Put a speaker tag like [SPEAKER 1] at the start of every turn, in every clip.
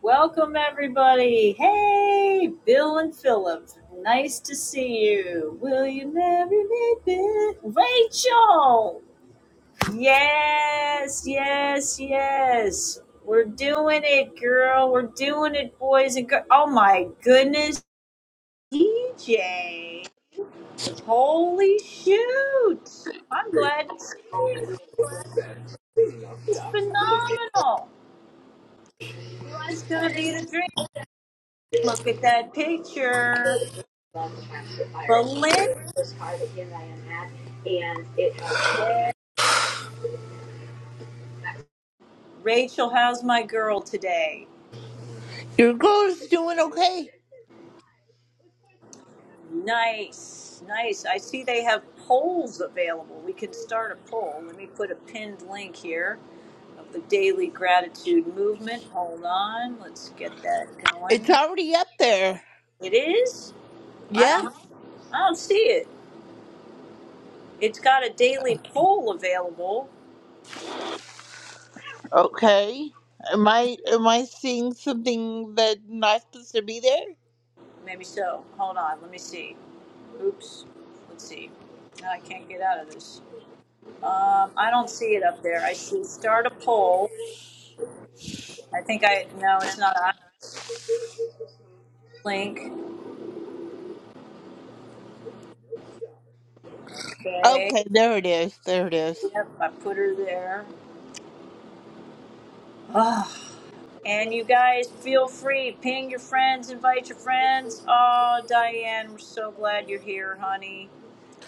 [SPEAKER 1] Welcome, everybody. Hey, Bill and Philip. Nice to see you. Will you marry me, Bill? Rachel! Yes, yes, yes. We're doing it, girl. We're doing it, boys and girls. Oh, my goodness, DJ. Holy shoot. I'm glad to see you. This is phenomenal. It's going to be the dream. Look at that picture.
[SPEAKER 2] Love the dumpster fire.
[SPEAKER 1] Belinda.
[SPEAKER 2] It was this car that he and I had, and it has a lot of memories.
[SPEAKER 1] Rachel, how's my girl today?
[SPEAKER 2] Your goal is doing okay.
[SPEAKER 1] Nice, nice. I see they have polls available. We can start a poll. Let me put a pinned link here of the Daily Gratitude Movement. Hold on, let's get that
[SPEAKER 2] It's
[SPEAKER 1] going.
[SPEAKER 2] already up there.
[SPEAKER 1] It is? I
[SPEAKER 2] Yeah.
[SPEAKER 1] don't, I don't see it. It's got a daily poll available.
[SPEAKER 2] Okay. Am I am I seeing something that's not supposed to be there?
[SPEAKER 1] Maybe so. Hold on, let me see. Oops. Let's see. Now I can't get out of this. Um, I don't see it up there. I see start a poll. I think I no, it's not a link. Okay.
[SPEAKER 2] Okay, there it is. There it is.
[SPEAKER 1] Yep, I put her there. Oh, And you guys feel free. Ping your friends, invite your friends. Oh, Diane, we're so glad you're here, honey.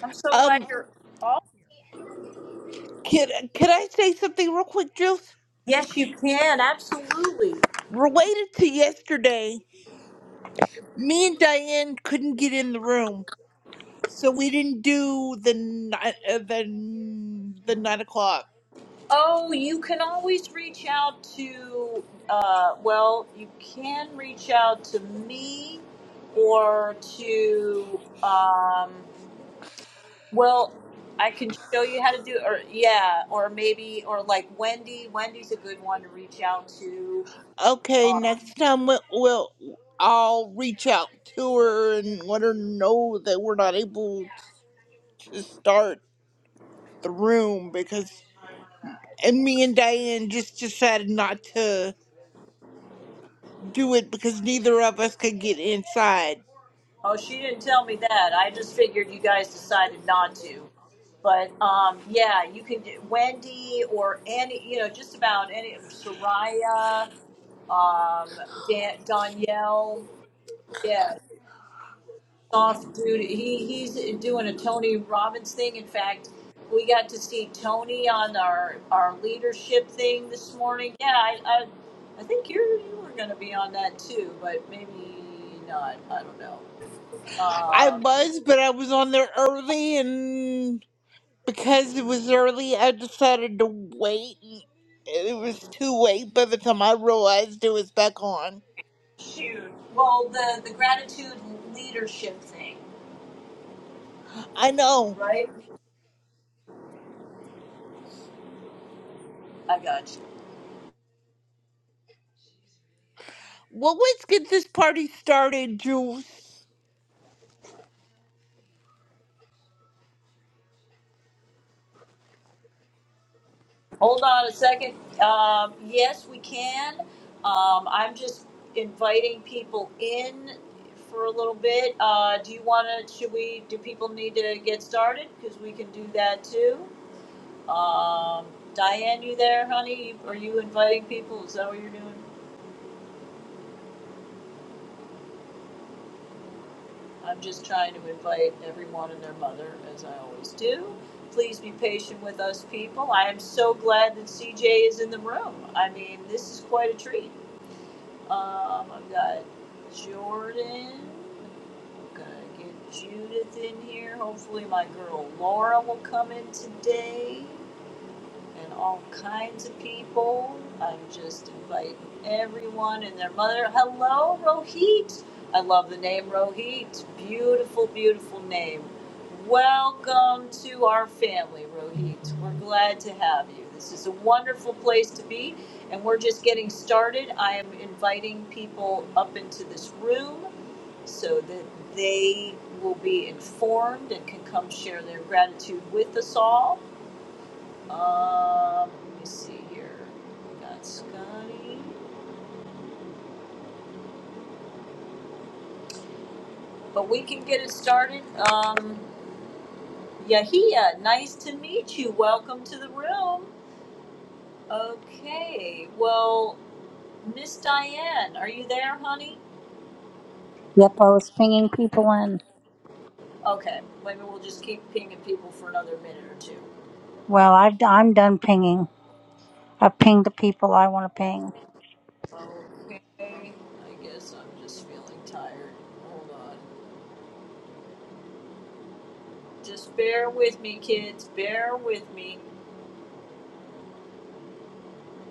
[SPEAKER 1] I'm so glad
[SPEAKER 2] Um,
[SPEAKER 1] you're all here.
[SPEAKER 2] can can I say something real quick, Jules?
[SPEAKER 1] Yes, you can, absolutely.
[SPEAKER 2] Related to yesterday, me and Diane couldn't get in the room, so we didn't do the ni- uh, the the nine o'clock.
[SPEAKER 1] Oh, you can always reach out to uh, well, you can reach out to me or to um Well, I can show you how to do, or yeah, or maybe, or like Wendy. Wendy's a good one to reach out to.
[SPEAKER 2] Okay,
[SPEAKER 1] Um,
[SPEAKER 2] next time we'll, we'll I'll reach out to her and let her know that we're not able to start the room because and me and Diane just decided not to do it because neither of us could get inside.
[SPEAKER 1] oh, she didn't tell me that. I just figured you guys decided not to. But um, yeah, you can do Wendy or any, you know, just about any. Soraya, um, Dan, Danielle. Yeah, soft dude. He he's doing a Tony Robbins thing. In fact, we got to see Tony on our our leadership thing this morning. Yeah, I I, I think you are you were going to be on that too, but maybe not. I don't know.
[SPEAKER 2] I
[SPEAKER 1] Um,
[SPEAKER 2] was, but I was on there early and because it was early, I decided to wait. and It was too late by the time I realized it was back on.
[SPEAKER 1] shoot. Well, the the gratitude leadership thing,
[SPEAKER 2] I know.
[SPEAKER 1] right? I got you.
[SPEAKER 2] Well, let's get this party started, Jules.
[SPEAKER 1] Hold on a second. Um, yes, we can. Um, I'm just inviting people in for a little bit. Uh, do you want to, should we, do people need to get started? Because we can do that too. Um, Diane, you there, honey? You- Are you inviting people? Is that what you're doing? I'm just trying to invite everyone and their mother, as I always do. Please be patient with us, people. I am so glad that CJ is in the room. I mean, this is quite a treat. Um, I've got Jordan. I'm gonna get Judith in here. Hopefully, my girl Laura will come in today and all kinds of people. I'm just inviting everyone and their mother. Hello, Rohit. I love the name Rohit. Beautiful, beautiful name. Welcome to our family, Rohit. We're glad to have you. This is a wonderful place to be, and we're just getting started. I am inviting people up into this room so that they will be informed and can come share their gratitude with us all. Um, let me see here. We got Scotty. But we can get it started. Um, Yahia, nice to meet you. Welcome to the room. Okay. Well, Miss Diane, are you there, honey?
[SPEAKER 3] Yep, I was pinging people in.
[SPEAKER 1] Okay. Maybe we'll just keep pinging people for another minute or two.
[SPEAKER 3] Well, I've, d- I'm done pinging. I've pinged the people I want to ping.
[SPEAKER 1] Okay. I guess I'm just feeling tired. Hold on. Just bear with me, kids. Bear with me.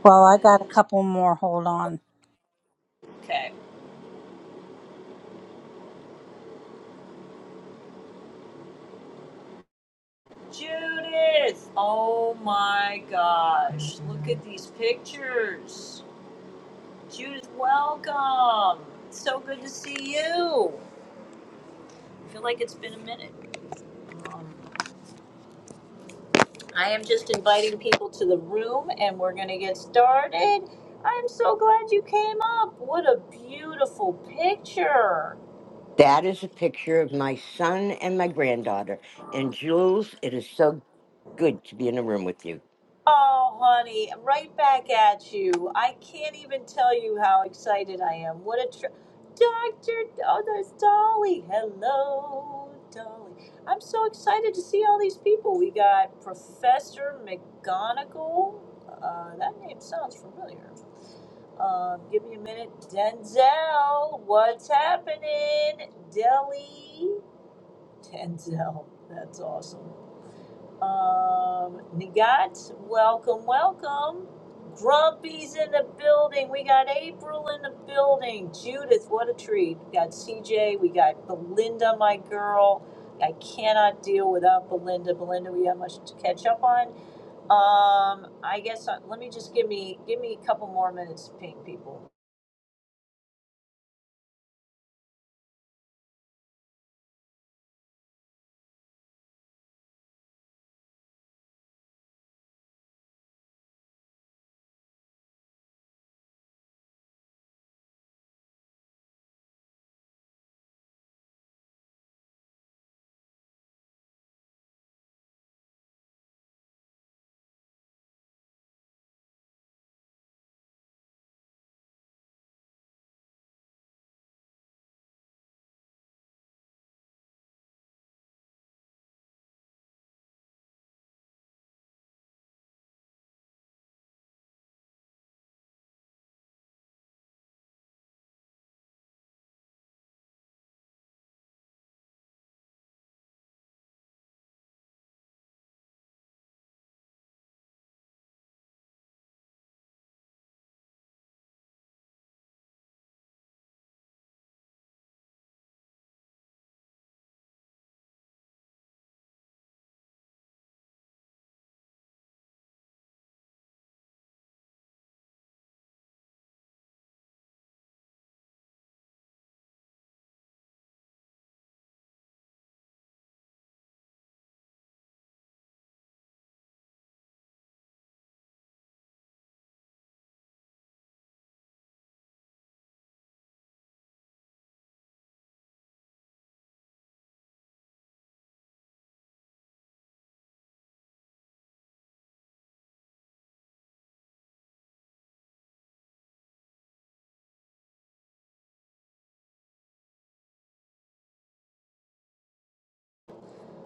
[SPEAKER 3] Well, I got a
[SPEAKER 1] This-
[SPEAKER 3] couple more. Hold on.
[SPEAKER 1] Okay. Judith! Oh my gosh, look at these pictures. Judith, welcome. It's so good to see you. I feel like it's been a minute. Um, I am just inviting people to the room and we're going to get started. I'm so glad you came up. What a beautiful picture.
[SPEAKER 4] That is a picture of my son and my granddaughter. And Jules, it is so good to be in a room with you.
[SPEAKER 1] Oh, honey, I'm right back at you. I can't even tell you how excited I am. What a trip. Dr. Oh, there's Dolly. Hello, Dolly. I'm so excited to see all these people. We got Professor McGonagall. Uh, that name sounds familiar. Um, give me a minute. Denzel, what's happening? Deli. Denzel, that's awesome. Um, Nagat, welcome, welcome. Grumpy's in the building. We got April in the building. Judith, what a treat. We got CJ. We got Belinda, my girl. I cannot deal without Belinda. Belinda, we have much to catch up on. Um, I guess uh, let me just give me give me a couple more minutes to ping people.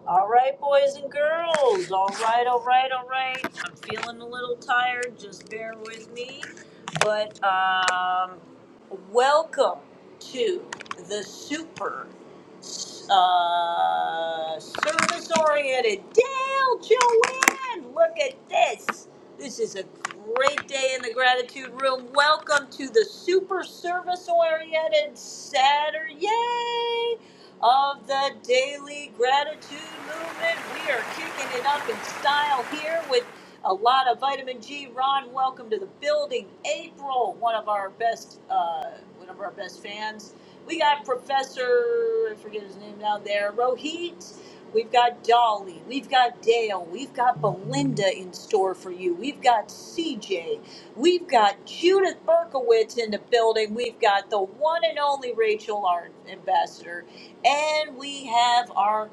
[SPEAKER 1] All right, boys and girls. All right, all right, all right. I'm feeling a little tired. Just bear with me. But um, welcome to the super uh, service oriented Dale Joanne. Look at this. This is a great day in the gratitude room. Welcome to the super service oriented Saturday of the Daily Gratitude Movement. We are kicking it up in style here with a lot of vitamin G. Ron, welcome to the building. April, one of our best, uh, one of our best fans. We got Professor, I forget his name down there, Rohit. We've got Dolly. We've got Dale. We've got Belinda in store for you. We've got CJ. We've got Judith Berkowitz in the building. We've got the one and only Rachel, our ambassador. And we have our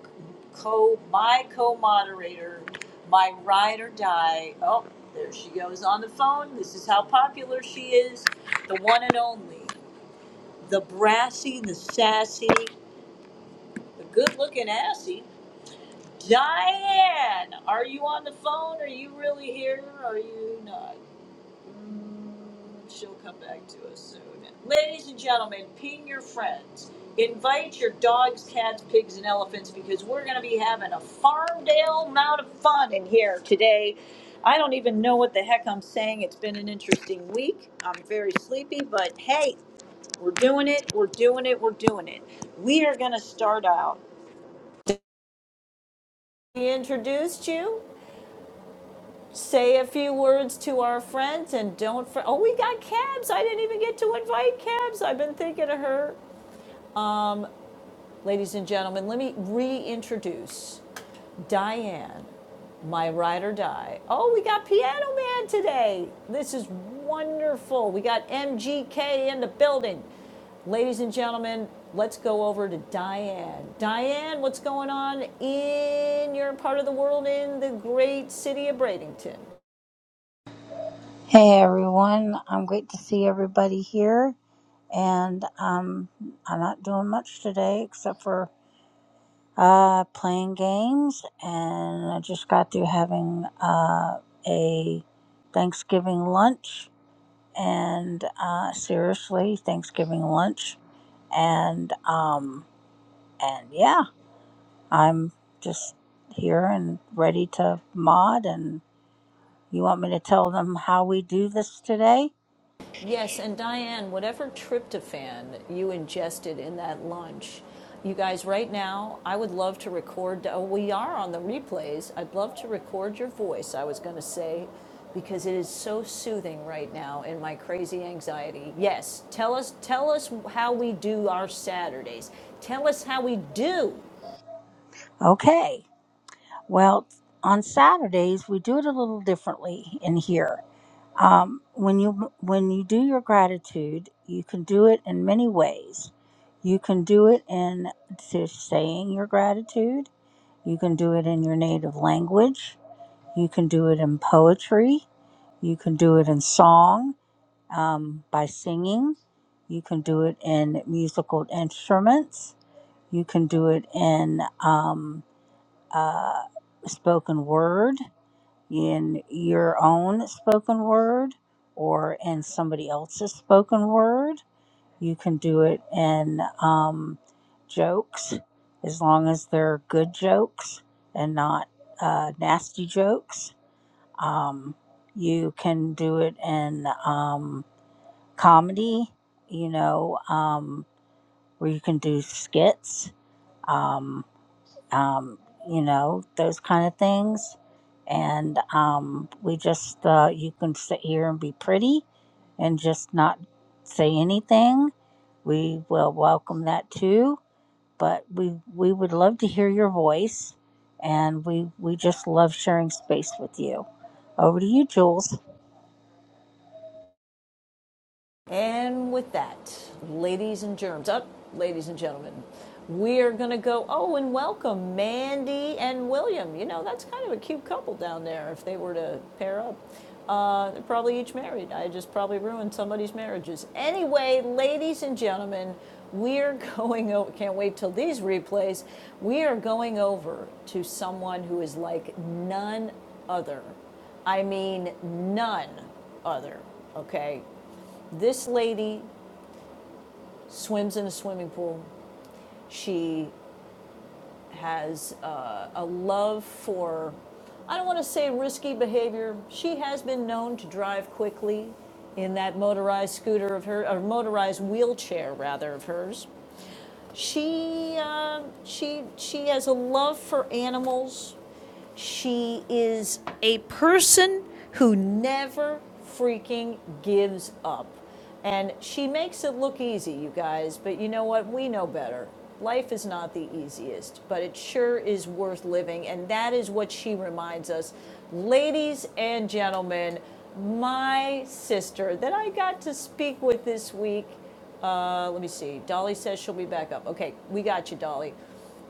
[SPEAKER 1] co my co-moderator, my ride or die. Oh, there she goes on the phone. This is how popular she is. The one and only. The brassy, the sassy, the good looking assy. Diane, are you on the phone? Are you really here? Are you not? She'll come back to us soon. Ladies and gentlemen, ping your friends. Invite your dogs, cats, pigs, and elephants because we're going to be having a Farmdale amount of fun in here today. I don't even know what the heck I'm saying. It's been an interesting week. I'm very sleepy, but hey, we're doing it. We're doing it. We're doing it. We are going to start out. We introduced you. Say a few words to our friends and don't. For- oh, we got Cabs. I didn't even get to invite Cabs. I've been thinking of her. Um, ladies and gentlemen, let me reintroduce Diane, my ride or die. Oh, we got Piano Man today. This is wonderful. We got MGK in the building. Ladies and gentlemen, let's go over to Diane. Diane, what's going on in your part of the world in the great city of Bradenton?
[SPEAKER 3] Hey, everyone. I'm great to see everybody here. And um, I'm not doing much today except for uh, playing games. And I just got through having uh, a Thanksgiving lunch. And uh, seriously, Thanksgiving lunch. And, um, and yeah. I'm just here and ready to mod. And you want me to tell them how we do this today?
[SPEAKER 1] Yes, and Diane, whatever tryptophan you ingested in that lunch, you guys, right now, I would love to record. Oh, we are on the replays. I'd love to record your voice, I was going to say, because it is so soothing right now in my crazy anxiety. Yes, tell us, tell us how we do our Saturdays. Tell us how we do.
[SPEAKER 3] Okay. Well, on Saturdays we do it a little differently in here. Um, when you when you do your gratitude, you can do it in many ways. You can do it in just saying your gratitude. You can do it in your native language. You can do it in poetry. You can do it in song um, by singing. You can do it in musical instruments. You can do it in um, uh, spoken word, in your own spoken word, or in somebody else's spoken word. You can do it in um, jokes, as long as they're good jokes and not uh, nasty jokes. Um, you can do it in. Um, comedy, you know, um, where you can do skits, um, um, you know, those kind of things. And um, we just, uh, you can sit here and be pretty and just not say anything. We will welcome that too. But we, we would love to hear your voice. And we, we just love sharing space with you. Over to you, Jules.
[SPEAKER 1] And with that, ladies and germs, up, oh, ladies and gentlemen, we are going to go. Oh, and welcome Mandy and William. You know, that's kind of a cute couple down there if they were to pair up. Uh, they're probably each married. I just probably ruined somebody's marriages. Anyway, ladies and gentlemen, we're going over, can't wait till these replays. We are going over to someone who is like none other I mean, none other, okay? This lady swims in a swimming pool. She has uh, a love for, I don't want to say risky behavior. She has been known to drive quickly in that motorized scooter of her, or motorized wheelchair rather of hers. She, uh, she, she has a love for animals. She is a person who never freaking gives up. And she makes it look easy, you guys, but you know what? We know better. Life is not the easiest, but it sure is worth living. And that is what she reminds us. Ladies and gentlemen, my sister that I got to speak with this week let me see. Dolly says she'll be back up. Okay, we got you, Dolly.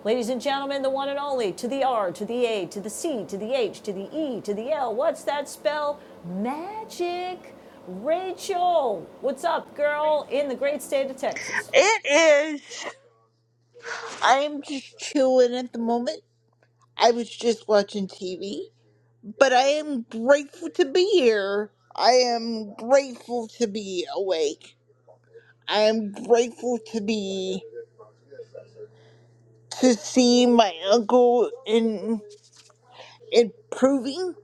[SPEAKER 1] Ladies and gentlemen, the one and only, to the R, to the A, to the C, to the H, to the E, to the L. What's that spell? Magic. Rachel, what's up, girl, in the great state of Texas?
[SPEAKER 2] It is. I'm just chilling at the moment. I was just watching TV, but I am grateful to be here. I am grateful to be awake. I am grateful to be to see my uncle in improving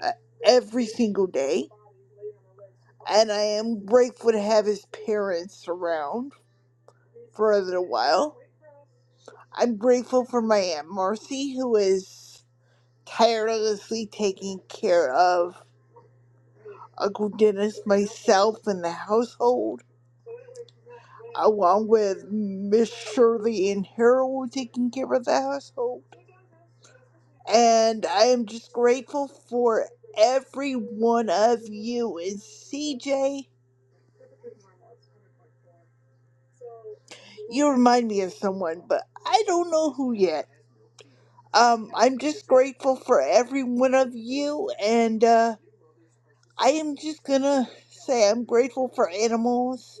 [SPEAKER 2] uh, every single day, and I am grateful to have his parents around for a little while. I'm grateful for my Aunt Marcy, who is tirelessly taking care of Uncle Dennis, myself, and the household, along with Miss Shirley and Harold taking care of the household. And I am just grateful for every one of you. And CJ, you remind me of someone, but I don't know who yet. Um, I'm just grateful for every one of you, and uh, I am just gonna say I'm grateful for animals,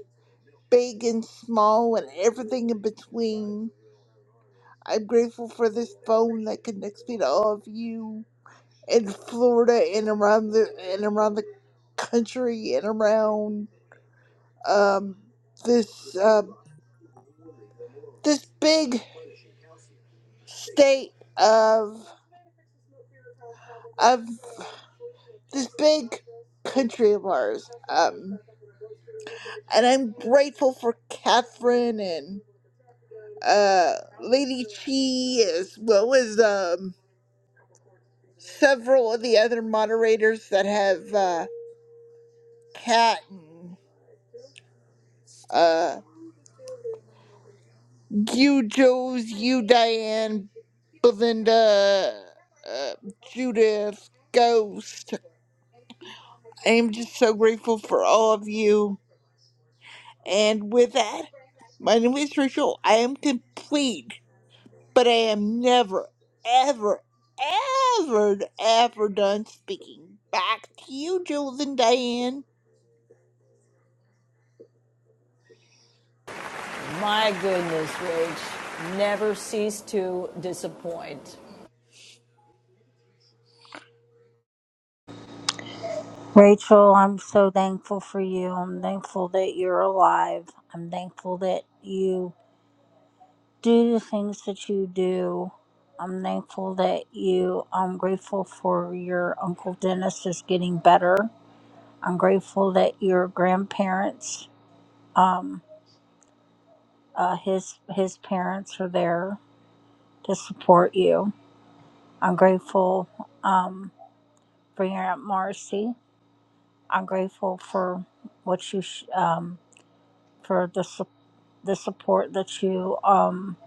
[SPEAKER 2] big and small, and everything in between. I'm grateful for this phone that connects me to all of you in Florida and around the and around the country and around um this uh, this big state of of this big country of ours. Um, and I'm grateful for Catherine and. uh Lady Chi as well as um several of the other moderators that have uh Kat and uh you Jules, you Diane, Belinda, uh, Judith, Ghost. I'm just so grateful for all of you. And with that, my name is Rachel. I am complete. but I am never, ever, ever, ever done speaking. Back to you, Jules and Diane.
[SPEAKER 1] My goodness, Rach, never cease to disappoint.
[SPEAKER 3] Rachel, I'm so thankful for you. I'm thankful that you're alive. I'm thankful that you do the things that you do. I'm thankful that you, I'm grateful for your Uncle Dennis is getting better. I'm grateful that your grandparents, um, uh, his, his parents are there to support you. I'm grateful, um, for your Aunt Marcy. I'm grateful for what you, sh- um, for the support the support that you um,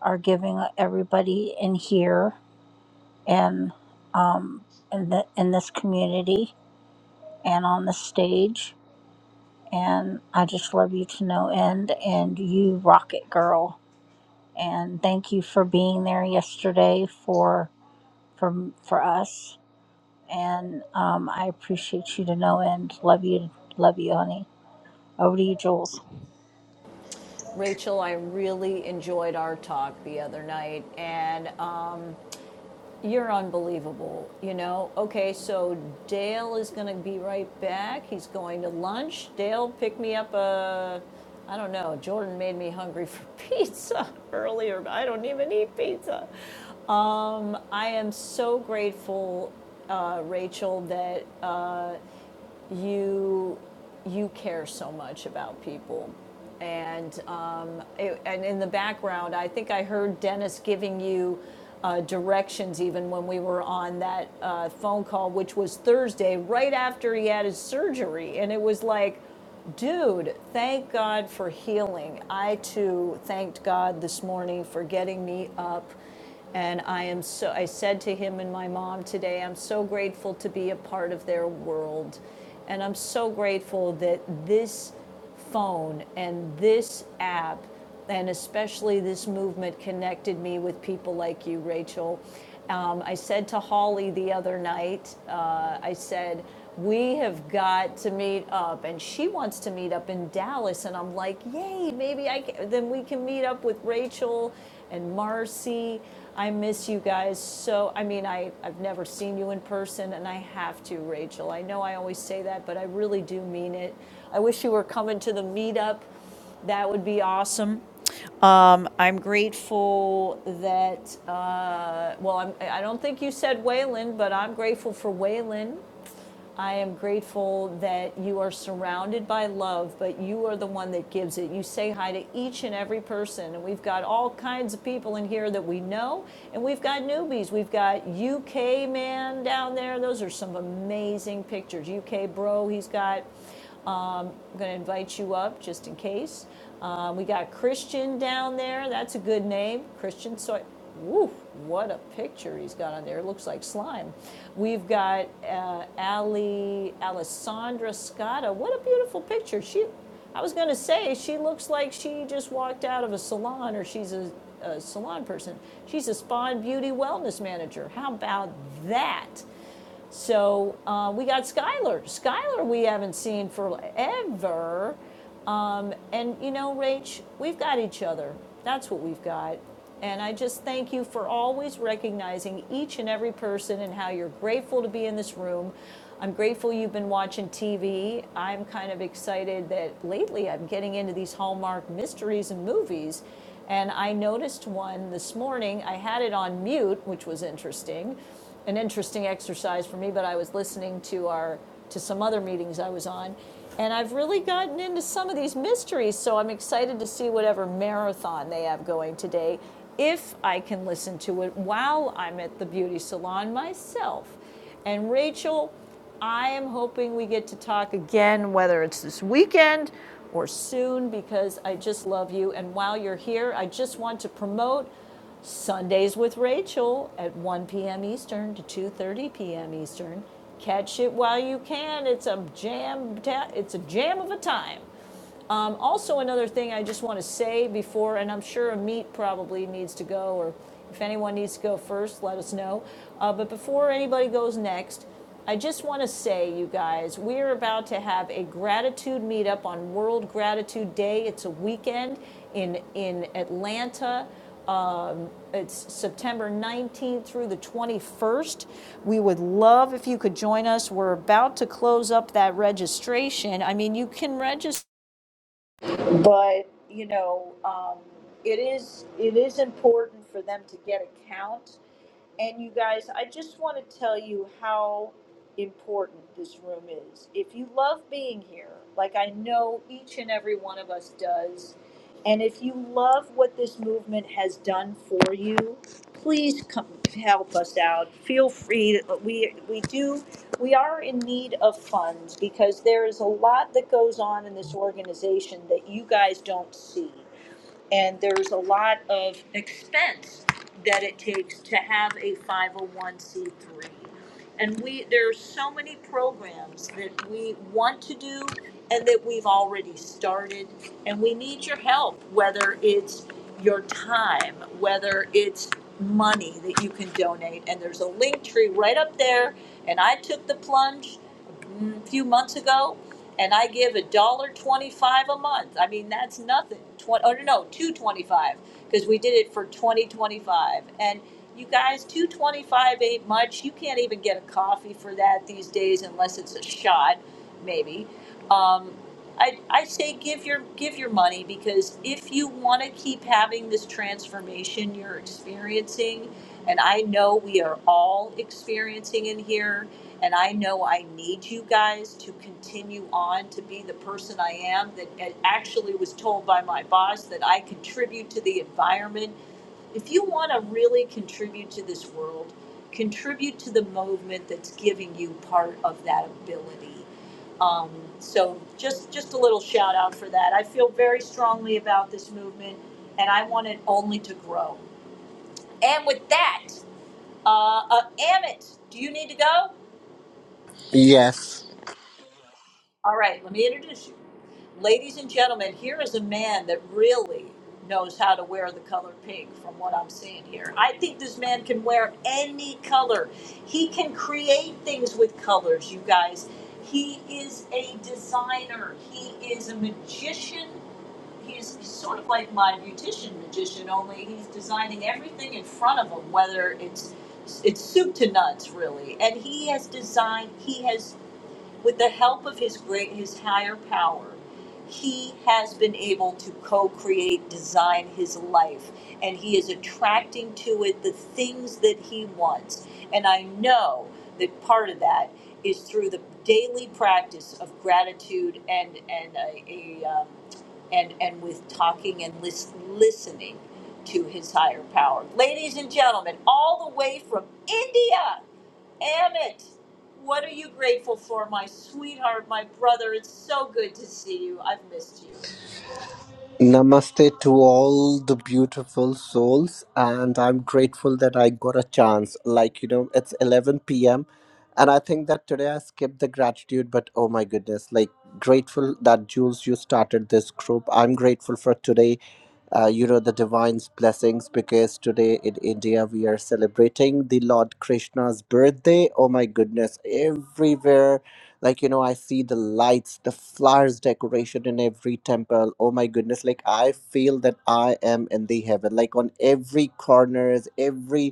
[SPEAKER 3] are giving everybody in here and um, in, the, in this community and on the stage. And I just love you to no end. And you rock it, girl. And thank you for being there yesterday for for for us. And um, I appreciate you to no end. Love you, love you, honey. Over to you, Jules.
[SPEAKER 1] Rachel, I really enjoyed our talk the other night, and um, You're unbelievable, you know? Okay, so Dale is going to be right back. He's going to lunch. Dale, pick me up a, I don't know, Jordan made me hungry for pizza earlier, but I don't even eat pizza. Um, I am so grateful, uh, Rachel, that you you care so much about people and um, it, and in the background i think i heard dennis giving you uh, directions even when we were on that uh, phone call which was thursday right after he had his surgery and it was like Dude, thank God for healing. I too thanked God this morning for getting me up. And I am so, I said to him and my mom today, I'm so grateful to be a part of their world. And I'm so grateful that this phone and this app, and especially this movement connected me with people like you, Rachel. Um, I said to Holly the other night, uh, I said, we have got to meet up and she wants to meet up in dallas and i'm like yay maybe i can then we can meet up with rachel and marcy i miss you guys so i mean I, i've never seen you in person and i have to rachel i know i always say that but i really do mean it I wish you were coming to the meetup. That would be awesome. I'm grateful that, uh, well, I'm, I don't think you said Waylon, but I'm grateful for Waylon. I am grateful that you are surrounded by love, but you are the one that gives it. You say hi to each and every person. And we've got all kinds of people in here that we know, and we've got newbies. We've got UK man down there. Those are some amazing pictures. UK bro, he's got um, I'm going to invite you up just in case. Uh, we got Christian down there. That's a good name. Christian Soy. Woo, what a picture he's got on there. It looks like slime. We've got uh, Ali Alessandra Scotta. What a beautiful picture. She I was going to say she looks like she just walked out of a salon or she's a, a salon person. She's a spa and beauty wellness manager. How about that? So uh, we got Skylar. Skylar, we haven't seen forever. Um, and you know, Rach, we've got each other. That's what we've got. And I just thank you for always recognizing each and every person and how you're grateful to be in this room. I'm grateful you've been watching TV. I'm kind of excited that lately I'm getting into these Hallmark mysteries and movies. And I noticed one this morning. I had it on mute, which was interesting an interesting exercise for me, but I was listening to our to some other meetings I was on, and I've really gotten into some of these mysteries. So I'm excited to see whatever marathon they have going today, if I can listen to it while I'm at the beauty salon myself. And Rachel, I am hoping we get to talk again, whether it's this weekend or soon, because I just love you. And while you're here, I just want to promote Sundays with Rachel at 1 p.m. Eastern to 2:30 p.m. Eastern. Catch it while you can. It's a jam. it's a jam of a time. Um, also, another thing I just want to say before, and I'm sure Amit probably needs to go, or if anyone needs to go first, let us know. Uh, but before anybody goes next, I just want to say, you guys, we are about to have a gratitude meetup on World Gratitude Day. It's a weekend in in Atlanta. Um, it's September 19th through the 21st. We would love if you could join us. We're about to close up that registration. I mean, you can register but you know um, it is it is important for them to get a count and you guys, I just want to tell you how important this room is. If you love being here, like I know each and every one of us does, and if you love what this movement has done for you, please come help us out. Feel free to, we we do we are in need of funds because there is a lot that goes on in this organization that you guys don't see and there's a lot of expense that it takes to have a 501c3 and we there are so many programs that we want to do and that we've already started and we need your help whether it's your time whether it's money that you can donate and there's a link tree right up there and i took the plunge mm, few months ago, and I give a dollar twenty-five a month. I mean, that's nothing. Twenty, oh no, no, two twenty-five, because we did it for twenty twenty-five. And you guys, two twenty-five ain't much. You can't even get a coffee for that these days unless it's a shot, maybe. Um, I, I say give your give your money because if you want to keep having this transformation you're experiencing, and I know we are all experiencing in here and I know I need you guys to continue on to be the person I am that I actually was told by my boss that I contribute to the environment. If you want to really contribute to this world, contribute to the movement that's giving you part of that ability. Um, so just just a little shout out for that. I feel very strongly about this movement, and I want it only to grow. And with that, uh, uh, Amit, do you need to go?
[SPEAKER 5] Yes.
[SPEAKER 1] All right, let me introduce you. Ladies and gentlemen, here is a man that really knows how to wear the color pink from what I'm seeing here. I think this man can wear any color. He can create things with colors, you guys. He is a designer, he is a magician. He's sort of like my beautician magician, only he's designing everything in front of him, whether it's it's soup to nuts really and he has designed he has with the help of his great his higher power he has been able to co-create design his life and he is attracting to it the things that he wants and i know that part of that is through the daily practice of gratitude and and a, a um, and and with talking and lis- listening to his higher power ladies and gentlemen all the way from india Amit, what are you grateful for, my sweetheart, my brother? It's so good to see you. I've missed
[SPEAKER 5] Namaste to all the beautiful souls, and I'm grateful that I got a chance. Like, you know, it's 11 p.m., and I think that today I skipped the gratitude, but oh my goodness, like, grateful that Jules, you started this group. I'm grateful for today, uh, you know, the divine's blessings, because today in India we are celebrating the Lord Krishna's birthday. Oh my goodness, everywhere like you know i see the lights the flowers decoration in every temple oh my goodness like i feel that i am in the heaven like on every corners every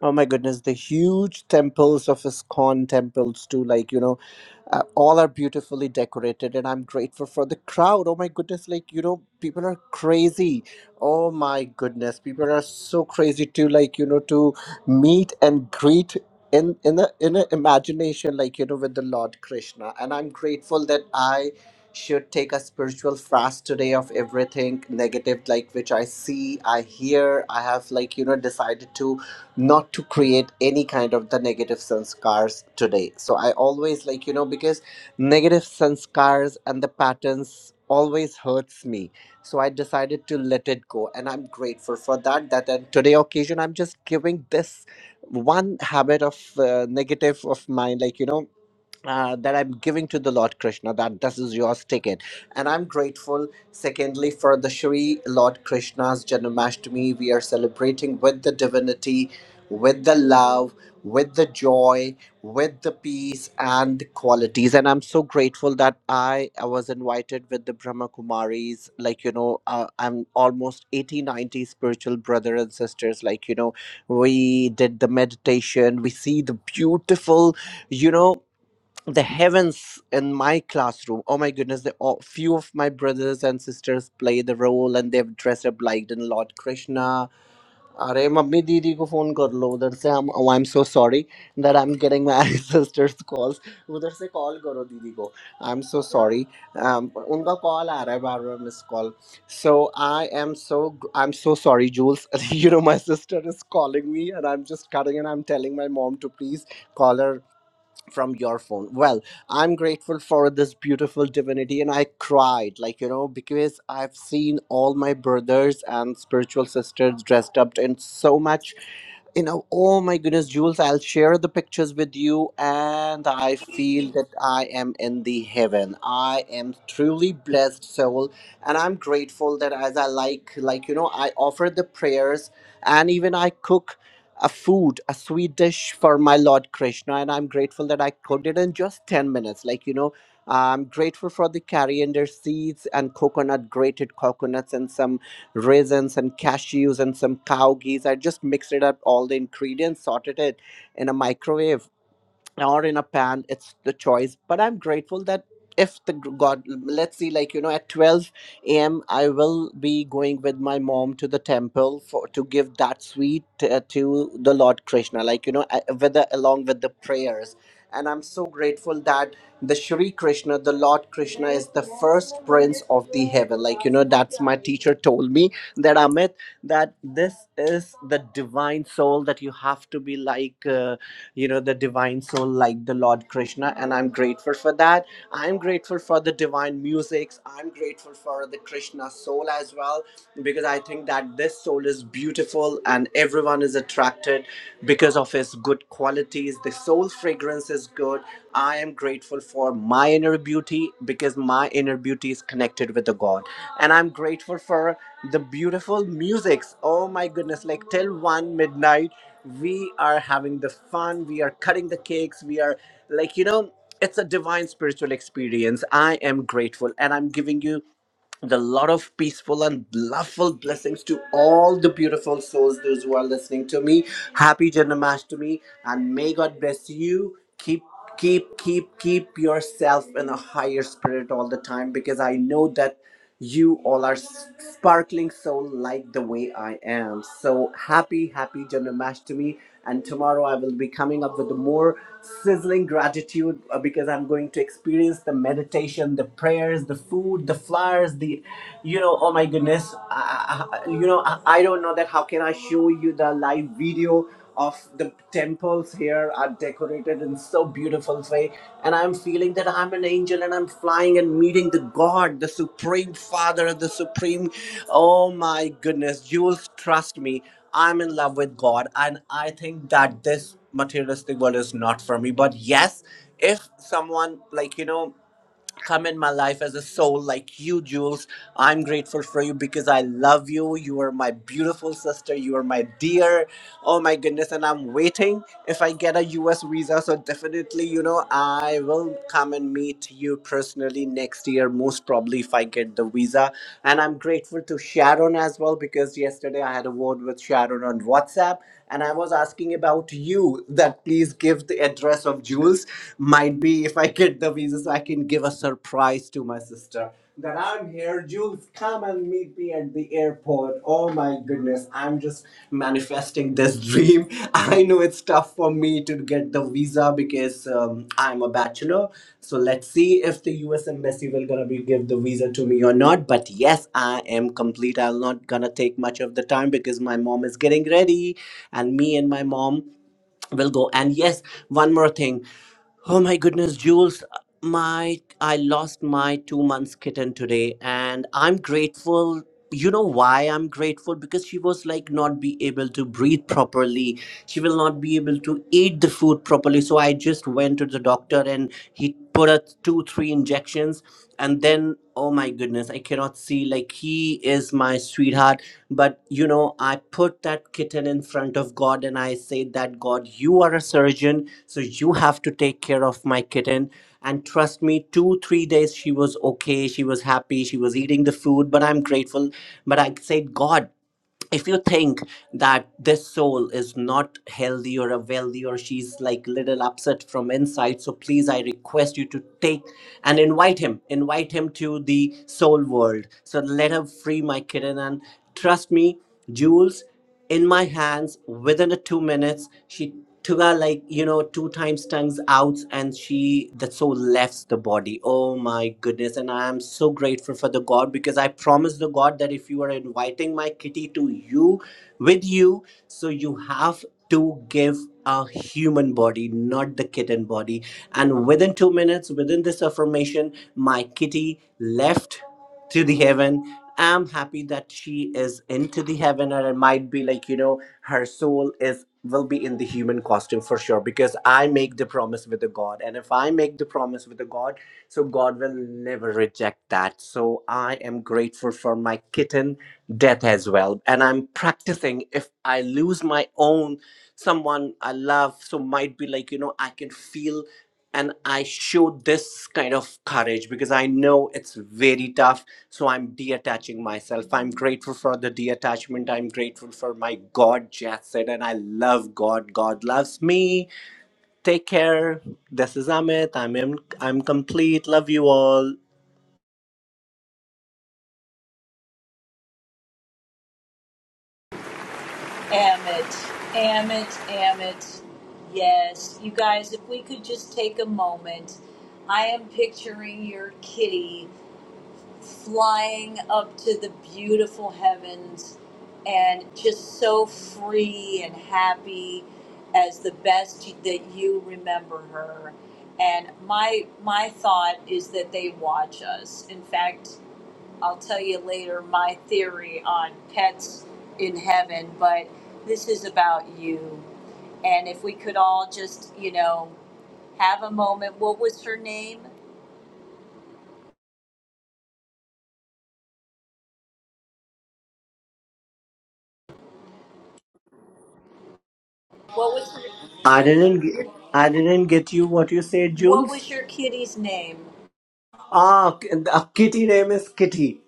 [SPEAKER 5] Oh my goodness, the huge temples of ISKCON temples too, like, you know, uh, all are beautifully decorated, and I'm grateful for the crowd. Oh my goodness, like, you know, people are crazy. Oh my goodness, people are so crazy to, like, you know, to meet and greet in in a in a imagination, like, you know, with the Lord Krishna. And I'm grateful that I should take a spiritual fast today of everything negative like which i see i hear i have like you know decided to not to create any kind of the negative sanskars today so i always like you know because negative sanskars and the patterns always hurts me so i decided to let it go and i'm grateful for that that and today occasion i'm just giving this one habit of uh, negative of mine like you know uh, that I'm giving to the Lord Krishna, that this is yours ticket. And I'm grateful, secondly, for the Shri Lord Krishna's Janmashtami. We are celebrating with the divinity, with the love, with the joy, with the peace and the qualities. And I'm so grateful that I, I was invited with the Brahma Kumaris. Like, you know, uh, I'm almost 80, 90 spiritual brother and sisters. Like, you know, we did the meditation. We see the beautiful, you know, the heavens in my classroom. Oh my goodness! The all, few of my brothers and sisters play the role, and they dress up like in Lord Krishna. अरे mummy दीदी को phone कर लो उधर से. I'm I'm so sorry that I'm getting my sister's calls. उधर से call करो दीदी को. I'm so sorry. Um, but उनका कॉल आ रहा है बार बार miss call. So I am so I'm so sorry, Jules. You know my sister is calling me, and I'm just cutting, and I'm telling my mom to please call her from your phone. Well, I'm grateful for this beautiful divinity, and I cried, like, you know, because I've seen all my brothers and spiritual sisters dressed up in so much you know, oh my goodness, Jules, I'll share the pictures with you, and I feel
[SPEAKER 1] you.
[SPEAKER 5] that I am in the heaven. I am truly blessed soul, and I'm grateful that as I like, like you know, I offer the prayers, and even I cook a food, a sweet dish for my Lord Krishna, and I'm grateful that I cooked it in just 10 minutes. Like, you know, I'm grateful for the coriander seeds and coconut, grated coconuts, and some raisins and cashews and some cow geese. I just mixed it up, all the ingredients, sorted it in a microwave or in a pan it's the choice but i'm grateful that if the g- god let's see like you know at 12 a.m i will be going with my mom to the temple for to give that sweet uh, to the lord krishna like you know uh, with the, along with the prayers and i'm so grateful that the shri krishna the lord krishna is the first prince of the heaven like you know that's my teacher told me that amit that this is the divine soul that you have to be like uh, you know the divine soul like the lord krishna and i'm grateful for that i'm grateful for the divine musics i'm grateful for the krishna soul as well because i think that this soul is beautiful and everyone is attracted because of his good qualities the soul fragrance is good i am grateful for my inner beauty because my inner beauty is connected with the god and i'm grateful for the beautiful musics oh my goodness like till 1 midnight we are having the fun we are cutting the cakes we are like you know it's a divine spiritual experience i am grateful and i'm giving you the lot of peaceful and loveful blessings to all the beautiful souls those who are listening to me happy janmashtami and may god bless you keep keep keep keep yourself in a higher spirit all the time because i know that you all are s- sparkling so light the way I am. So happy, happy Janmashtami. And tomorrow I will be coming up with more sizzling gratitude uh, because I'm going to experience the meditation, the prayers, the food, the flowers, the, you know, oh my goodness, I, I- I- you know, I, I don't know that how can I show you the live video of the temples here are decorated in so beautiful way and i'm feeling that i'm an angel and i'm flying and meeting the god the supreme father the supreme oh my goodness jules trust me i'm in love with god and i think that this materialistic world is not for me but yes if someone like you know come in my life as a soul like you, Jules. I'm grateful for you because I love you. You are my beautiful sister. You are my dear. Oh my goodness. And I'm waiting if I get a US visa. So definitely, you know, I will come and meet you personally next year, most probably if I get the visa. And I'm grateful to Sharon as well because yesterday I had a word with Sharon on WhatsApp and I was asking about you that please give the address of Jules might be if I get the visa, so I can give a surprise to my sister that I'm here. Jules, come and meet me at the airport. Oh my goodness, I'm just manifesting this dream. I know it's tough for me to get the visa because um, I'm a bachelor. So let's see if the U.S. embassy will gonna be give the visa to me or not. But yes, I am complete. I'm not gonna take much of the time because my mom is getting ready, and me and my mom will go and yes one more thing oh my goodness jules my i lost my two months kitten today and i'm grateful you know why i'm grateful because she was like not be able to breathe properly she will not be able to eat the food properly so i just went to the doctor and he put her two three injections and then oh my goodness i cannot see like he is my sweetheart but you know, I put that kitten in front of God and I say that God, you are a surgeon, so you have to take care of my kitten. And trust me, two, three days she was okay, she was happy, she was eating the food, but I'm grateful. But I said, God, if you think that this soul is not healthy or a wealthy or she's like little upset from inside so please i request you to take and invite him invite him to the soul world so let her free my kitten and trust me jules in my hands within a two minutes she Tuga like you know two times tongues out and she that soul left the body. Oh my goodness! And I am so grateful for the God because I promise the God that if you are inviting my kitty to you, with you, so you have to give a human body, not the kitten body. And within two minutes, within this affirmation, my kitty left to the heaven. I'm happy that she is into the heaven, and it might be like you know her soul is will be in the human costume for sure because i make the promise with the god and if i make the promise with the god so god will never reject that so i am grateful for my kitten death as well and i'm practicing if i lose my own someone i love so might be like you know i can feel and I show this kind of courage because I know it's very tough. So I'm detaching myself. I'm grateful for the detachment. I'm grateful for my God, Jeff said, and I love God. God loves me. Take care. This is Amit. I'm in, I'm complete. Love you all.
[SPEAKER 1] Amit, Amit, Amit. Yes, you guys, if we could just take a moment. I am picturing your kitty flying up to the beautiful heavens and just so free and happy as the best that you remember her and my my thought is that they watch us in fact i'll tell you later my theory on pets in heaven but this is about you and if we could all just you know have a moment what was her name what was her
[SPEAKER 5] I didn't ge- I didn't get you what you said,
[SPEAKER 1] What
[SPEAKER 5] Jules.
[SPEAKER 1] was your kitty's name?
[SPEAKER 5] Ah, k- uh, Kitty name is Kitty.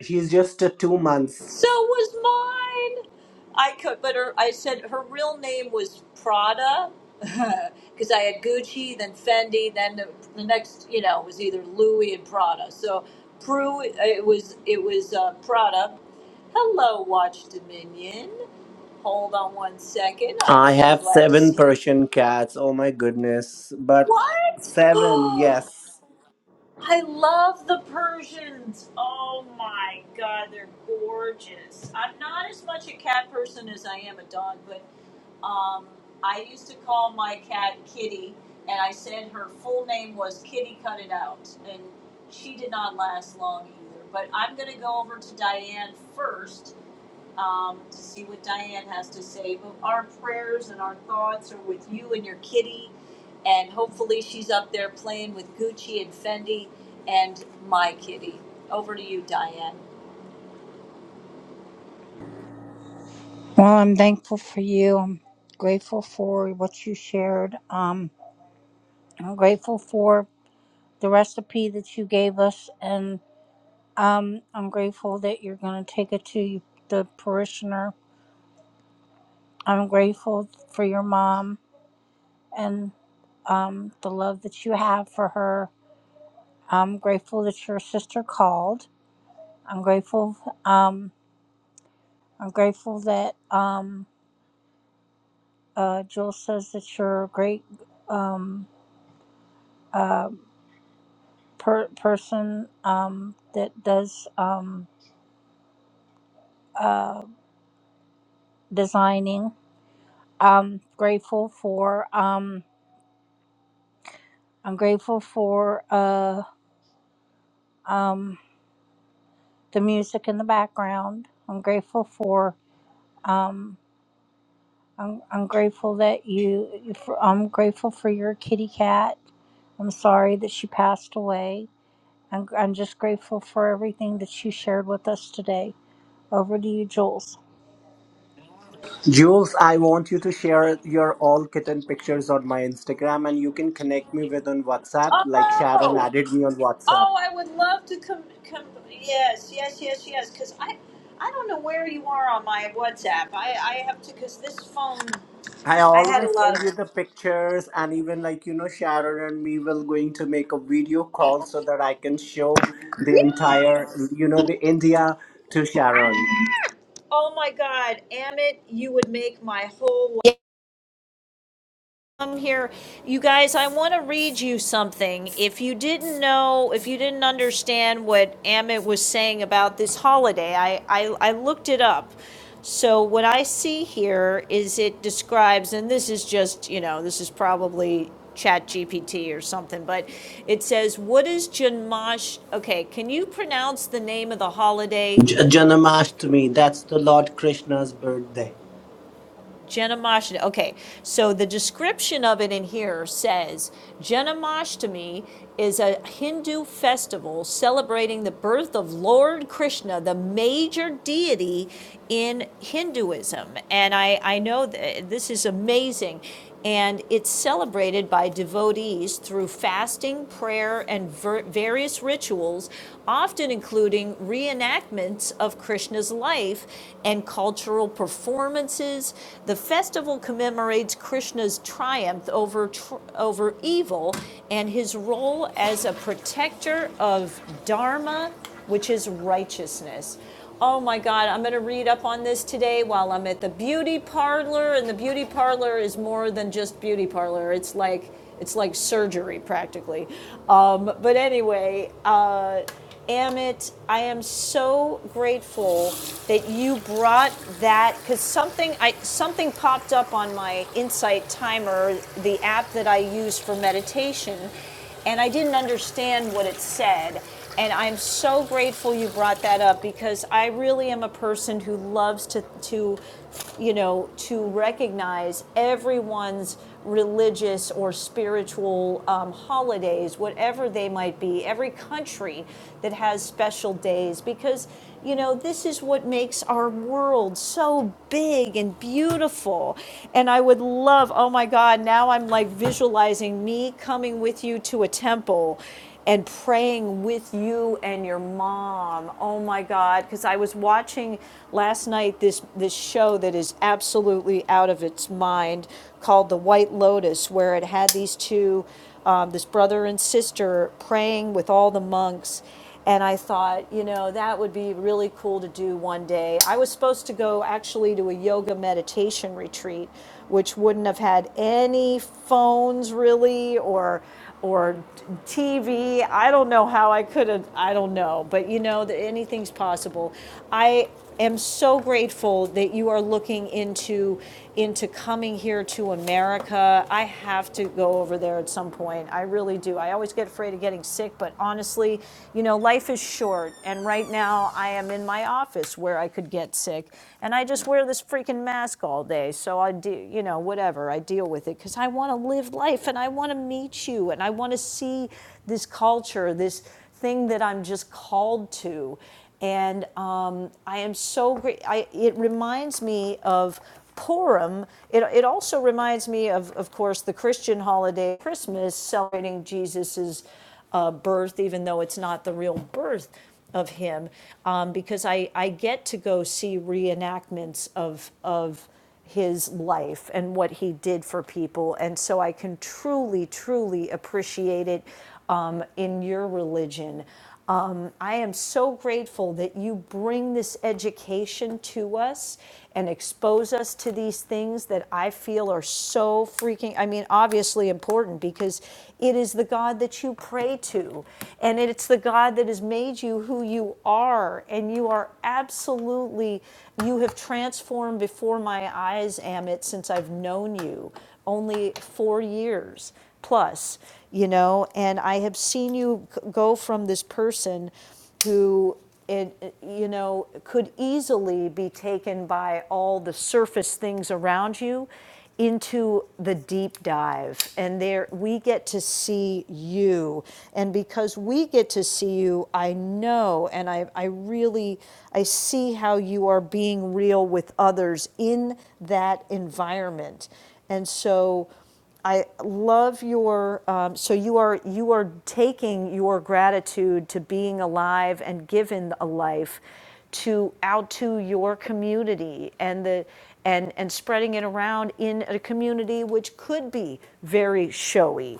[SPEAKER 5] She's just uh, two months.
[SPEAKER 1] So was mine. I could, but her, I said her real name was Prada, because I had Gucci, then Fendi, then the, the next, you know, was either Louis and Prada. So Prue, it was it was uh, Prada. Hello, Watch Dominion. Hold on one second. I'm
[SPEAKER 5] I
[SPEAKER 1] so
[SPEAKER 5] have
[SPEAKER 1] glad to
[SPEAKER 5] seven
[SPEAKER 1] see you.
[SPEAKER 5] Persian cats. Oh my goodness. But seven,
[SPEAKER 1] What?
[SPEAKER 5] yes.
[SPEAKER 1] I love the Persians. Oh my god, they're gorgeous. I'm not as much a cat person as I am a dog, but um, I used to call my cat Kitty, and I said her full name was Kitty Cut It Out, and she did not last long either. But I'm going to go over to Diane first um, to see what Diane has to say. But our prayers and our thoughts are with you and your kitty, and hopefully she's up there playing with Gucci and Fendi and my kitty. Over to you, Diane.
[SPEAKER 3] Well, I'm thankful for you. I'm grateful for what you shared. Um, I'm grateful for the recipe that you gave us, and um, I'm grateful that you're going to take it to the parishioner. I'm grateful for your mom and um, the love that you have for her. I'm grateful that your sister called. I'm grateful. Um, I'm grateful that um, uh, Jill says that you're a great um, uh, per- person um, that does um, uh, designing I'm grateful for um I'm grateful for uh um the music in the background. I'm grateful for um I'm, I'm grateful that you for, I'm grateful for your kitty cat. I'm sorry that she passed away. I'm, I'm just grateful for everything that you shared with us today. Over to you, Jules.
[SPEAKER 5] Jules, I want you to share your all kitten pictures on my Instagram and you can connect me with on WhatsApp, like Sharon
[SPEAKER 1] Oh,
[SPEAKER 5] added me on WhatsApp.
[SPEAKER 1] oh, I would love to come. come yes, yes, yes, yes. Because I, I don't know where you are on my WhatsApp. I, I have to because this phone.
[SPEAKER 5] I
[SPEAKER 1] I had a
[SPEAKER 5] always
[SPEAKER 1] lot of.
[SPEAKER 5] send you the pictures and even like you know Sharon and me will going to make a video call so that I can show the entire you know the India to Sharon.
[SPEAKER 1] Oh my God, Amit, you would make my whole. life. I'm here. You guys, I want to read you something. If you didn't know, if you didn't understand what Amit was saying about this holiday, I, I, I looked it up. So what I see here is it describes, and this is just, you know, this is probably chat GPT or something, but it says, what is Janmash? Okay, can you pronounce the name of the holiday
[SPEAKER 5] J- Janmashtami, that's the Lord Krishna's birthday.
[SPEAKER 1] Genomostomy. Okay, so the description of it in here says Genomostomy is a Hindu festival celebrating the birth of Lord Krishna, the major deity in Hinduism. And I, I know th- this is amazing. And it's celebrated by devotees through fasting, prayer, and ver- various rituals, often including reenactments of Krishna's life and cultural performances. The festival commemorates Krishna's triumph over, tr- over evil and his role as a protector of Dharma, which is righteousness oh my God, I'm going to read up on this today while I'm at the beauty parlor. And the beauty parlor is more than just beauty parlor, it's like, it's like surgery practically. Um, but anyway, uh, Amit, I am so grateful that you brought that because something I something popped up on my Insight Timer, the app that I use for meditation, and I didn't understand what it said. And I'm so grateful you brought that up because I really am a person who loves to, to you know, to recognize everyone's religious or spiritual um, holidays, whatever they might be, every country that has special days, because you know, this is what makes our world so big and beautiful. And I would love, oh my God, now I'm like visualizing me coming with you to a temple and praying with you and your mom. Oh my God, because I was watching last night this this show that is absolutely out of its mind called The White Lotus, where it had these two, um, this brother and sister praying with all the monks, and I thought, you know, that would be really cool to do one day. I was supposed to go actually to a yoga meditation retreat, which wouldn't have had any phones really or or TV. I don't know how I could have. I don't know, but you know that anything's possible. I am so grateful that you are looking into into coming here to America. I have to go over there at some point. I really do. I always get afraid of getting sick, but honestly, you know, life is short. And right now, I am in my office where I could get sick. And I just wear this freaking mask all day. So I do, you know, whatever. I deal with it because I want to live life and I want to meet you and I want to see this culture, this thing that I'm just called to and um, I am so great. I, it reminds me of Purim, it, it also reminds me of, of course, the Christian holiday, Christmas, celebrating Jesus's uh, birth, even though it's not the real birth of him, um, because I, I get to go see reenactments of, of his life and what he did for people. And so I can truly, truly appreciate it um, in your religion. Um, I am so grateful that you bring this education to us and expose us to these things that I feel are so freaking, I mean, obviously important because it is the God that you pray to and it's the God that has made you who you are. And you are absolutely, you have transformed before my eyes, Amit, since I've known you. Only four years plus, you know, and I have seen you go from this person who it, you know, could easily be taken by all the surface things around you into the deep dive. And there we get to see you. And because we get to see you, I know and I, I really I see how you are being real with others in that environment. And so I love your. Um, so you are you are taking your gratitude to being alive and given a life to out to your community and the and and spreading it around in a community which could be very showy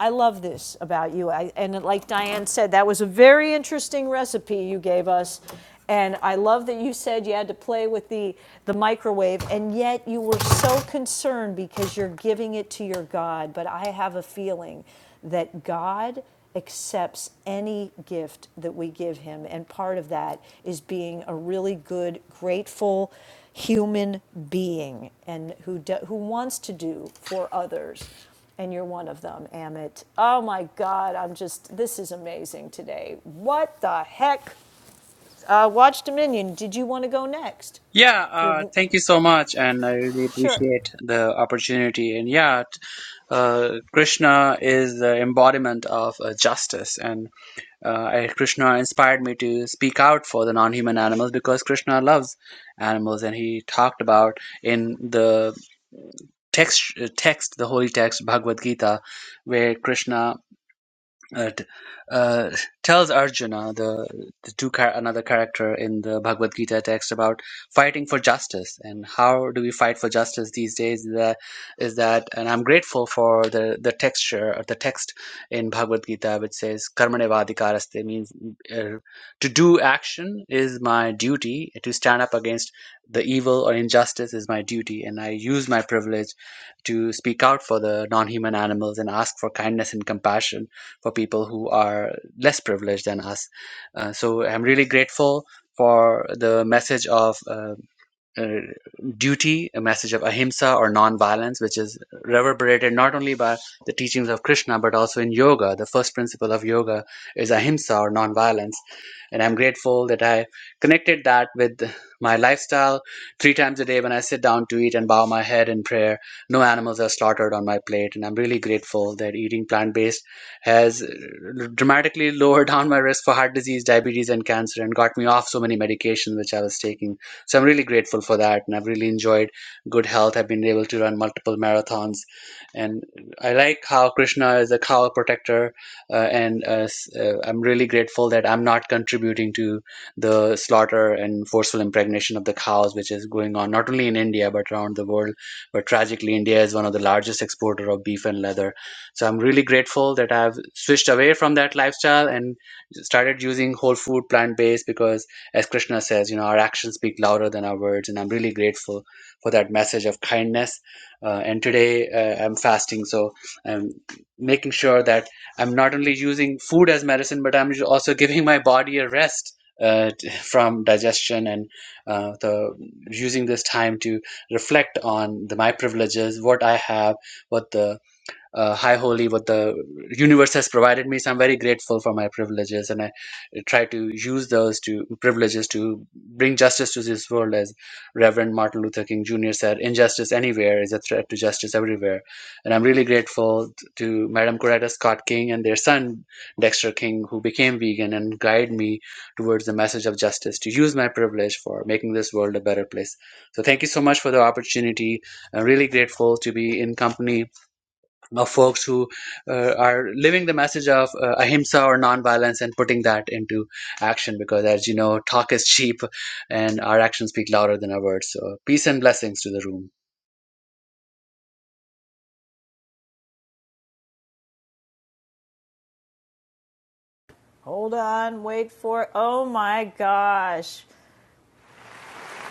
[SPEAKER 1] I love this about you. I, and like Diane said, that was a very interesting recipe you gave us. And I love that you said you had to play with the, the microwave, and yet you were so concerned because you're giving it to your God. But I have a feeling that God accepts any gift that we give him. And part of that is being a really good, grateful human being and who, do, who wants to do for others and you're one of them, Amit. Oh my God, I'm just, this is amazing today. What the heck? Uh, Watch Dominion, did you want to go next?
[SPEAKER 6] Yeah,
[SPEAKER 1] You're
[SPEAKER 6] uh, thank you so much, and I really
[SPEAKER 1] sure.
[SPEAKER 6] appreciate the opportunity. And yeah, t- uh, Krishna is the embodiment of uh, justice, and uh, I- Krishna inspired me to speak out for the non-human animals because Krishna loves animals, and he talked about in the text, uh, text, the holy text, Bhagavad Gita, where Krishna uh, t- uh, tells Arjuna, the, the two char- another character in the Bhagavad Gita text, about fighting for justice and how do we fight for justice these days? Is that, is that and I'm grateful for the the texture or the text in Bhagavad Gita which says karmanevadikaraste means uh, to do action is my duty to stand up against the evil or injustice is my duty and I use my privilege to speak out for the non-human animals and ask for kindness and compassion for people who are less privileged than us. Uh, so I'm really grateful for the message of uh, uh, duty, a message of ahimsa or non-violence, which is reverberated not only by the teachings of Krishna but also in yoga. The first principle of yoga is ahimsa or non-violence, and I'm grateful that I connected that with my lifestyle. Three times a day, when I sit down to eat and bow my head in prayer, no animals are slaughtered on my plate, and I'm really grateful that eating plant-based has uh, dramatically lowered down my risk for heart disease, diabetes, and cancer, and got me off so many medications which I was taking so I'm really grateful for that, and I've really enjoyed good health. I've been able to run multiple marathons, and I like how Krishna is a cow protector, uh, and uh, s- uh, I'm really grateful that I'm not contributing to the slaughter and forceful impregnation of the cows, which is going on not only in India but around the world. But tragically, India is one of the largest exporter of beef and leather. So I'm really grateful that I've switched away from that lifestyle and started using whole food, plant based, because as Krishna says, you know, our actions speak louder than our words, and I'm really grateful for that message of kindness. Uh, and today uh, I'm fasting, so I'm making sure that I'm not only using food as medicine, but I'm also giving my body a rest. Uh, from digestion and uh, the using this time to reflect on the, my privileges, what I have, what the uh, high holy what the universe has provided me so i'm very grateful for my privileges and i try to use those to privileges to bring justice to this world as reverend martin luther king jr said injustice anywhere is a threat to justice everywhere and i'm really grateful to madam coretta scott king and their son dexter king who became vegan and guide me towards the message of justice to use my privilege for making this world a better place so thank you so much for the opportunity i'm really grateful to be in company of folks who uh, are living the message of uh, ahimsa or nonviolence and putting that into action because as you know talk is cheap and our actions speak louder than our words so peace and blessings to the room
[SPEAKER 1] Hold on, wait for it. Oh my gosh.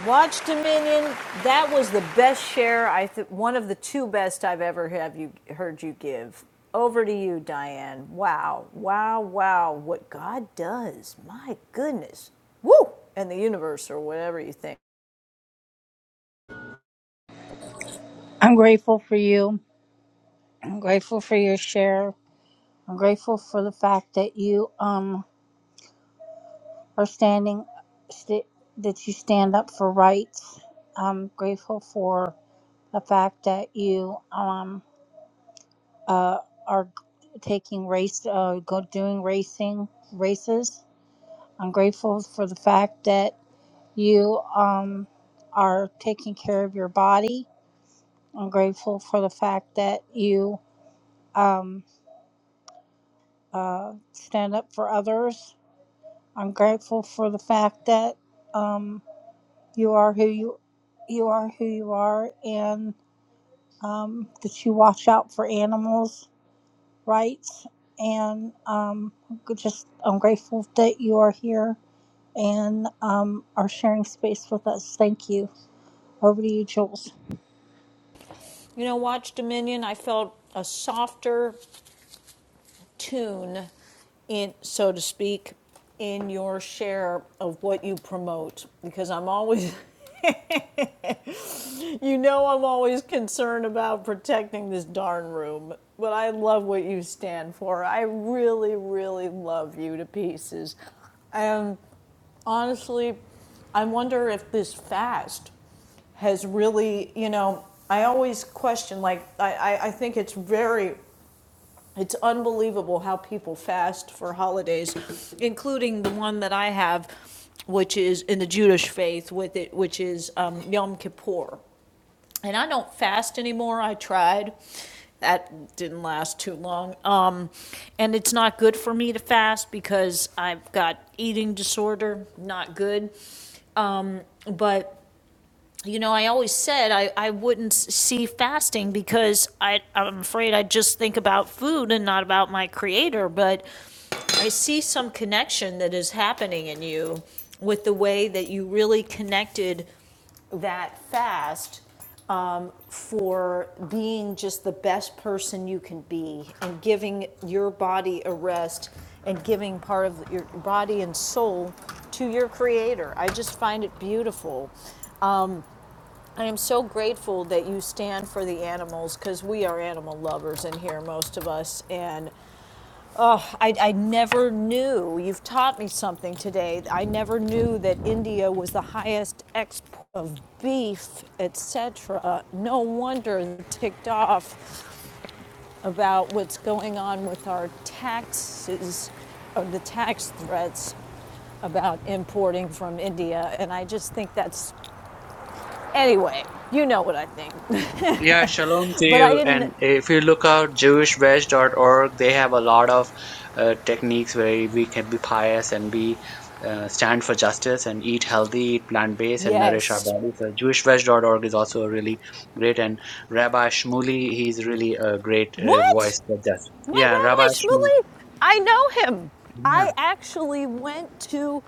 [SPEAKER 1] Watch Dominion, that was the best share, I th- one of the two best I've ever have you heard you give. Over to you, Diane. Wow, wow, wow. What God does. My goodness. Woo! And the universe, or whatever you think.
[SPEAKER 3] I'm grateful for you. I'm grateful for your share. I'm grateful for the fact that you um for standing st- that you stand up for rights. I'm grateful for the fact that you um uh are taking race uh go doing racing races. I'm grateful for the fact that you um are taking care of your body. I'm grateful for the fact that you um uh stand up for others. I'm grateful for the fact that um. you are who you you are who you are and um, that you watch out for animals rights and um, just i'm grateful that you are here and um, are sharing space with us thank you over to you jules
[SPEAKER 1] You know, Watch Dominion, I felt a softer tune, in so to speak, in your share of what you promote because I'm always, you know, I'm always concerned about protecting this darn room. But I love what you stand for. I really, really love you to pieces. And honestly, I wonder if this fast has really, you know, I always question, like, I, I, I think it's very It's unbelievable how people fast for holidays, including the one that I have, which is in the Jewish faith with it, which is um, Yom Kippur. And I don't fast anymore. I tried. That didn't last too long. Um, and it's not good for me to fast because I've got eating disorder, not good. But you know, I always said I, I wouldn't see fasting because I, I'm afraid I would just think about food and not about my creator. But I see some connection that is happening in you with the way that you really connected that fast um, for being just the best person you can be and giving your body a rest and giving part of your body and soul to your creator. I just find it beautiful. I am so grateful that you stand for the animals because we are animal lovers in here, most of us. And Oh, I, I never knew. You've taught me something today. I never knew that India was the highest export of beef, etc. No wonder they're ticked off about what's going on with our taxes, or the tax threats about importing from India. And I just think that's, anyway, you know what I think.
[SPEAKER 6] Yeah, shalom to
[SPEAKER 1] But I
[SPEAKER 6] you.
[SPEAKER 1] didn't,
[SPEAKER 6] And if you look out jewishwedge dot org, they have a lot of uh, techniques where we can be pious and be uh, stand for justice and eat healthy, eat plant-based, and nourish our
[SPEAKER 1] yes,
[SPEAKER 6] body. So jewishwedge dot org is also really great. And Rabbi Shmuley, he's really a great uh,
[SPEAKER 1] What?
[SPEAKER 6] voice for justice.
[SPEAKER 1] My
[SPEAKER 6] Yeah,
[SPEAKER 1] Rabbi
[SPEAKER 6] Rabbi Shmuley.
[SPEAKER 1] Shmuley? I know him. I actually went to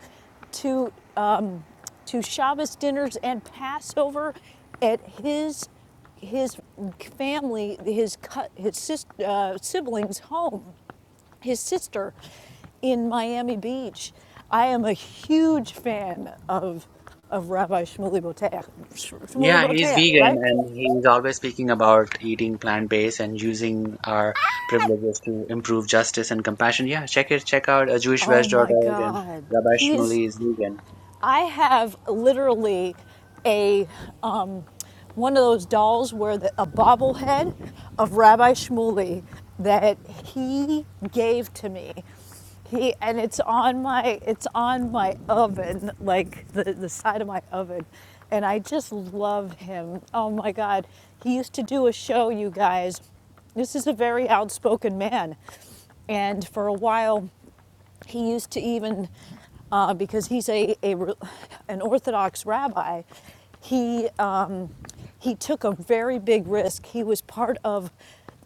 [SPEAKER 1] to um, to Shabbos dinners and Passover at his his family, his his sis, uh, siblings' home, his sister in Miami Beach. I am a huge fan of of Rabbi Shmuley Boteach. Shmuley
[SPEAKER 6] Yeah, he's
[SPEAKER 1] Boteach,
[SPEAKER 6] vegan
[SPEAKER 1] right?
[SPEAKER 6] and he's always speaking about eating plant-based and using our privileges to improve justice and compassion. Yeah, check it, check out uh,
[SPEAKER 1] Oh my
[SPEAKER 6] jewishwest.org and
[SPEAKER 1] God,
[SPEAKER 6] Rabbi
[SPEAKER 1] he's
[SPEAKER 6] Shmuley is vegan.
[SPEAKER 1] I have literally a um, one of those dolls where the, a bobblehead of Rabbi Shmuley that he gave to me. He and it's on my it's on my oven, like the, the side of my oven. And I just love him. Oh my God. He used to do a show, you guys. This is a very outspoken man. And for a while he used to even, uh, because he's a, a an Orthodox rabbi, he um, he took a very big risk. He was part of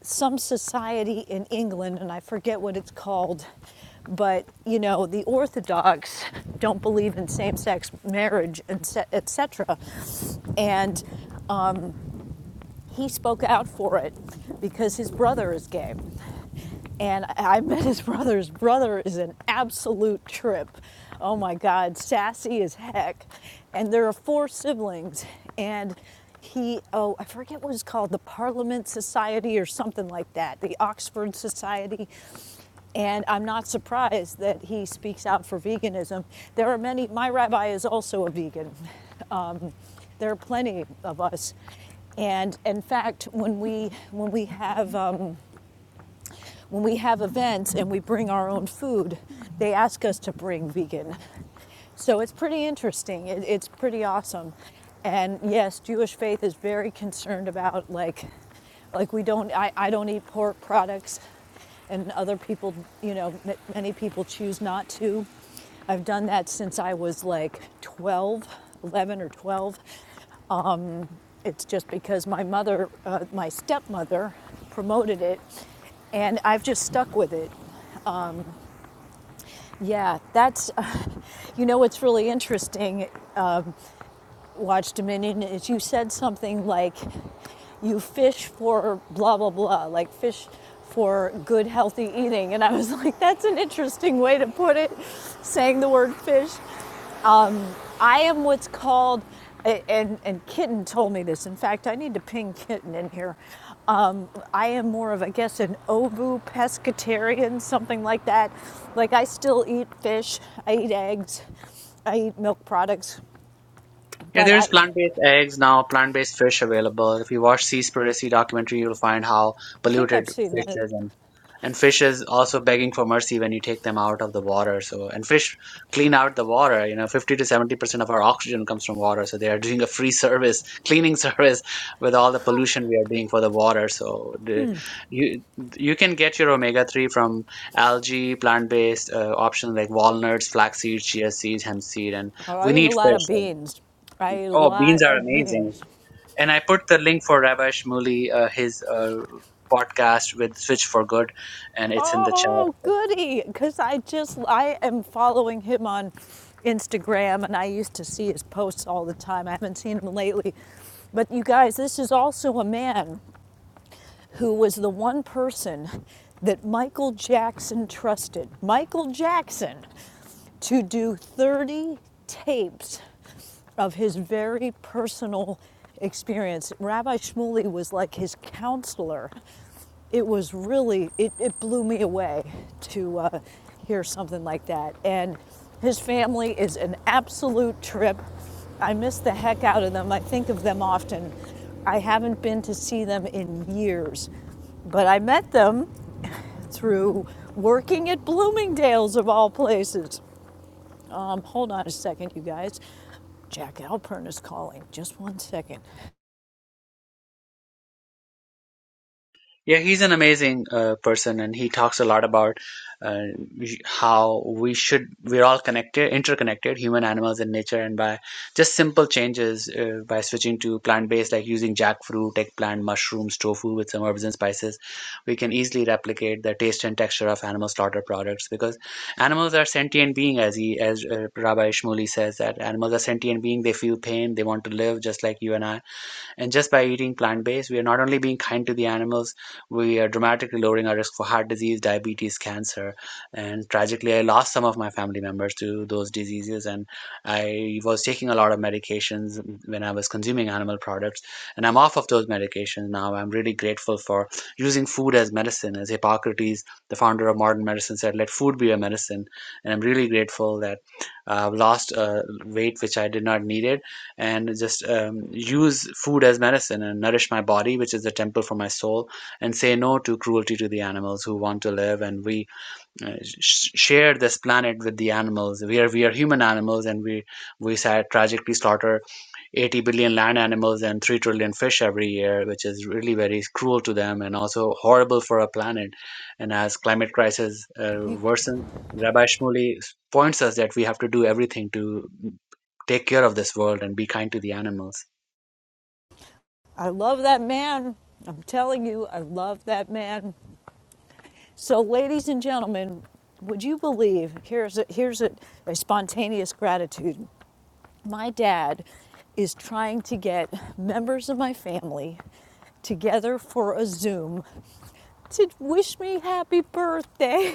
[SPEAKER 1] some society in England, and I forget what it's called, but you know the Orthodox don't believe in same-sex marriage, and se- etc. And he spoke out for it because his brother is gay and I met his brother. His brother is an absolute trip. Oh my God, sassy as heck. And there are four siblings, and he, oh, I forget what it's called, the Parliament Society or something like that, the Oxford Society. And I'm not surprised that he speaks out for veganism. There are many, my rabbi is also a vegan. Um, there are plenty of us. And in fact, when we, when we have, um, when we have events and we bring our own food, they ask us to bring vegan. So it's pretty interesting. It, it's pretty awesome. And yes, Jewish faith is very concerned about like, like we don't, I, I don't eat pork products and other people, you know, many people choose not to. I've done that since I was like 12, 11 or 12. Um, it's just because my mother, uh, my stepmother, promoted it, and I've just stuck with it. Yeah, that's, uh, you know, what's really interesting, Watch Dominion, is you said something like, you fish for blah, blah, blah, like fish for good, healthy eating. And I was like, that's an interesting way to put it, saying the word fish. I am what's called, and, and Kitten told me this. In fact, I need to ping Kitten in here. Um, I am more of, I guess, an ovu pescatarian, something like that. Like, I still eat fish, I eat eggs, I eat milk products,
[SPEAKER 6] Yeah,
[SPEAKER 1] but
[SPEAKER 6] there's
[SPEAKER 1] I,
[SPEAKER 6] plant-based eggs now, plant-based fish available. If you watch Seaspiracy documentary, you'll find how
[SPEAKER 1] I think
[SPEAKER 6] polluted
[SPEAKER 1] I've seen
[SPEAKER 6] fish
[SPEAKER 1] that.
[SPEAKER 6] is and and fish is also begging for mercy when you take them out of the water. So and fish clean out the water. You know, 50 to 70% of our oxygen comes from water. So they are doing a free service, cleaning service with all the pollution we are doing for the water. So the, you you can get your omega-3 from algae, plant-based uh, options like walnuts, flax seeds, chia seeds, hemp seed, and
[SPEAKER 1] Oh,
[SPEAKER 6] we
[SPEAKER 1] I eat a
[SPEAKER 6] need
[SPEAKER 1] lot of
[SPEAKER 6] fish.
[SPEAKER 1] beans. I eat a
[SPEAKER 6] Oh, beans
[SPEAKER 1] lot
[SPEAKER 6] are
[SPEAKER 1] of
[SPEAKER 6] amazing.
[SPEAKER 1] beans.
[SPEAKER 6] And I put the link for Rabbi Shmuley, uh, his uh, podcast with Switch for Good, and it's in the
[SPEAKER 1] Oh,
[SPEAKER 6] chat.
[SPEAKER 1] goody. Because I just, I am following him on Instagram and I used to see his posts all the time. I haven't seen him lately. But you guys, this is also a man who was the one person that Michael Jackson trusted. Michael Jackson to do 30 tapes of his very personal experience. Rabbi Shmuley was like his counselor. It was really, it, it blew me away to uh, hear something like that. And his family is an absolute trip. I miss the heck out of them. I think of them often. I haven't been to see them in years but I met them through working at Bloomingdale's of all places. Um, hold on a second, you guys. Jack Alpern is calling. Just one second.
[SPEAKER 6] Yeah, he's an amazing uh, person, and he talks a lot about uh, how we should we're all connected, interconnected, human, animals, and nature. And by just simple changes, uh, by switching to plant-based, like using jackfruit, eggplant, mushrooms, tofu with some herbs and spices, we can easily replicate the taste and texture of animal slaughter products because animals are sentient beings, as he, as uh, Rabbi Shmuley says that animals are sentient beings. They feel pain, they want to live, just like you and I and just by eating plant based, we are not only being kind to the animals, we are dramatically lowering our risk for heart disease, diabetes, cancer. And tragically, I lost some of my family members to those diseases. And I was taking a lot of medications when I was consuming animal products. And I'm off of those medications now. I'm really grateful for using food as medicine. As Hippocrates, the founder of modern medicine, said, let food be a medicine. And I'm really grateful that uh, I've lost uh, weight which I did not need it and just um, use food as medicine and nourish my body, which is the temple for my soul, and say no to cruelty to the animals who want to live. And we uh, sh- share this planet with the animals. We are we are human animals, and we we tragically slaughter 80 billion land animals and 3 trillion fish every year, which is really very cruel to them and also horrible for our planet. And as climate crisis uh,
[SPEAKER 1] You,
[SPEAKER 6] worsens, Rabbi Shmuley points us that we have to do everything to take care of this world and be kind to the animals.
[SPEAKER 1] I love that man. I'm telling you, I love that man. So, ladies and gentlemen, would you believe? Here's a, here's a, a spontaneous gratitude. My dad is trying to get members of my family together for a Zoom to wish me happy birthday.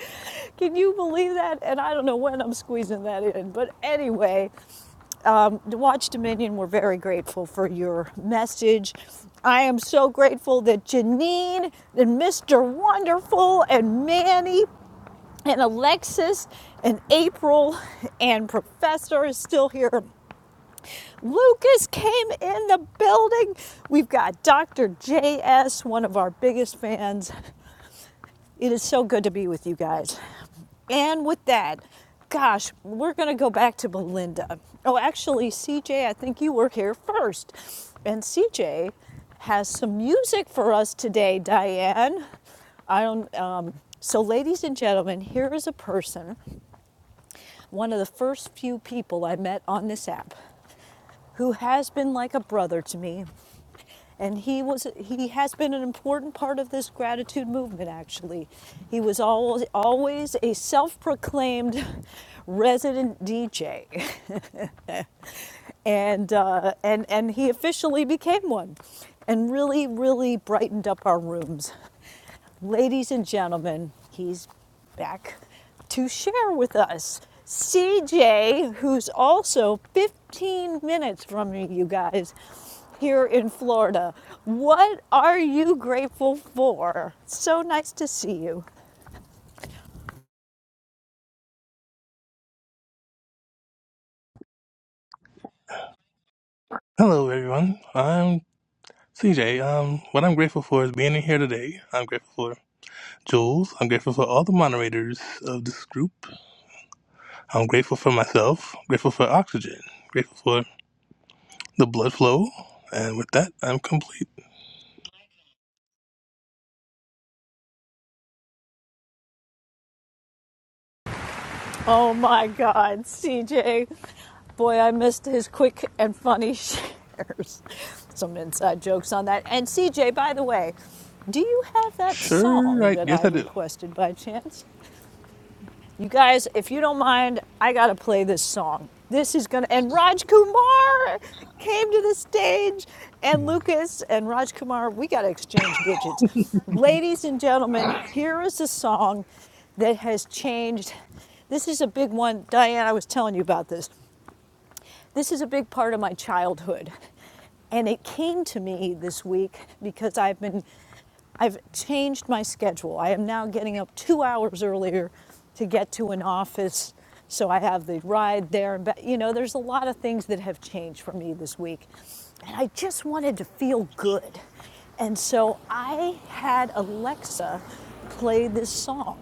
[SPEAKER 1] Can you believe that? And I don't know when I'm squeezing that in, but anyway, Watch Dominion, we're very grateful for your message. I am so grateful that Janine and Mr. Wonderful and Manny and Alexis and April and Professor is still here. Lucas came in the building. We've got Dr. JS, one of our biggest fans. It is so good to be with you guys. And with that, gosh, we're going to go back to Belinda. Oh, actually, CJ, I think you were here first. And CJ has some music for us today, Diane. I don't. Um, so, ladies and gentlemen, here is a person, one of the first few people I met on this app, who has been like a brother to me and he was he has been an important part of this gratitude movement actually. He was always always a self-proclaimed resident DJ. and uh, and and he officially became one and really really brightened up our rooms. Ladies and gentlemen, he's back to share with us CJ, who's also 15 minutes from you guys, here in Florida. What are you grateful for? So nice to see you.
[SPEAKER 7] Hello, everyone. I'm CJ. Um, what I'm grateful for is being in here today. I'm grateful for Jules. I'm grateful for all the moderators of this group. I'm grateful for myself. Grateful for oxygen. Grateful for the blood flow. And with that, I'm complete.
[SPEAKER 1] Oh my God, CJ. Boy, I missed his quick and funny shares. Some inside jokes on that. And CJ, by the way, do you have that
[SPEAKER 7] Sure,
[SPEAKER 1] song
[SPEAKER 7] right?
[SPEAKER 1] that
[SPEAKER 7] Yes,
[SPEAKER 1] I
[SPEAKER 7] I do.
[SPEAKER 1] requested by chance? You guys, if you don't mind, I gotta play this song. This is gonna and Raj Kumar came to the stage and Lucas and Raj Kumar, we gotta exchange digits. Ladies and gentlemen, here is a song that has changed. This is a big one. Diane, I was telling you about this. This is a big part of my childhood. And it came to me this week because I've been, I've changed my schedule. I am now getting up two hours earlier to get to an office. So I have the ride there and back. You know, there's a lot of things that have changed for me this week. And I just wanted to feel good. And so I had Alexa play this song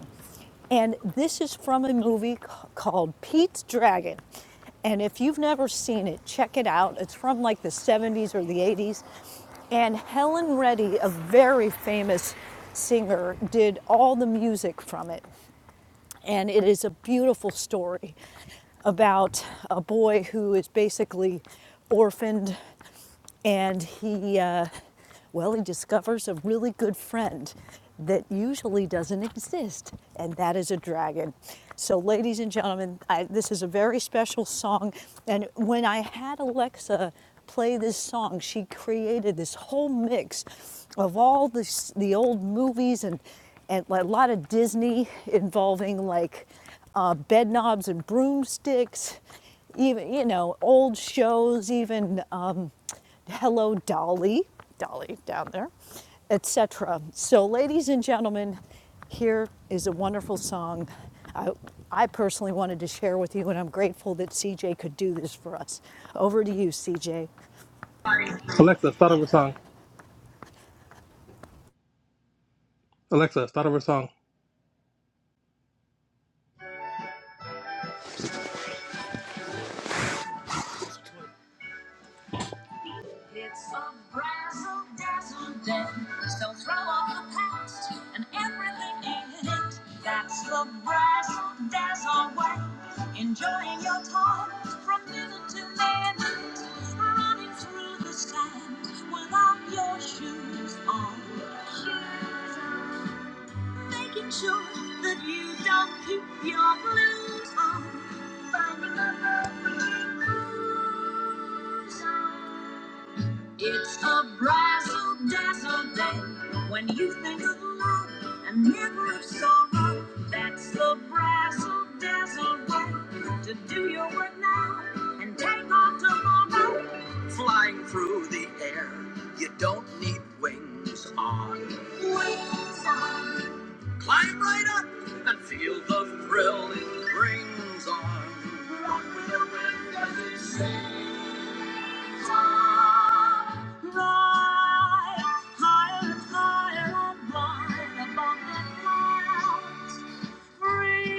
[SPEAKER 1] and this is from a movie called Pete's Dragon. And if you've never seen it, check it out. It's from like the 70s or the 80s. And Helen Reddy, a very famous singer, did all the music from it. And it is a beautiful story about a boy who is basically orphaned and he, uh, well, he discovers a really good friend that usually doesn't exist, and that is a dragon. So, ladies and gentlemen, I, this is a very special song. And when I had Alexa play this song, she created this whole mix of all this, the old movies and, and a lot of Disney involving like uh, bed knobs and broomsticks even you know old shows, even um, Hello Dolly, Dolly down there, etc. So, ladies and gentlemen, here is a wonderful song. I, I personally wanted to share with you, and I'm grateful that CJ could do this for us. Over to you, CJ.
[SPEAKER 7] Alexa, start over song. Alexa, start over song. It's a brazzle dazzle day. So throw off the past and everything in it. That's the brazzle dazzle way. Enjoying your time from minute to minute. Running through the sand without your shoes on. Shoes on. Making sure that you don't keep your blues on. Finding a perfect groove. zone. It's a brazzle dazzle day when you think of love and never of sorrow. That's the brazzle dazzle way to do your work now and take off tomorrow. Flying through the air, you don't need wings on. Wings on. Climb right up and feel the thrill it brings on. Rock with the wind as it sings. Higher and higher and blind above the clouds free.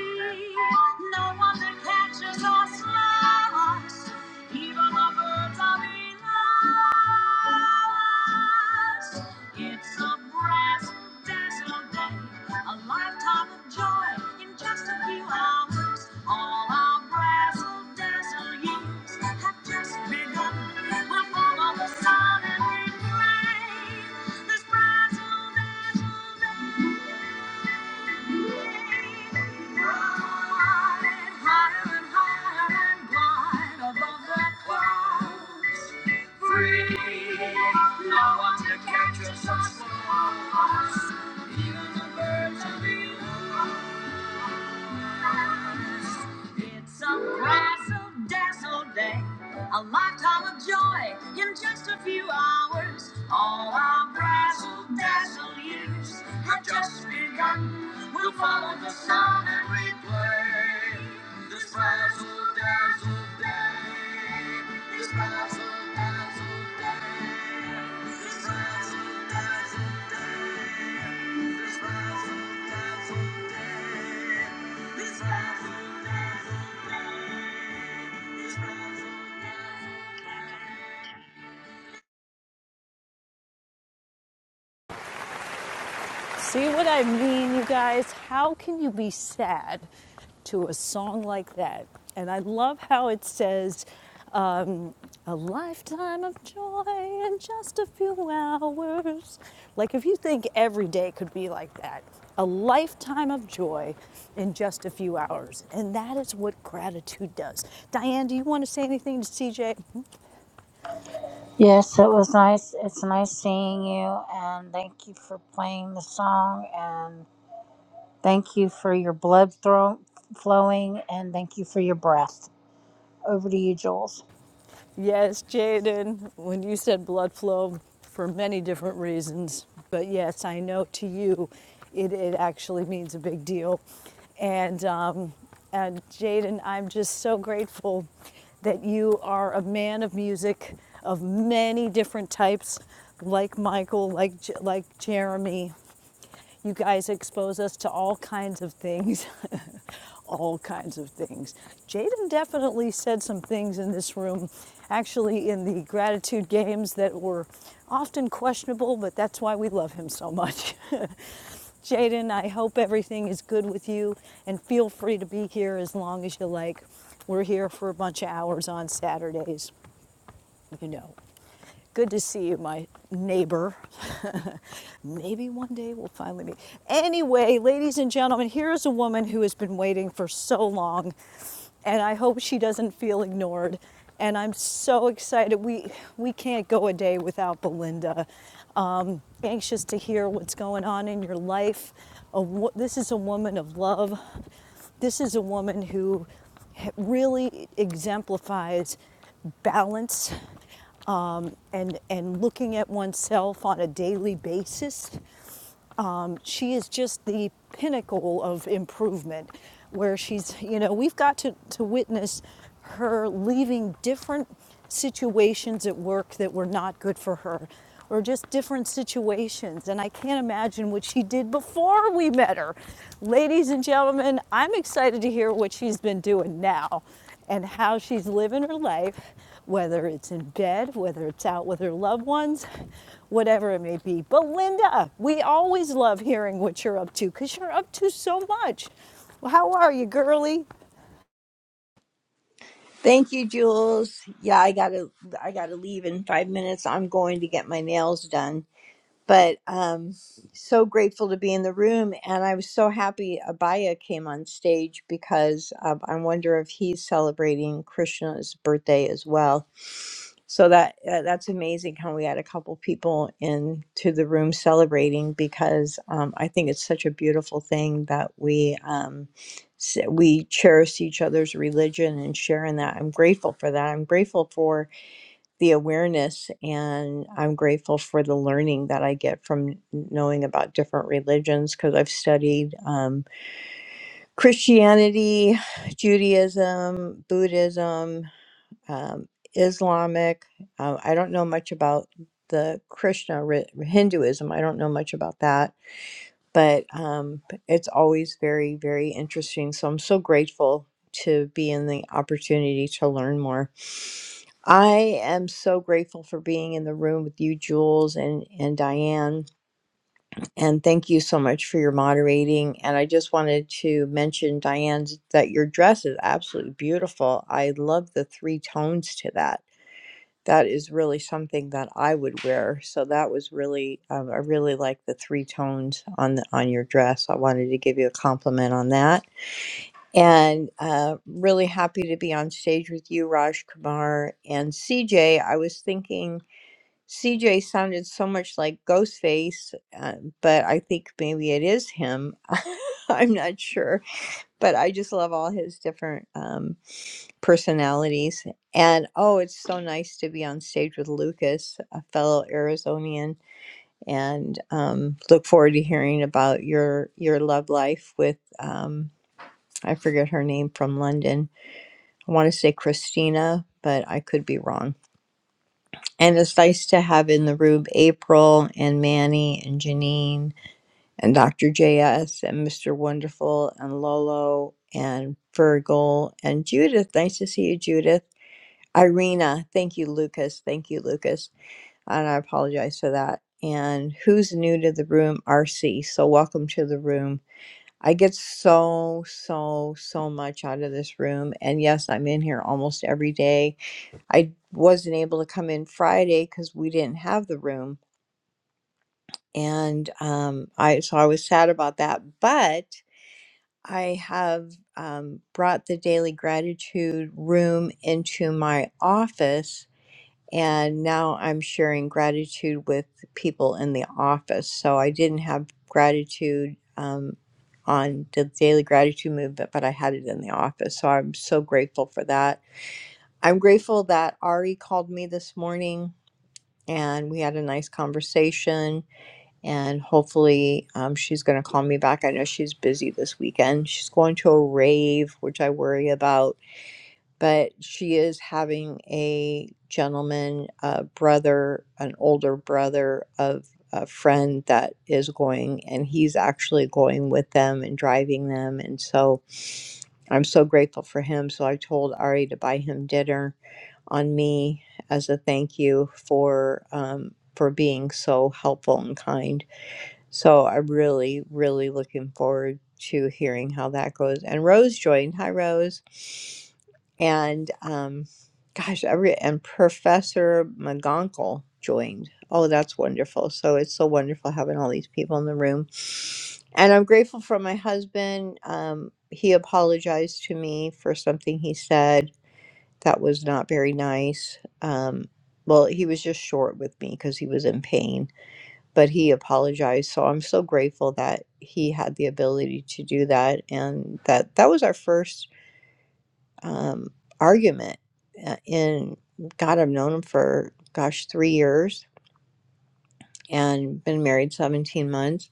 [SPEAKER 7] No one that catches us lost. Even the birds are beloved. It's a brass dazzle day, a lifetime of joy in just a few hours. All our brazzle dazzle years have just begun. We'll follow the sun and refrain. This brazzle dazzle day. Catches us, even the birds are below. It's a razzle dazzle day, a lifetime of joy in just a few hours. All our razzle dazzle years have just begun. We'll follow the sun and replay this razzle dazzle. Thank you.
[SPEAKER 1] See what I mean, you guys? How can you be sad to a song like that? And I love how it says, um, a lifetime of joy in just a few hours. Like, if you think every day could be like that, a lifetime of joy in just a few hours. And that is what gratitude does. Diane, do you want to say anything to CJ?
[SPEAKER 3] yes it was nice it's nice seeing you and thank you for playing the song and thank you for your blood thro- flowing and thank you for your breath over to you jules
[SPEAKER 1] Yes, Jaden, when you said blood flow, for many different reasons, but yes, I know to you, it, it actually means a big deal. And, um, and Jaden, I'm just so grateful that you are a man of music of many different types, like Michael, like, like Jeremy, you guys expose us to all kinds of things. all kinds of things. Jaden definitely said some things in this room, actually, in the gratitude games that were often questionable, but that's why we love him so much. Jaden, I hope everything is good with you, and feel free to be here as long as you like. We're here for a bunch of hours on Saturdays, you know. Good to see you, my neighbor. Maybe one day we'll finally meet. Anyway, ladies and gentlemen, here's a woman who has been waiting for so long, and I hope she doesn't feel ignored. And I'm so excited. We we can't go a day without Belinda. Um, anxious to hear what's going on in your life. A, this is a woman of love. This is a woman who really exemplifies balance um, and and looking at oneself on a daily basis. Um, she is just the pinnacle of improvement, where she's you know we've got to to witness her leaving different situations at work that were not good for her or just different situations and i can't imagine what she did before we met her ladies and gentlemen i'm excited to hear what she's been doing now and how she's living her life, whether it's in bed, whether it's out with her loved ones, whatever it may be. But Linda, we always love hearing what you're up to because you're up to so much. Well, how are you, girly?
[SPEAKER 8] Thank you, Jules. Yeah, I gotta I gotta leave in five minutes. I'm going to get my nails done. But um so grateful to be in the room and I was so happy Abaya came on stage because um, I wonder if he's celebrating Krishna's birthday as well. So that uh, that's amazing how we had a couple people into the room celebrating because um, I think it's such a beautiful thing that we um, s- we cherish each other's religion and sharing that. I'm grateful for that. I'm grateful for the awareness and I'm grateful for the learning that I get from knowing about different religions because I've studied um, Christianity, Judaism, Buddhism um, Islamic. Uh, I don't know much about the Krishna ri- Hinduism. I don't know much about that, but um, it's always very, very interesting. So I'm so grateful to be in the opportunity to learn more. I am so grateful for being in the room with you, Jules and and Diane. And thank you so much for your moderating. And I just wanted to mention, Diane, that your dress is absolutely beautiful. I love the three tones to that that is really something that I would wear. So that was really, um, I really like the three tones on the, on your dress. I wanted to give you a compliment on that, and uh, really happy to be on stage with you, Raj Kumar and C J. I was thinking CJ sounded so much like Ghostface, uh, but I think maybe it is him. I'm not sure, but I just love all his different. um, personalities. And oh, it's so nice to be on stage with Lucas, a fellow Arizonian, and um, look forward to hearing about your your love life with um, I forget her name from London. I want to say Christina, but I could be wrong. And it's nice to have in the room April and Manny and Janine and Dr. JS and Mr. Wonderful and Lolo and Virgil and Judith. Nice to see you, Judith Irina, thank you, Lucas. Thank you, Lucas. And I apologize for that. And who's new to the room? RC. So welcome to the room. I get so, so, so much out of this room. And yes, I'm in here almost every day. I wasn't able to come in Friday because we didn't have the room. And um, I so I was sad about that. But I have um, brought the daily gratitude room into my office and now I'm sharing gratitude with people in the office. So I didn't have gratitude um, on the daily gratitude movement, but I had it in the office. So I'm so grateful for that. I'm grateful that Ari called me this morning and we had a nice conversation. And hopefully, um, she's going to call me back. I know she's busy this weekend. She's going to a rave, which I worry about but she is having a gentleman, a brother, an older brother of a friend that is going, and he's actually going with them and driving them. And so I'm so grateful for him. So I told Ari to buy him dinner on me as a thank you for um, for being so helpful and kind so I'm really, really looking forward to hearing how that goes. And Rose joined. Hi, Rose. And um, gosh, every and Professor McGonkle joined. Oh, that's wonderful. So it's so wonderful having all these people in the room. And I'm grateful for my husband. Um, he apologized to me for something he said that was not very nice. Um, well, he was just short with me because he was in pain but he apologized so i'm so grateful that he had the ability to do that and that that was our first um, argument uh, in god i've known him for gosh three years and been married 17 months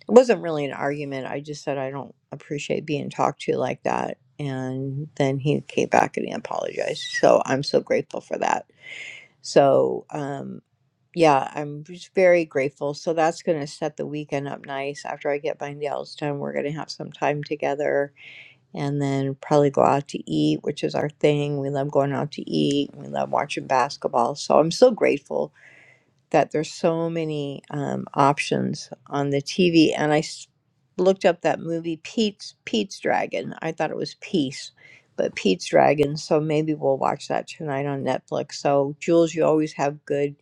[SPEAKER 8] it wasn't really an argument i just said i don't appreciate being talked to like that and then he came back and he apologized so i'm so grateful for that so um, yeah, I'm just very grateful. So that's going to set the weekend up nice. After I get my nails done, we're going to have some time together and then probably go out to eat, which is our thing. We love going out to eat. We love watching basketball. So I'm so grateful that there's so many um, options on the TV. And I s- looked up that movie Pete's Pete's Dragon. I thought it was Peace, but Pete's Dragon. So maybe we'll watch that tonight on Netflix. So Jules, you always have good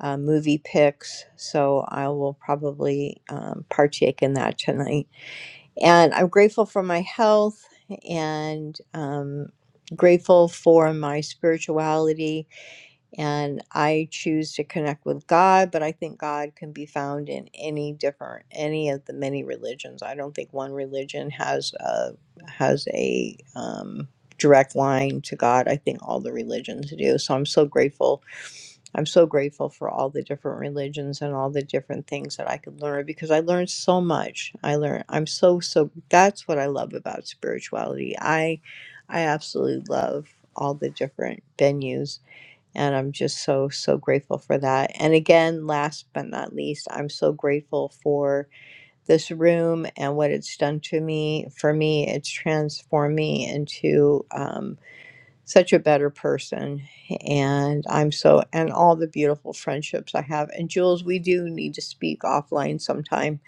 [SPEAKER 8] uh, movie picks. So I will probably um, partake in that tonight. And I'm grateful for my health and um, grateful for my spirituality. And I choose to connect with God, but I think God can be found in any different, any of the many religions. I don't think one religion has a, has a, um, direct line to God. I think all the religions do. So I'm so grateful I'm so grateful for all the different religions and all the different things that I could learn because I learned so much. I learned I'm so so that's what I love about spirituality. I I absolutely love all the different venues and I'm just so so grateful for that. And again, last but not least, I'm so grateful for this room and what it's done to me. For me, it's transformed me into um such a better person and i'm so and all the beautiful friendships i have and jules we do need to speak offline sometime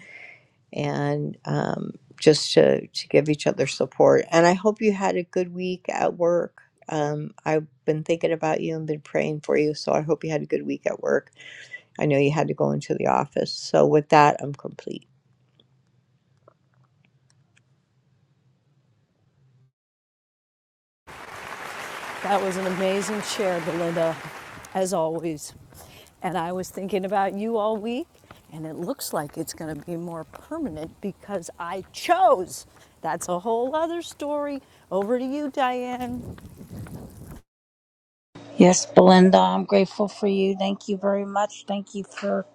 [SPEAKER 8] and um, just to, to give each other support and i hope you had a good week at work um, i've been thinking about you and been praying for you so i hope you had a good week at work i know you had to go into the office so with that i'm complete
[SPEAKER 1] That was an amazing share, Belinda, as always. And I was thinking about you all week, and it looks like it's going to be more permanent because I chose. That's a whole other story. Over to you, Diane.
[SPEAKER 3] Yes, Belinda, I'm grateful for you. Thank you very much. Thank you for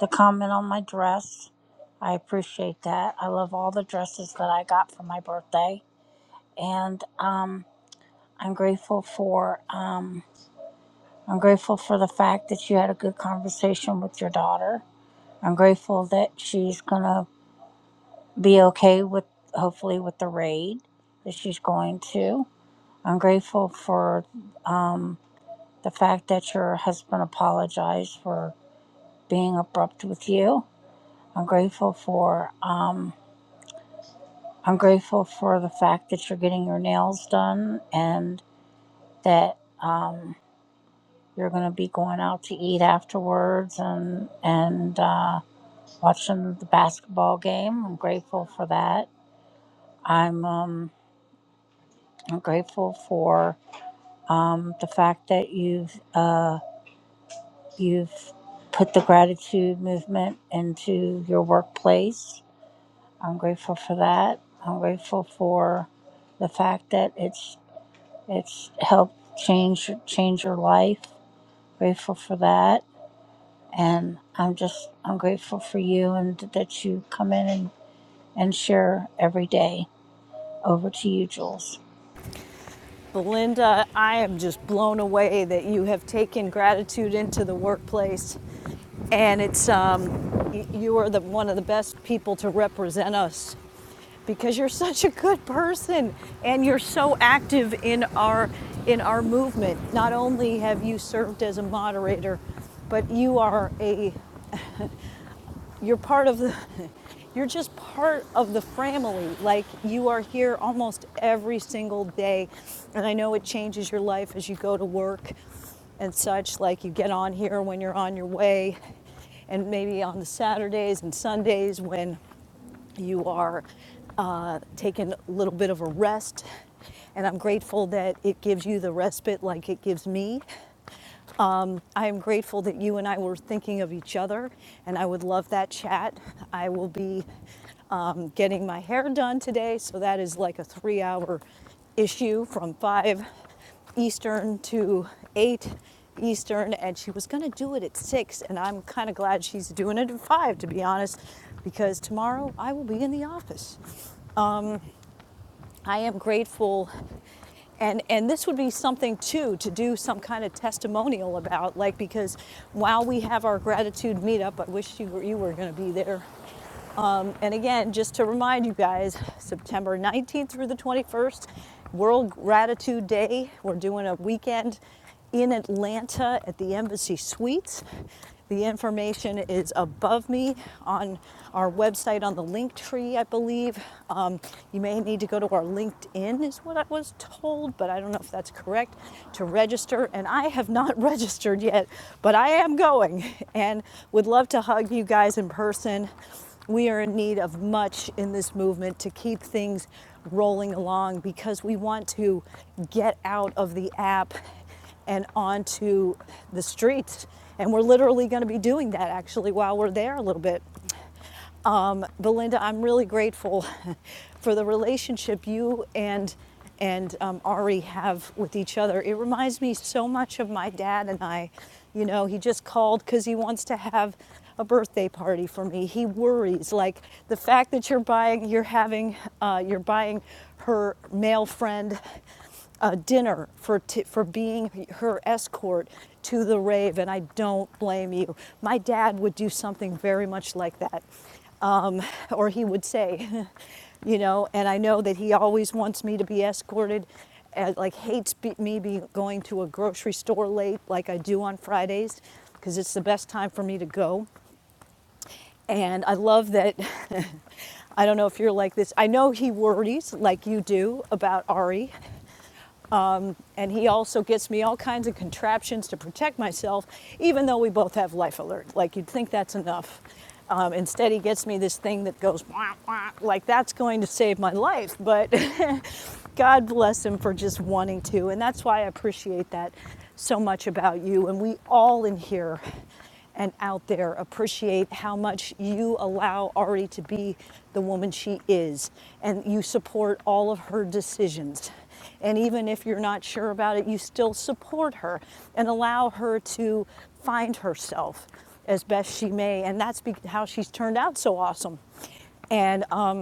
[SPEAKER 3] the comment on my dress. I appreciate that. I love all the dresses that I got for my birthday, and um, I'm grateful for um, I'm grateful for the fact that you had a good conversation with your daughter. I'm grateful that she's gonna be okay with hopefully with the raid that she's going to. I'm grateful for um, the fact that your husband apologized for being abrupt with you. I'm grateful for um, I'm grateful for the fact that you're getting your nails done and that um, you're going to be going out to eat afterwards and and uh, watching the basketball game. I'm grateful for that. I'm um, I'm grateful for um, the fact that you've uh, you've put the gratitude movement into your workplace I'm grateful for that. I'm grateful for the fact that it's it's helped change change your life. Grateful for that, and I'm just I'm grateful for you and that you come in and and share every day. Over to you, Jules.
[SPEAKER 1] Belinda, I am just blown away that you have taken gratitude into the workplace, and it's um, you are the one of the best people to represent us because you're such a good person and you're so active in our in our movement. Not only have you served as a moderator, but you are a you're part of the you're just part of the family like you are here almost every single day and i know it changes your life as you go to work and such like you get on here when you're on your way and maybe on the saturdays and sundays when you are uh, taking a little bit of a rest. And I'm grateful that it gives you the respite like it gives me. Um, I am grateful that you and I were thinking of each other, and I would love that chat. I will be um, getting my hair done today, so that is like a three hour issue from five. Eastern to 8 Eastern, and she was going to do it at 6. And I'm kind of glad she's doing it at 5, to be honest, because tomorrow I will be in the office. I am grateful. And, and this would be something too to do some kind of testimonial about, like, because while we have our gratitude meetup, I wish you were, you were going to be there. Um, and again, just to remind you guys, September 19th through the 21st, World Gratitude Day. We're doing a weekend in Atlanta at the Embassy Suites. The information is above me on our website on the Linktree, I believe. Um, you may need to go to our LinkedIn, is what I was told, but I don't know if that's correct, to register. And I have not registered yet, but I am going and would love to hug you guys in person. We are in need of much in this movement to keep things rolling along because we want to get out of the app and onto the streets. And we're literally going to be doing that actually while we're there a little bit. Um, Belinda, I'm really grateful for the relationship you and and um, Ari have with each other. It reminds me so much of my dad and I. You know, he just called because he wants to have a birthday party for me. He worries like the fact that you're buying, you're having, uh, you're buying her male friend a dinner for t- for being her escort to the rave, and I don't blame you. My dad would do something very much like that um, or he would say, you know. And I know that he always wants me to be escorted, and like hates be, me be going to a grocery store late, like I do on Fridays, because it's the best time for me to go. And I love that. I don't know if you're like this. I know he worries like you do about Ari, um, and he also gets me all kinds of contraptions to protect myself, even though we both have life alert. Like you'd think that's enough. Um, instead, he gets me this thing that goes wah, wah, like that's going to save my life. But God bless him for just wanting to. And that's why I appreciate that so much about you. And we all in here and out there appreciate how much you allow Ari to be the woman she is. And you support all of her decisions. And even if you're not sure about it, you still support her and allow her to find herself as best she may. And that's how she's turned out so awesome. And um,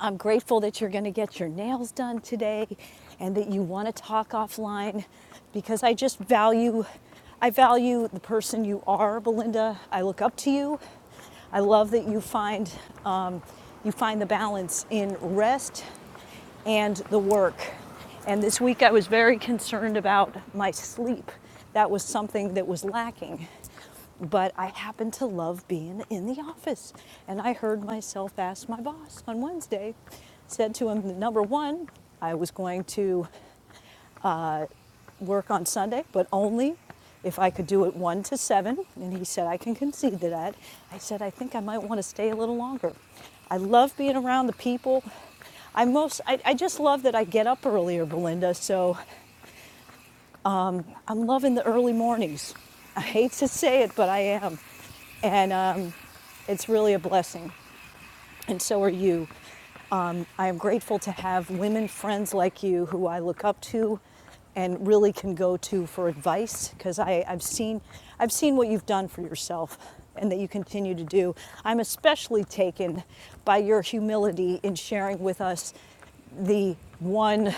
[SPEAKER 1] I'm grateful that you're going to get your nails done today and that you want to talk offline because I just value I value the person you are, Belinda. I look up to you. I love that you find um, you find the balance in rest and the work. And this week I was very concerned about my sleep. That was something that was lacking. But I happen to love being in the office. And I heard myself ask my boss on Wednesday, said to him, number one, I was going to uh, work on Sunday, but only if I could do it 1 to 7. And he said, I can concede to that. I said, I think I might want to stay a little longer. I love being around the people. I most, I, I just love that I get up earlier, Belinda. So I'm loving the early mornings. I hate to say it, but I am. And um, it's really a blessing and so are you. Um, I am grateful to have women friends like you who I look up to and really can go to for advice because I've seen, I've seen what you've done for yourself and that you continue to do. I'm especially taken by your humility in sharing with us the one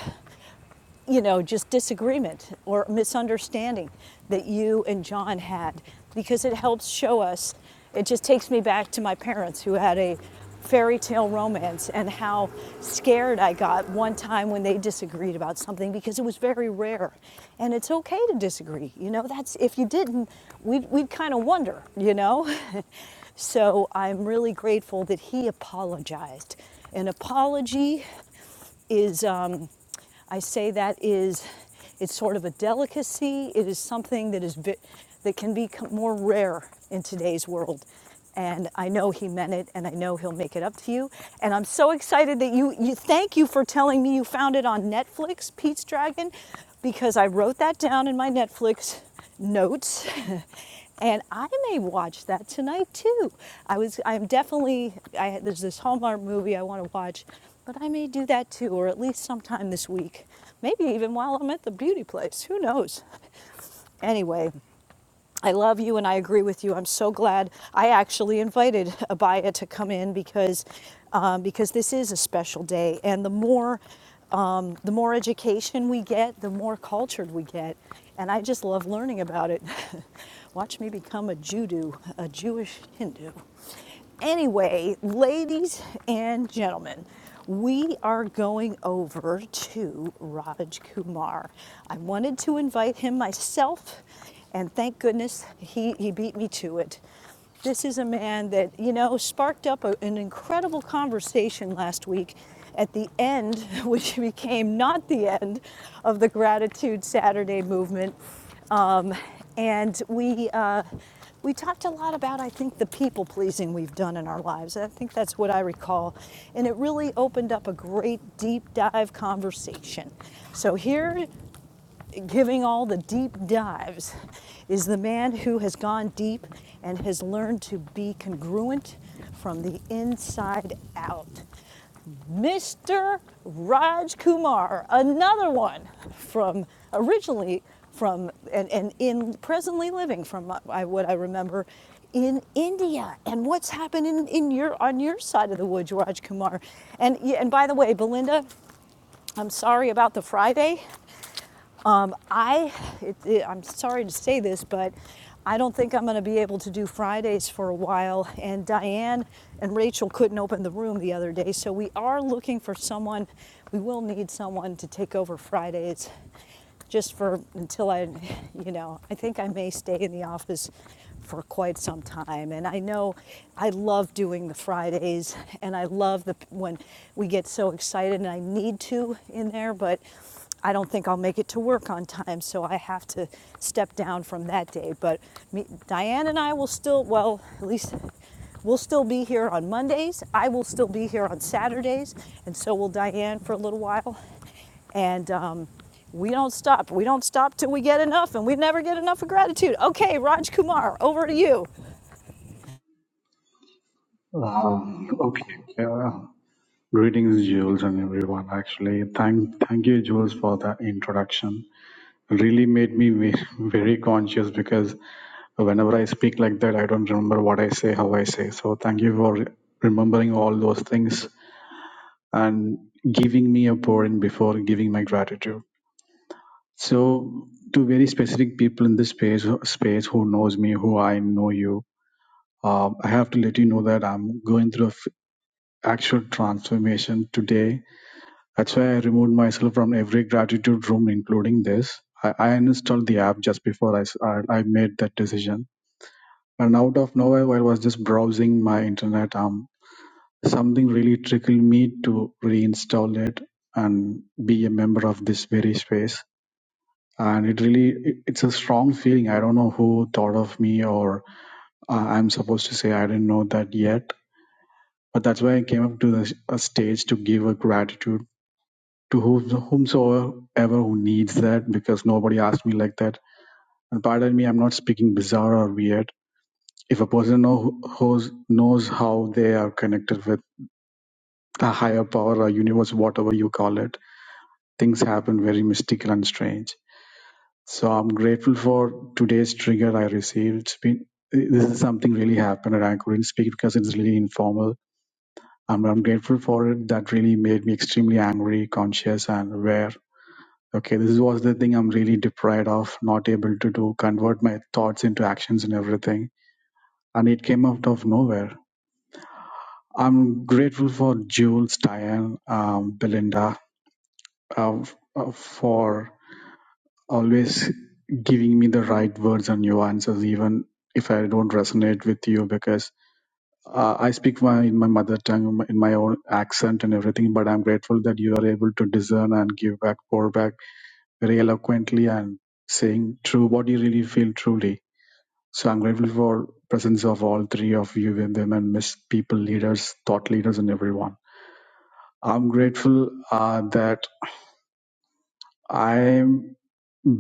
[SPEAKER 1] you know, just disagreement or misunderstanding that you and John had because it helps show us. It just takes me back to my parents who had a fairy tale romance and how scared I got one time when they disagreed about something because it was very rare. And it's okay to disagree. You know, that's if you didn't, we'd, we'd kind of wonder, you know? so I'm really grateful that he apologized. An apology is, um, I say that is, it's sort of a delicacy. It is something that is bit, that can be more rare in today's world. And I know he meant it, and I know he'll make it up to you. And I'm so excited that you, you thank you for telling me you found it on Netflix, Pete's Dragon, because I wrote that down in my Netflix notes. And I may watch that tonight too. I was, I'm definitely, I, there's this Hallmark movie I want to watch, but I may do that too, or at least sometime this week. Maybe even while I'm at the beauty place. Who knows? Anyway, I love you and I agree with you. I'm so glad I actually invited Abaya to come in because um, because this is a special day, and the more um, the more education we get, the more cultured we get, and I just love learning about it. Watch me become a Judo, a Jewish Hindu. Anyway, ladies and gentlemen, we are going over to Raj Kumar. I wanted to invite him myself and thank goodness he, he beat me to it. This is a man that, you know, sparked up a, an incredible conversation last week at the end, which became not the end of the Gratitude Saturday movement. Um, and we, uh, we talked a lot about, I think, the people pleasing we've done in our lives. I think that's what I recall. And it really opened up a great deep dive conversation. So here giving all the deep dives is the man who has gone deep and has learned to be congruent from the inside out. Mr. Raj Kumar, another one from originally from and, and in presently living from uh, what I remember in India and what's happening in your on your side of the woods, Raj Kumar. And yeah, and by the way, Belinda, I'm sorry about the Friday. Um, I, it, it, I'm sorry to say this, but I don't think I'm going to be able to do Fridays for a while. And Diane and Rachel couldn't open the room the other day, so we are looking for someone. We will need someone to take over Fridays, just for until I, you know, I think I may stay in the office for quite some time. And I know I love doing the Fridays, and I love the when we get so excited, and I need to in there, but I don't think I'll make it to work on time, so I have to step down from that day. But me, Diane and I will still, well, at least we'll still be here on Mondays. I will still be here on Saturdays, and so will Diane for a little while. And um, we don't stop. We don't stop till we get enough, and we never get enough of gratitude. Okay, Raj Kumar, over to you.
[SPEAKER 9] Um, okay. Uh, greetings, Jules, and everyone. Actually, thank thank you, Jules, for that introduction. Really made me ve- very conscious because whenever I speak like that, I don't remember what I say, how I say. So, thank you for remembering all those things and giving me a pouring before giving my gratitude. So, to very specific people in this space, space who knows me, who I know you, uh, I have to let you know that I'm going through a f- actual transformation today That's why I removed myself from every gratitude room, including this. I, I uninstalled the app just before I, s- I- I made that decision. And out of nowhere, while I was just browsing my internet, um, something really trickled me to reinstall it and be a member of this very space. And it really, it- it's a strong feeling. I don't know who thought of me or uh, I'm supposed to say I didn't know that yet. But that's why I came up to the s- a stage to give a gratitude to whom- whomsoever who needs that because nobody asked me like that. And pardon me, I'm not speaking bizarre or weird. If a person know, who's, knows how they are connected with a higher power or universe, whatever you call it, things happen very mystical and strange. So I'm grateful for today's trigger I received. It's been, this is something really happened and I couldn't speak because it's really informal. I'm, I'm grateful for it. That really made me extremely angry, conscious, and aware okay this was the thing i'm really deprived of not able to do convert my thoughts into actions and everything and it came out of nowhere i'm grateful for jules diane um, belinda uh, f- uh, for always giving me the right words and nuances even if i don't resonate with you because uh, i speak my in my mother tongue in my own accent and everything but i'm grateful that you are able to discern and give back pour back very eloquently and saying true what you really feel truly. So I'm grateful for presence of all three of you women, miss people, leaders, thought leaders, and everyone. I'm grateful uh, that I'm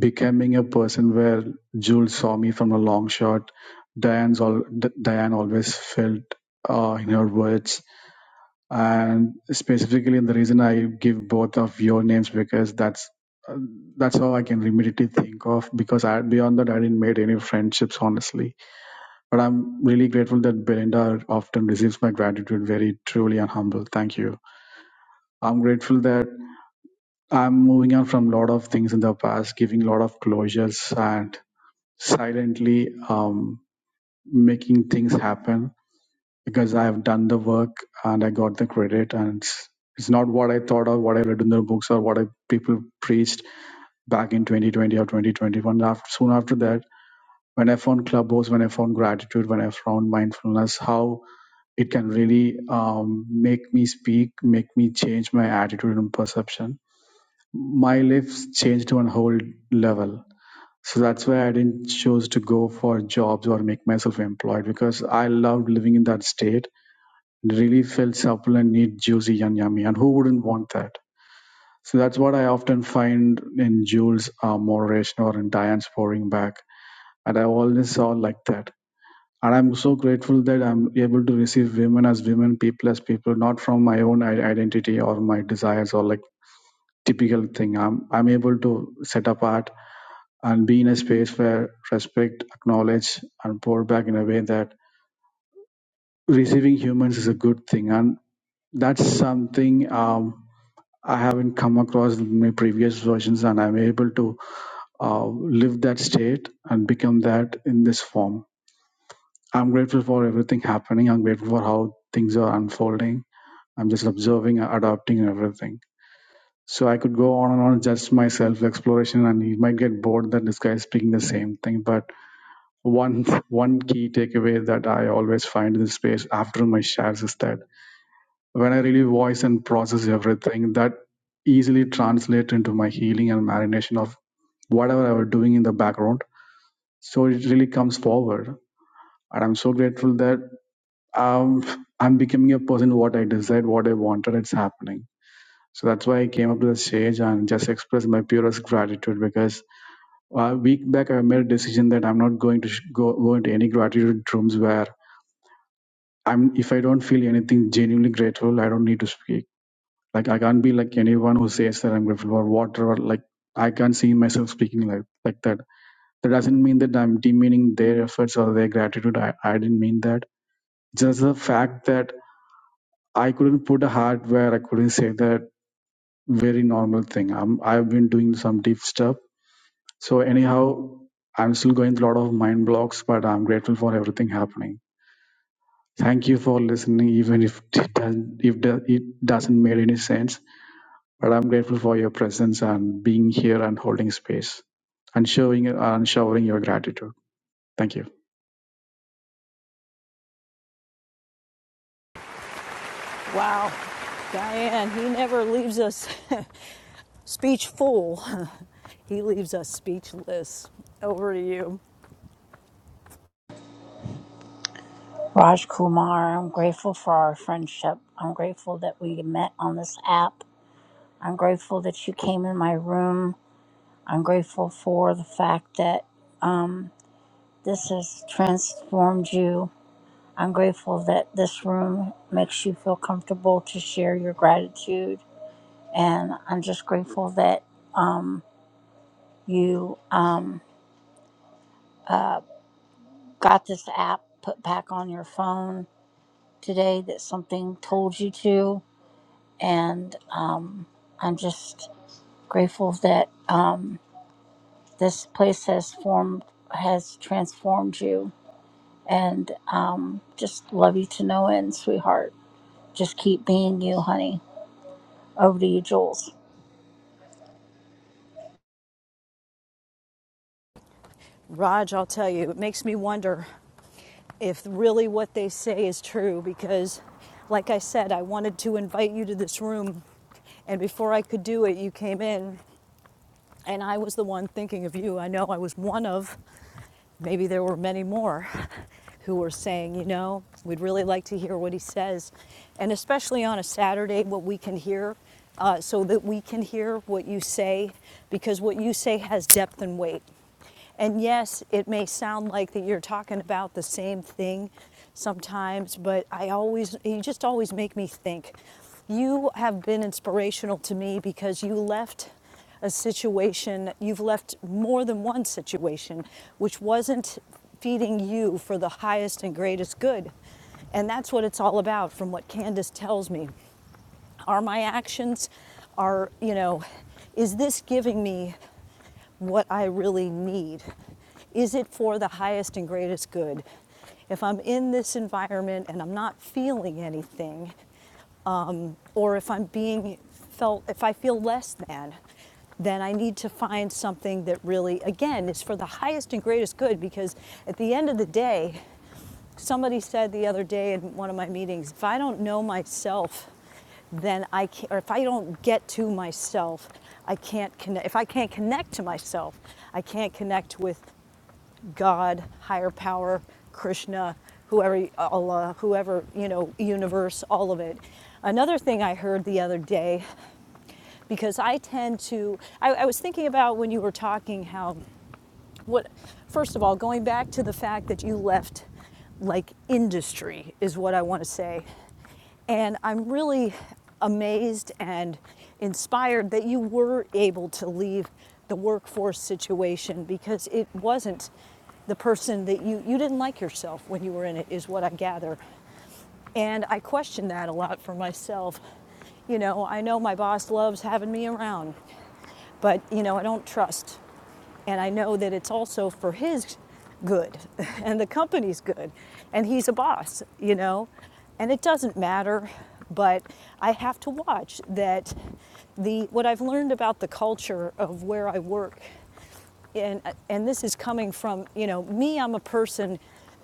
[SPEAKER 9] becoming a person where Jules saw me from a long shot. Diane's all, D- Diane always felt uh, in her words and specifically the reason i give both of your names because that's uh, that's all i can immediately think of because i beyond that i didn't made any friendships honestly but i'm really grateful that belinda often receives my gratitude very truly and humble thank you i'm grateful that i'm moving on from a lot of things in the past giving a lot of closures and silently um, making things happen because I have done the work and I got the credit and it's, it's not what I thought or what I read in the books or what I, people preached back in 2020 or 2021. After, soon after that, when I found Clubhouse, when I found gratitude, when I found mindfulness, how it can really um, make me speak, make me change my attitude and perception. My life's changed to a whole level. So that's why I didn't choose to go for jobs or make myself employed because I loved living in that state really felt supple neat, juicy, and yummy. And who wouldn't want that? So that's what I often find in Jules' uh, moderation or in Diane's pouring back. And I always saw like that. And I'm so grateful that I'm able to receive women as women, people as people, not from my own i- identity or my desires or like typical thing. I'm I'm able to set apart and be in a space where respect, acknowledge, and pour back in a way that receiving humans is a good thing. And that's something. Um, I haven't come across my previous versions, and I'm able to uh, live that state and become that in this form. I'm grateful for everything happening. I'm grateful for how things are unfolding. I'm just observing, adapting, and everything. So I could go on and on, just my self-exploration, and you might get bored that this guy is speaking the same thing. But one one key takeaway that I always find in this space after my shares is that when I really voice and process everything, that easily translates into my healing and marination of whatever I was doing in the background. So it really comes forward. And I'm so grateful that um, I'm becoming a person what I desired, what I wanted, it's happening. So that's why I came up to the stage and just expressed my purest gratitude because a week back I made a decision that I'm not going to sh- go, go into any gratitude rooms where I'm if I don't feel anything genuinely grateful, I don't need to speak Like I can't be like anyone who says that I'm grateful for whatever. Like I can't see myself speaking like like that. That doesn't mean that I'm demeaning their efforts or their gratitude. I, I didn't mean that. Just the fact that I couldn't put a heart where I couldn't say that very normal thing. I'm I've been doing some deep stuff. So anyhow, I'm still going through a lot of mind blocks, but I'm grateful for everything happening. Thank you for listening, even if it doesn't, if it doesn't make any sense. But I'm grateful for your presence and being here and holding space and showing and showering your gratitude. Thank you.
[SPEAKER 1] Wow, Diane, he never leaves us speech full. he leaves us speechless. Over to you.
[SPEAKER 3] Raj Kumar, I'm grateful for our friendship. I'm grateful that we met on this app. I'm grateful that you came in my room. I'm grateful for the fact that um, this has transformed you I'm grateful that this room makes you feel comfortable to share your gratitude. And I'm just grateful that um, you um, uh, got this app put back on your phone today that something told you to. And um, I'm just grateful that um, this place has formed, has transformed you. And um, just love you to no end, sweetheart. Just keep being you, honey. Over to you, Jules.
[SPEAKER 1] Raj, I'll tell you, it makes me wonder if really what they say is true because, like I said, I wanted to invite you to this room, and before I could do it, you came in, and I was the one thinking of you. I know I was one of maybe there were many more who were saying, you know, we'd really like to hear what he says. And especially on a Saturday, what we can hear, uh, so that we can hear what you say, because what you say has depth and weight. And yes, it may sound like that you're talking about the same thing sometimes, but I always, you just always make me think. You have been inspirational to me because you left a situation, you've left more than one situation which wasn't feeding you for the highest and greatest good. And that's what it's all about from what Candace tells me. Are my actions, are, you know, is this giving me what I really need? Is it for the highest and greatest good? If I'm in this environment and I'm not feeling anything, um, or if I'm being felt, if I feel less than, then I need to find something that really, again, is for the highest and greatest good because at the end of the day, Somebody said the other day in one of my meetings, if I don't know myself, then I can't, or if I don't get to myself, I can't connect. If I can't connect to myself, I can't connect with God, higher power, Krishna, whoever, Allah, whoever, you know, universe, all of it. Another thing I heard the other day, because I tend to, I, I was thinking about when you were talking how what first of all going back to the fact that you left like industry is what i want to say and i'm really amazed and inspired that you were able to leave the workforce situation because it wasn't the person that you you didn't like yourself when you were in it is what i gather and i question that a lot for myself you know i know my boss loves having me around but, you know, I don't trust. And I know that it's also for his good and the company's good. And he's a boss, you know. And it doesn't matter, but I have to watch that the what I've learned about the culture of where I work and and this is coming from you know me i'm a person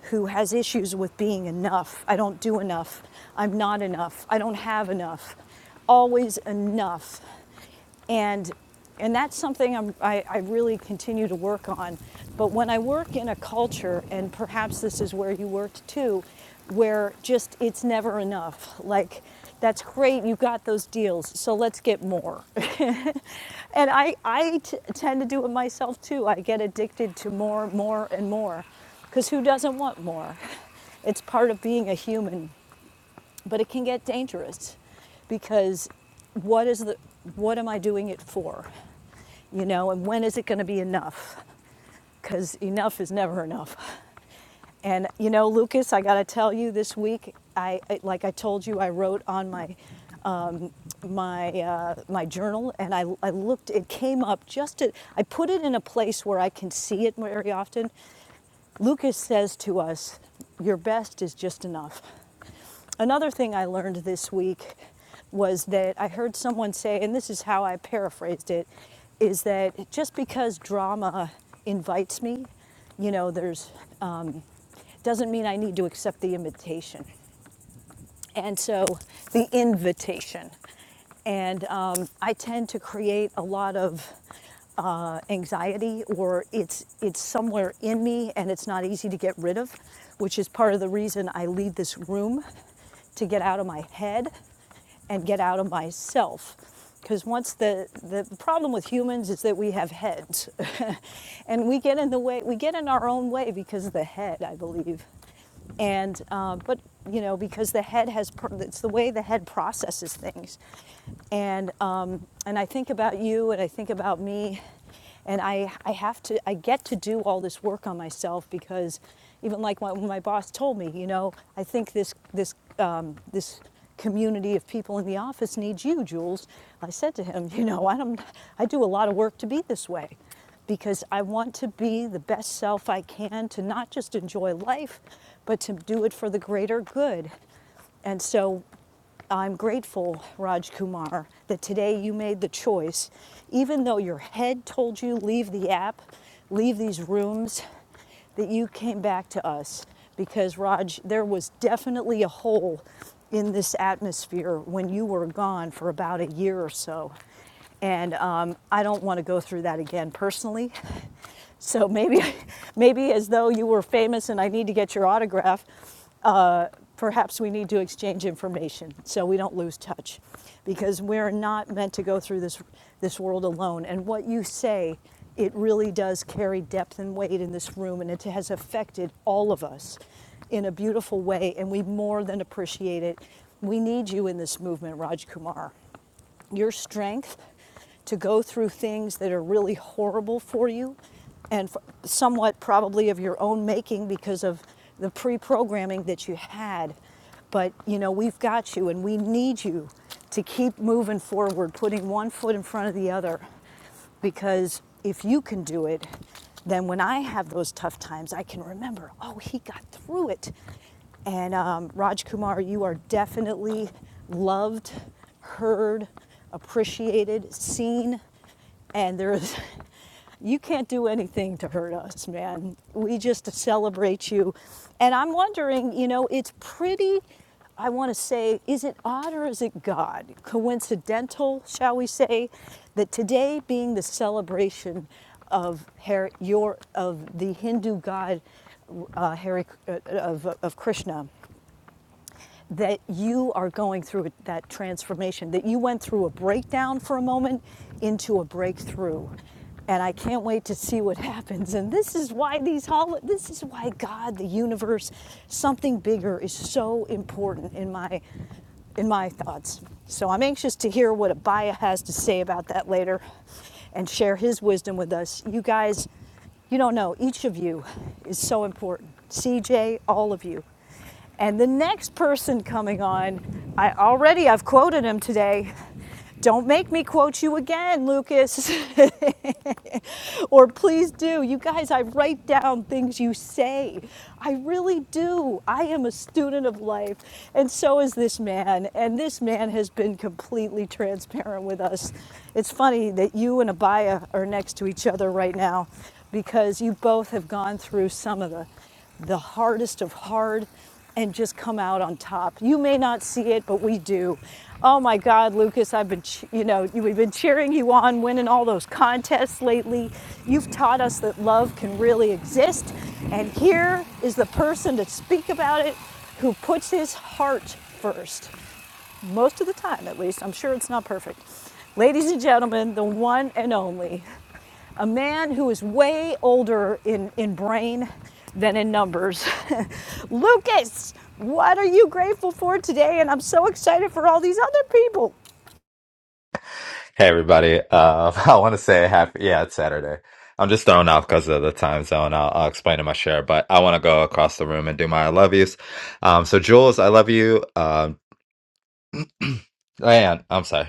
[SPEAKER 1] who has issues with being enough i don't do enough i'm not enough i don't have enough always enough and and that's something I'm, I, I really continue to work on but when i work in a culture and perhaps this is where you worked too where just it's never enough like that's great, you got those deals, so let's get more. and I, I t- tend to do it myself too. I get addicted to more, more, and more. Because who doesn't want more? It's part of being a human but it can get dangerous because what is the what am i doing it for you know and when is it going to be enough because enough is never enough and you know lucas i got to tell you this week I, like i told you i wrote on my um, my uh, my journal and I, I looked it came up just at, I put it in a place where I can see it very often Lucas says to us, Your best is just enough. Another thing I learned this week was that I heard someone say, and this is how I paraphrased it, is that just because drama invites me, you know, there's, um, doesn't mean I need to accept the invitation and so the invitation. And um, I tend to create a lot of uh, anxiety, or it's it's somewhere in me, and it's not easy to get rid of, which is part of the reason I leave this room to get out of my head and get out of myself. Because once the, the problem with humans is that we have heads and we get in the way, we get in our own way because of the head, I believe. And, uh, but, you know, because the head has, it's the way the head processes things. And, um, and I think about you and I think about me and I, I have to i get to do all this work on myself because even like my, when my boss told me you know i think this this um, this community of people in the office needs you jules i said to him you know i don't i do a lot of work to be this way because i want to be the best self i can to not just enjoy life but to do it for the greater good and so I'm grateful, Raj Kumar, that today you made the choice, even though your head told you leave the app, leave these rooms, that you came back to us because Raj, there was definitely a hole in this atmosphere when you were gone for about a year or so and um, I don't want to go through that again personally. So maybe, maybe as though you were famous and I need to get your autograph, uh, perhaps we need to exchange information so we don't lose touch, because we're not meant to go through this this world alone. And what you say, it really does carry depth and weight in this room, and it has affected all of us in a beautiful way, and we more than appreciate it. We need you in this movement, Raj Kumar your strength to go through things that are really horrible for you and somewhat probably of your own making because of the pre programming that you had. But you know, we've got you and we need you to keep moving forward, putting one foot in front of the other because if you can do it, then when I have those tough times, I can remember, oh, he got through it. And um, Raj Kumar, you are definitely loved, heard, appreciated, seen, and there is you can't do anything to hurt us, man. We just celebrate you. And I'm wondering, you know, it's pretty, I want to say, is it odd or is it God? Coincidental, shall we say, that today being the celebration of Har your of the Hindu god uh, Hari, uh, of, of Krishna, that you are going through that transformation, that you went through a breakdown for a moment into a breakthrough. And I can't wait to see what happens. And this is why these hol- this is why God, the universe, something bigger is so important in my in my thoughts. So I'm anxious to hear what Abaya has to say about that later and share his wisdom with us. You guys, you don't know, each of you is so important. CJ, all of you. And the next person coming on, I already I've quoted him today. Don't make me quote you again, Lucas. or please do. You guys, I write down things you say. I really do. I am a student of life, and so is this man. And this man has been completely transparent with us. It's funny that you and Abaya are next to each other right now because you both have gone through some of the the hardest of hard and just come out on top. You may not see it, but we do. Oh my God, Lucas, I've been, you know, we've been cheering you on, winning all those contests lately. You've taught us that love can really exist. And here is the person to speak about it who puts his heart first most of the time at least. I'm sure it's not perfect. Ladies and gentlemen, the one and only, a man who is way older in, in brain than in numbers. Lucas, what are you grateful for today? And I'm so excited for all these other people.
[SPEAKER 10] Hey everybody. Uh, I want to say happy. Yeah, it's Saturday. I'm just thrown off because of the time zone. I'll, I'll explain in my share, but I want to go across the room and do my I love yous. Um, so Jules, I love you. Um, Diane, I'm sorry.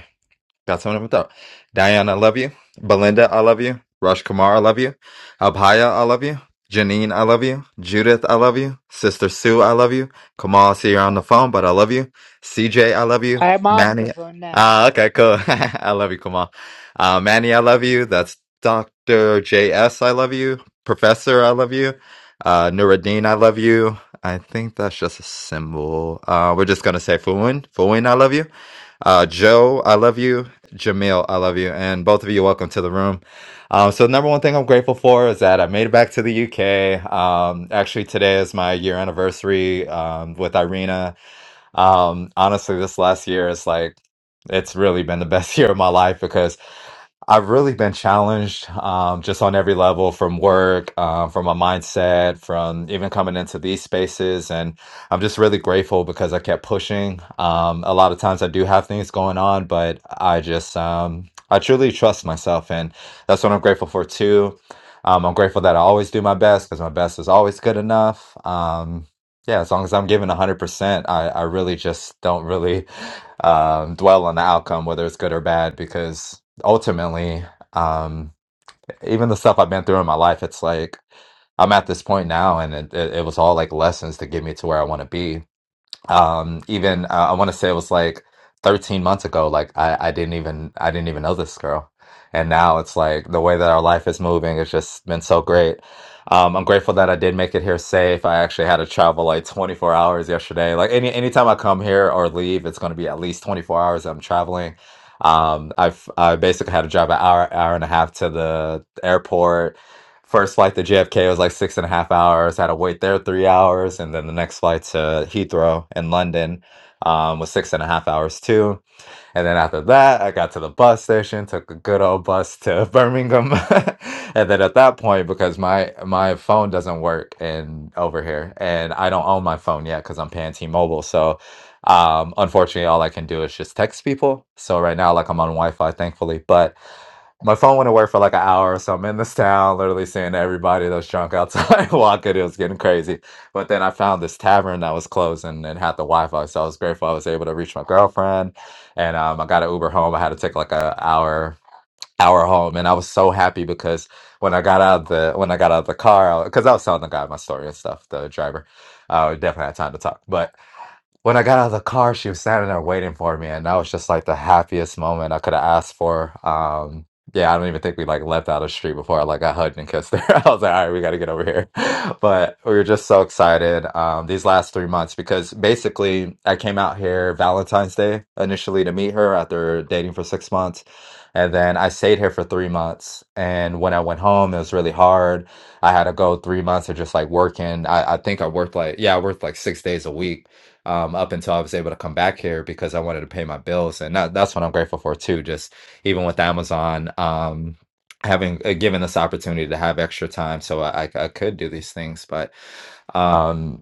[SPEAKER 10] Got someone up top. Diane, I love you. Belinda, I love you. Rush Kumar, I love you. Abhaya, I love you. Janine, I love you. Judith, I love you. Sister Sue, I love you. Kamal, I see you're on the phone, but I love you. CJ, I love you.
[SPEAKER 11] I'm off the
[SPEAKER 10] Manny.
[SPEAKER 11] phone now.
[SPEAKER 10] Ah, okay, cool. I love you, Kamal. Uh, Manny, I love you. That's Dr. JS, I love you. Professor, I love you. Uh, Nuruddin, I love you. I think that's just a symbol. Uh, we're just gonna say Fuin. Fuin, I love you. Uh, Joe, I love you. Jamil, I love you. And both of you, welcome to the room. Um, so, the number one thing I'm grateful for is that I made it back to the UK. Um, actually, today is my year anniversary um, with Irina. Um, honestly, this last year is like it's really been the best year of my life because I've really been challenged um, just on every level from work, um, from my mindset, from even coming into these spaces. And I'm just really grateful because I kept pushing. Um, a lot of times I do have things going on, but I just, um, I truly trust myself. And that's what I'm grateful for too. Um, I'm grateful that I always do my best because my best is always good enough. Um, yeah, as long as I'm giving 100%, I, I really just don't really um, dwell on the outcome, whether it's good or bad, because ultimately, um, even the stuff I've been through in my life, it's like I'm at this point now, and it, it, it was all like lessons to get me to where I want to be um even uh, i want to say it was like 13 months ago like i i didn't even i didn't even know this girl and now it's like the way that our life is moving has just been so great um i'm grateful that i did make it here safe i actually had to travel like 24 hours yesterday like any anytime i come here or leave it's going to be at least 24 hours that i'm traveling um i've i basically had to drive an hour hour and a half to the airport First flight to JFK was like six and a half hours. Had to wait there three hours, and then the next flight to Heathrow in London um, was six and a half hours too. And then after that, I got to the bus station, took a good old bus to Birmingham, and then at that point, because my my phone doesn't work in over here, and I don't own my phone yet because I'm paying T-Mobile, so. Um, unfortunately, all I can do is just text people. So right now, like I'm on Wi-Fi, thankfully, but my phone went away for like an hour or so. I'm in this town, literally seeing everybody that was drunk outside walking. It was getting crazy. But then I found this tavern that was closed and, and had the Wi Fi. So I was grateful I was able to reach my girlfriend. And um, I got an Uber home. I had to take like an hour hour home and I was so happy because when I got out of the when I got out of the car because I 'cause I was telling the guy my story and stuff the driver uh we definitely had time to talk but when I got out of the car, she was standing there waiting for me, and that was just like the happiest moment I could have asked for. Um, yeah, I don't even think we like left out of the street before I like got hugged and kissed her. I was like, all right, we got to get over here. But we were just so excited um, these last three months because basically I came out here Valentine's Day initially to meet her after dating for six months. And then I stayed here for three months. And when I went home, it was really hard. I had to go three months of just like working. I, I think I worked like, yeah, I worked like six days a week um, up until I was able to come back here because I wanted to pay my bills, and that, that's what I'm grateful for too. Just even with Amazon, um, having uh, given this opportunity to have extra time, so I, I, I could do these things, but. Um,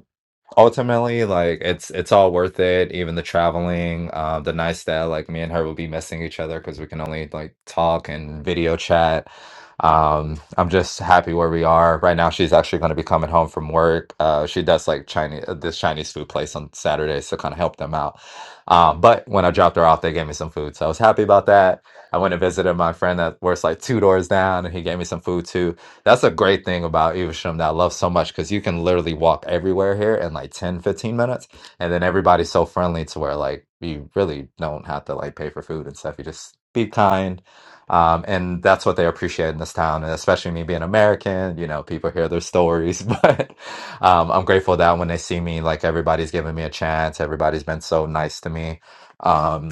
[SPEAKER 10] ultimately like it's it's all worth it even the traveling uh, the nights that like me and her will be missing each other because we can only like talk and video chat um i'm just happy where we are right now she's actually going to be coming home from work uh she does like chinese this chinese food place on saturdays to kind of help them out um but when i dropped her off they gave me some food so i was happy about that i went and visited my friend that works like two doors down and he gave me some food too that's a great thing about Evesham that I love so much because you can literally walk everywhere here in like 10 15 minutes. And then everybody's so friendly to where like you really don't have to like pay for food and stuff. You just be kind. Um, and that's what they appreciate in this town. And especially me being American, you know, people hear their stories. But um, I'm grateful that when they see me, like everybody's giving me a chance. Everybody's been so nice to me. Um,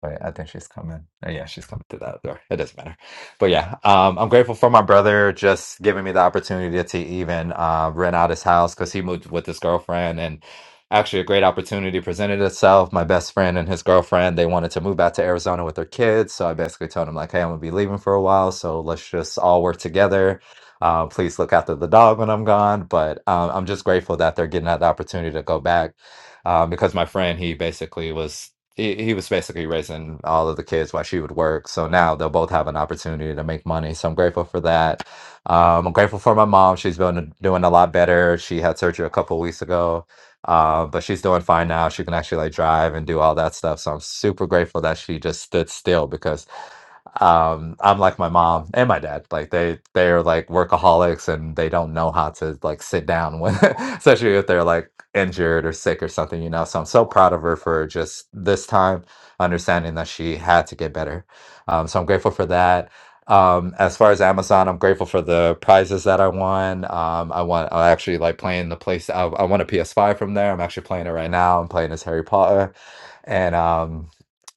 [SPEAKER 10] but I think she's coming. Oh, yeah, she's coming to that door. It doesn't matter. But yeah, um, I'm grateful for my brother just giving me the opportunity to even uh, rent out his house because he moved with his girlfriend. And actually, a great opportunity presented itself. My best friend and his girlfriend, they wanted to move back to Arizona with their kids. So I basically told him, like, hey, I'm going to be leaving for a while. So let's just all work together. Uh, please look after the dog when I'm gone. But um, I'm just grateful that they're getting that opportunity to go back um, because my friend he basically was he, he was basically raising all of the kids while she would work. So now they'll both have an opportunity to make money. So I'm grateful for that. Um, I'm grateful for my mom. She's been doing a lot better. She had surgery a couple weeks ago, uh, but she's doing fine now. She can actually like drive and do all that stuff. So I'm super grateful that she just stood still because um, I'm like my mom and my dad. Like they they're like workaholics and they don't know how to like sit down when especially if they're like injured or sick or something, you know. So I'm so proud of her for just this time understanding that she had to get better. Um, so I'm grateful for that. Um, as far as Amazon, I'm grateful for the prizes that I won. Um, I want I actually like playing the place. I, I won a PS5 from there. I'm actually playing it right now. I'm playing as Harry Potter, and um,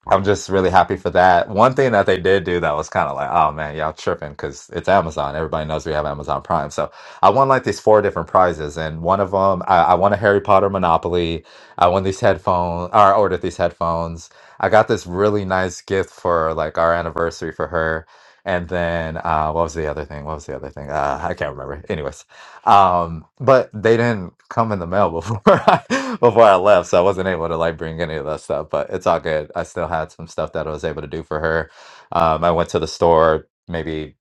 [SPEAKER 10] I'm just really happy for that. One thing that they did do that was kind of like, oh man, y'all tripping because it's Amazon. Everybody knows we have Amazon Prime. So I won like these four different prizes, and one of them, I, I won a Harry Potter Monopoly. I won these headphones, or I ordered these headphones. I got this really nice gift for like our anniversary for her. And then uh, what was the other thing? What was the other thing? Uh, I can't remember. Anyways, um but they didn't come in the mail before I, before I left so I wasn't able to like bring any of that stuff but it's all good I still had some stuff that I was able to do for her um I went to the store maybe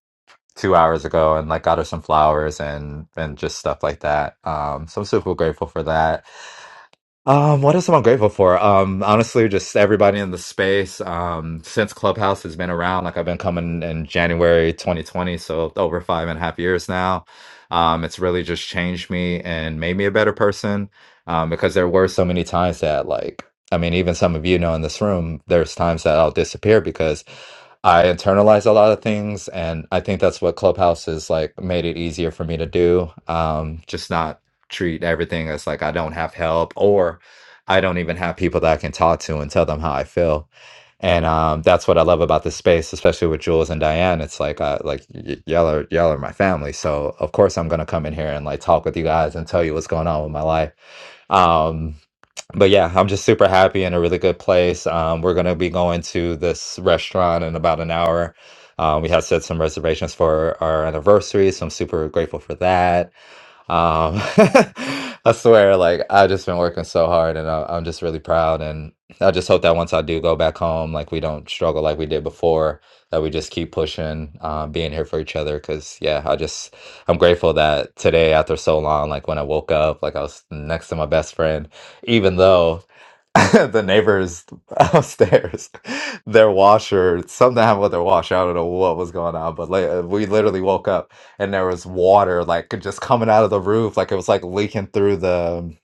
[SPEAKER 10] 2 hours ago and like got her some flowers and and just stuff like that um so I'm super grateful for that um, what else am I grateful for? Um, honestly, just everybody in the space. Um, since Clubhouse has been around, like I've been coming in January 2020, so over five and a half years now. Um, it's really just changed me and made me a better person. Um, because there were so many times that, like, I mean, even some of you know in this room, there's times that I'll disappear because I internalize a lot of things, and I think that's what Clubhouse is like made it easier for me to do. Um, just not treat everything as like I don't have help or I don't even have people that I can talk to and tell them how I feel. And um, that's what I love about this space, especially with Jules and Diane. It's like, uh, like y- y'all are y'all are my family, so of course I'm gonna come in here and like talk with you guys and tell you what's going on with my life. Um, but yeah, I'm just super happy in a really good place. Um, we're gonna be going to this restaurant in about an hour. Um, we have set some reservations for our anniversary, so I'm super grateful for that. Um, I swear, like I've just been working so hard, and I, I'm just really proud. And I just hope that once I do go back home, like we don't struggle like we did before. That we just keep pushing, um, being here for each other. Cause yeah, I just I'm grateful that today, after so long, like when I woke up, like I was next to my best friend, even though. the neighbors upstairs, their washer, something happened with their washer. I don't know what was going on, but like, uh, we literally woke up and there was water like just coming out of the roof, like it was like leaking through the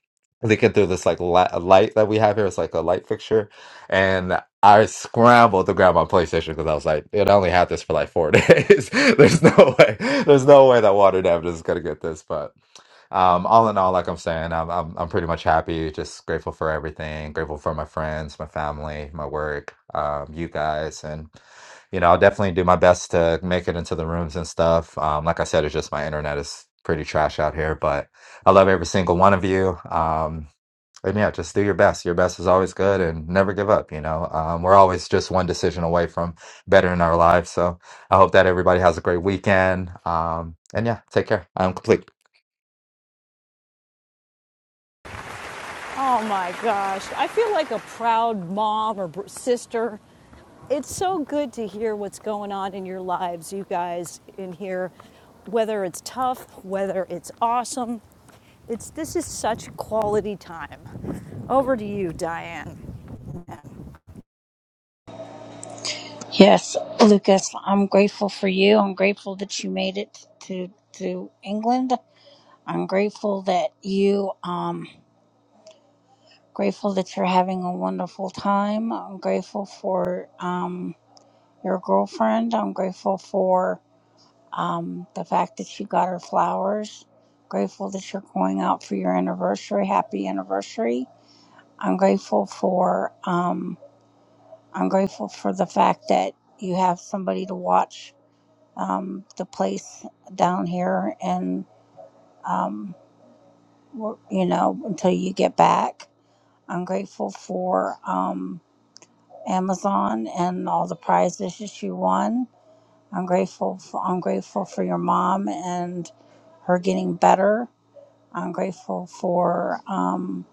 [SPEAKER 10] leaking through this like li- light that we have here. It's like a light fixture, and I scrambled to grab my PlayStation because I was like, it only had this for like four days. there's no way, there's no way that water damage is gonna get this, but. Um, all in all, like I'm saying, I'm, I'm I'm pretty much happy. Just grateful for everything. Grateful for my friends, my family, my work, um, you guys, and you know, I'll definitely do my best to make it into the rooms and stuff. Um, like I said, it's just my internet is pretty trash out here, but I love every single one of you. Um, and yeah, just do your best. Your best is always good, and never give up. You know, um, we're always just one decision away from bettering our lives. So I hope that everybody has a great weekend. Um, and yeah, take care. I'm complete.
[SPEAKER 1] Oh my gosh. I feel like a proud mom or sister. It's so good to hear what's going on in your lives, you guys in here, whether it's tough, whether it's awesome. It's this is such quality time. Over to you, Diane.
[SPEAKER 3] Yes, Lucas, I'm grateful for you. I'm grateful that you made it to to England. I'm grateful that you um grateful that you're having a wonderful time. I'm grateful for um your girlfriend. I'm grateful for um the fact that you got her flowers. Grateful that you're going out for your anniversary. Happy anniversary. I'm grateful for um I'm grateful for the fact that you have somebody to watch um, the place down here and um, we're- you know until you get back i'm grateful for um, amazon and all the prizes that you won i'm grateful for, i'm grateful for your mom and her getting better i'm grateful for um,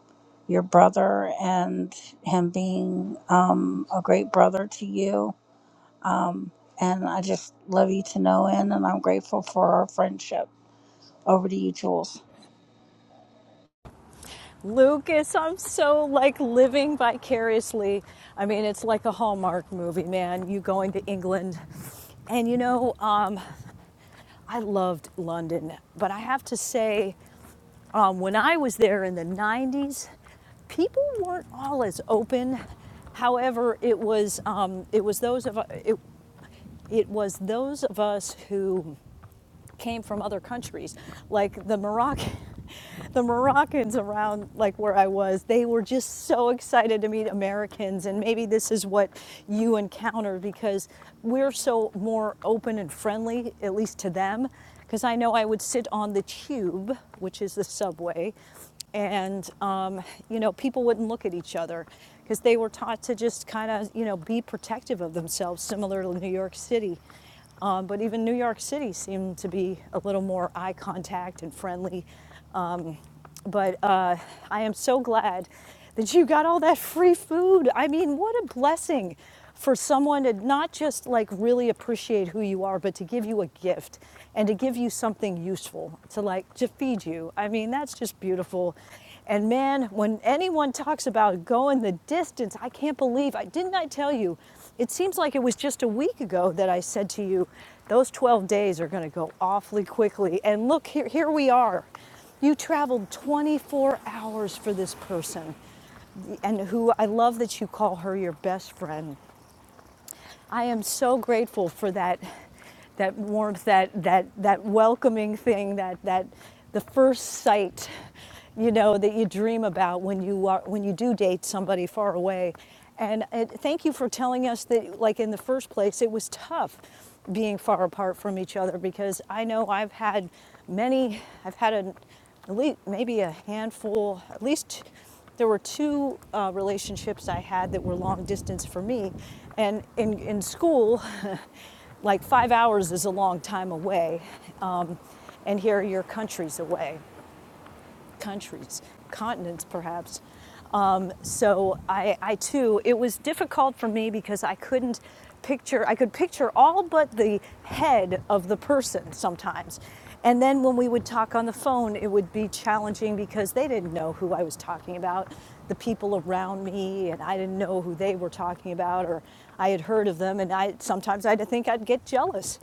[SPEAKER 3] your brother and him being um, a great brother to you um, and i just love you to know in and i'm grateful for our friendship Over to you, Jules.
[SPEAKER 1] Lucas, I'm so like living vicariously. I mean, it's like a Hallmark movie, man. You going to England. And you know, um, I loved London, but I have to say, um, when I was there in the 90s, people weren't all as open. However, it was um, it was those of it, it was those of us who came from other countries like the moroccan the moroccans around like where i was they were just so excited to meet americans and maybe this is what you encounter because we're so more open and friendly at least to them because i know i would sit on the tube which is the subway and um, you know people wouldn't look at each other because they were taught to just kind of you know be protective of themselves similar to new york city um, but even New York City seemed to be a little more eye contact and friendly. Um, but uh, I am so glad that you got all that free food. I mean, what a blessing for someone to not just like really appreciate who you are, but to give you a gift and to give you something useful to like to feed you. I mean, that's just beautiful. And man, when anyone talks about going the distance, I can't believe I didn't I tell you it seems like it was just a week ago that I said to you, those 12 days are going to go awfully quickly. And look, here, here we are. You traveled 24 hours for this person, and who I love that you call her your best friend. I am so grateful for that that warmth, that that that welcoming thing, that that the first sight, you know, that you dream about when you are when you do date somebody far away. And it, thank you for telling us that, like in the first place, it was tough being far apart from each other because I know I've had many, I've had a at least maybe a handful, at least there were two uh, relationships I had that were long distance for me. And in, in school, like five hours is a long time away. Um, and here your country's away countries, continents perhaps. Um, so I, I too, it was difficult for me because I couldn't picture, I could picture all but the head of the person sometimes. And then when we would talk on the phone, it would be challenging because they didn't know who I was talking about, the people around me, and I didn't know who they were talking about, or I had heard of them, and I sometimes I would think I'd get jealous.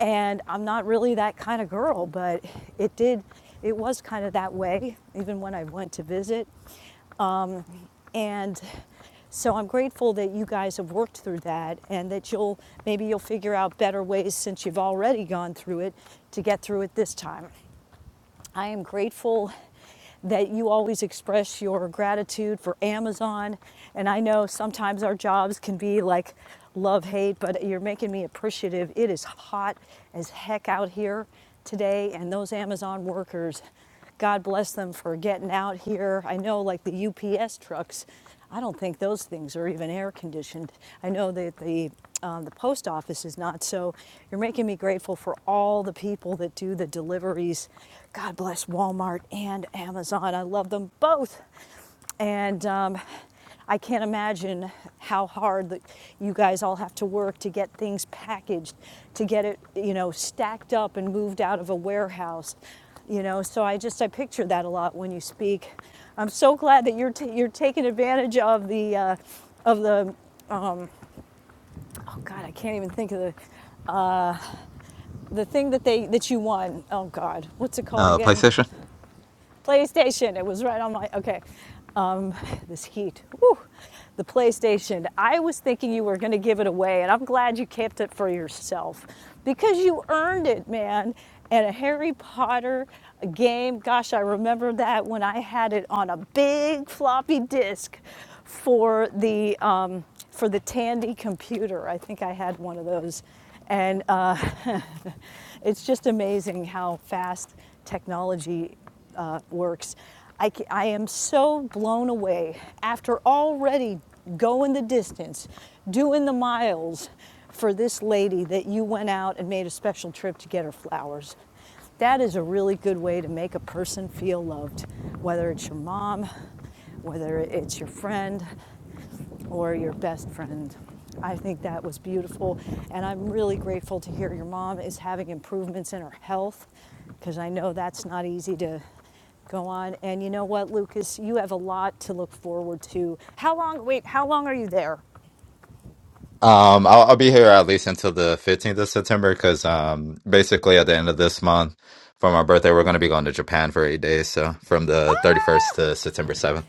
[SPEAKER 1] And I'm not really that kind of girl, but it did, it was kind of that way, even when I went to visit. Um, and so I'm grateful that you guys have worked through that and that you'll maybe you'll figure out better ways since you've already gone through it to get through it this time. I am grateful that you always express your gratitude for Amazon. And I know sometimes our jobs can be like love hate, but you're making me appreciative. It is hot as heck out here today, and those Amazon workers. God bless them for getting out here. I know, like the UPS trucks, I don't think those things are even air conditioned. I know that the um, the post office is not. So you're making me grateful for all the people that do the deliveries. God bless Walmart and Amazon. I love them both, and um, I can't imagine how hard that you guys all have to work to get things packaged, to get it, you know, stacked up and moved out of a warehouse you know so i just i picture that a lot when you speak i'm so glad that you're t- you're taking advantage of the uh, of the oh god i can't even think of the uh, the thing that they that you won oh god what's it called
[SPEAKER 10] Uh,
[SPEAKER 1] again
[SPEAKER 10] PlayStation.
[SPEAKER 1] PlayStation. It was right on my okay. Um, this heat, whew, the PlayStation. I was thinking you were going to give it away, and I'm glad you kept it for yourself because you earned it, man. And a Harry Potter game. Gosh, I remember that when I had it on a big floppy disk for the um, for the Tandy computer. I think I had one of those, and uh, it's just amazing how fast technology uh, works. I, ca- I am so blown away after already going the distance, doing the miles for this lady that you went out and made a special trip to get her flowers. That is a really good way to make a person feel loved, whether it's your mom, whether it's your friend, or your best friend. I think that was beautiful. And I'm really grateful to hear your mom is having improvements in her health because I know that's not easy to go on. And you know what, Lucas? You have a lot to look forward to. How long, wait, how long are you there?
[SPEAKER 10] Um, I'll, I'll be here at least until the 15th of September because um, basically at the end of this month for my birthday, we're going to be going to Japan for eight days. So from the 31st to September 7th.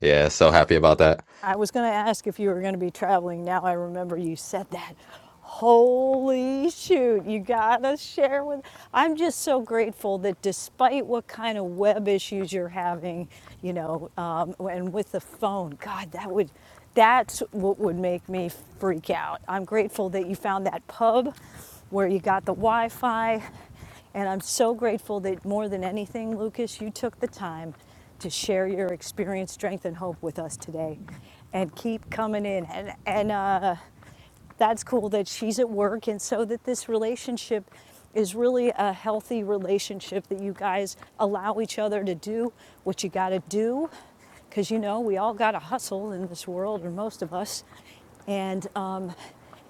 [SPEAKER 10] Yeah, so happy about that.
[SPEAKER 1] I was going to ask if you were going to be traveling. Now I remember you said that. Holy shoot, you got to share with. I'm just so grateful that despite what kind of web issues you're having, you know, um, and with the phone, God, that would. That's what would make me freak out. I'm grateful that you found that pub where you got the Wi Fi. And I'm so grateful that more than anything, Lucas, you took the time to share your experience, strength, and hope with us today. And keep coming in. And, and uh, that's cool that she's at work, and so that this relationship is really a healthy relationship that you guys allow each other to do what you got to do because you know we all got to hustle in this world, or most of us, and um,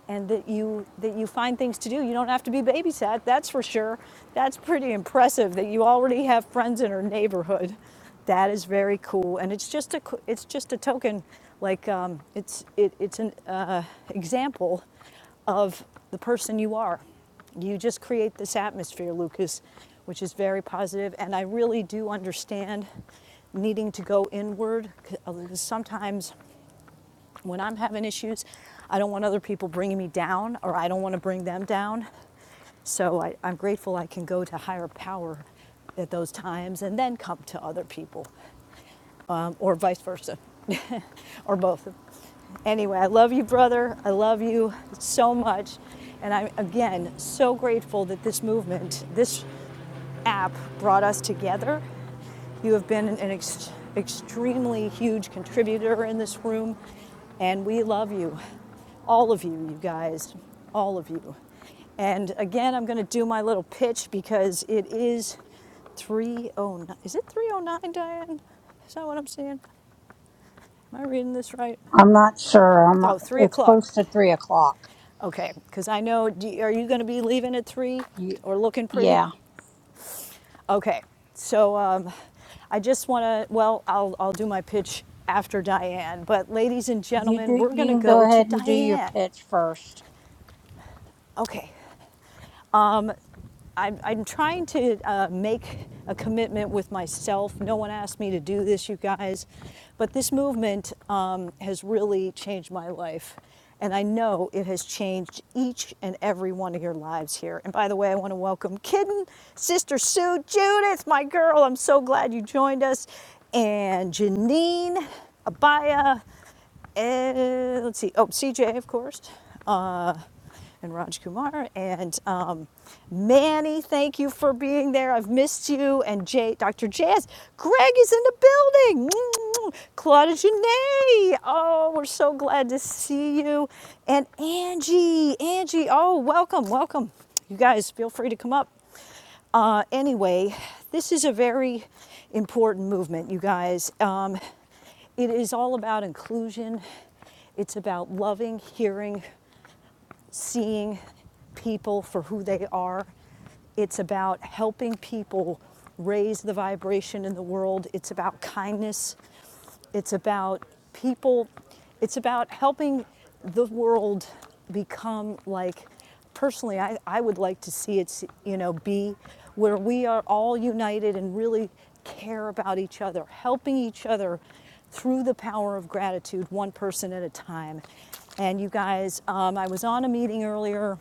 [SPEAKER 1] and that you that you find things to do. You don't have to be babysat. That's for sure. That's pretty impressive that you already have friends in our neighborhood. That is very cool, and it's just a it's just a token, like um, it's it, it's an uh, example of the person you are. You just create this atmosphere, Lucas, which is very positive, positive. And I really do understand needing to go inward. Sometimes when I'm having issues, I don't want other people bringing me down or I don't want to bring them down. So I, I'm grateful I can go to higher power at those times and then come to other people um, or vice versa, or both. Anyway, I love you, brother. I love you so much. And I'm, again, so grateful that this movement, this app brought us together. You have been an ex- extremely huge contributor in this room, and we love you. All of you, you guys, all of you. And again, I'm going to do my little pitch because it is 309. Is it 309, Diane? Is that what I'm seeing? Am I reading this right?
[SPEAKER 3] I'm not sure. I'm
[SPEAKER 1] Oh,
[SPEAKER 3] not,
[SPEAKER 1] 3
[SPEAKER 3] it's
[SPEAKER 1] o'clock.
[SPEAKER 3] close to three o'clock.
[SPEAKER 1] Okay, because I know, do, are you going to be leaving at 3
[SPEAKER 3] You,
[SPEAKER 1] or looking pretty?
[SPEAKER 3] yeah.
[SPEAKER 1] Okay, so um, I just want to, well, I'll, I'll do my pitch after Diane, but ladies and
[SPEAKER 3] You
[SPEAKER 1] gentlemen,
[SPEAKER 3] do.
[SPEAKER 1] we're going
[SPEAKER 3] You
[SPEAKER 1] to
[SPEAKER 3] can go
[SPEAKER 1] go to
[SPEAKER 3] ahead and do your
[SPEAKER 1] Diane.
[SPEAKER 3] pitch first.
[SPEAKER 1] Okay, um, I'm, I'm trying to uh, make a commitment with myself. No one asked me to do this, you guys, but this movement um, has really changed my life. And I know it has changed each and every one of your lives here. And by the way, I want to welcome Kitten, Sister Sue, Judith, my girl. I'm so glad you joined us. And Janine, Abaya and let's see, oh, CJ, of course, uh, and Raj Kumar, and um, Manny, thank you for being there. I've missed you. And Jay, Dr. Jazz, Greg is in the building. Mm-hmm. Claudia Janae, oh, we're so glad to see you. And Angie, Angie, oh, welcome, welcome. You guys, feel free to come up. Uh, anyway, this is a very important movement, you guys. Um, it is all about inclusion, it's about loving, hearing, seeing people for who they are. It's about helping people raise the vibration in the world. It's about kindness. It's about people, it's about helping the world become like, personally, I, I would like to see it, you know, be where we are all united and really care about each other, helping each other through the power of gratitude, one person at a time. And you guys, um, I was on a meeting earlier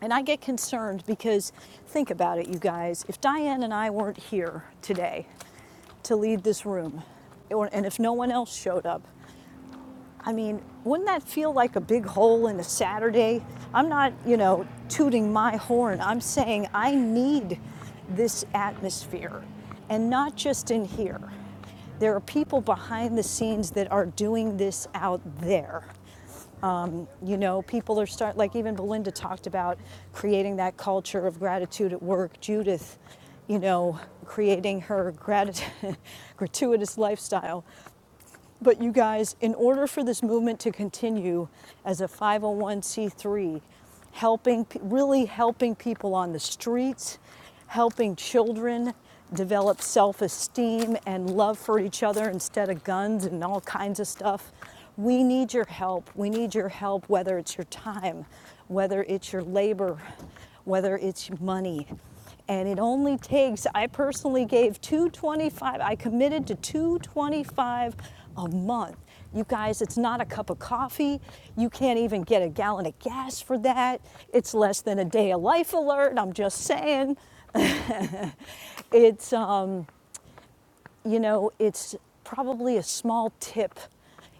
[SPEAKER 1] and I get concerned because think about it, you guys. If Diane and I weren't here today, to lead this room. And if no one else showed up, I mean, wouldn't that feel like a big hole in a Saturday? I'm not, you know, tooting my horn. I'm saying I need this atmosphere and not just in here. There are people behind the scenes that are doing this out there. You know, people are start like even Belinda talked about creating that culture of gratitude at work. Judith, you know, creating her grat- gratuitous lifestyle. But you guys, in order for this movement to continue as a 501c3, helping, really helping people on the streets, helping children develop self esteem and love for each other instead of guns and all kinds of stuff, we need your help. We need your help, whether it's your time, whether it's your labor, whether it's money and it only takes i personally gave 225 i committed to 225 a month you guys it's not a cup of coffee you can't even get a gallon of gas for that it's less than a day of life alert i'm just saying it's um, you know, it's probably a small tip,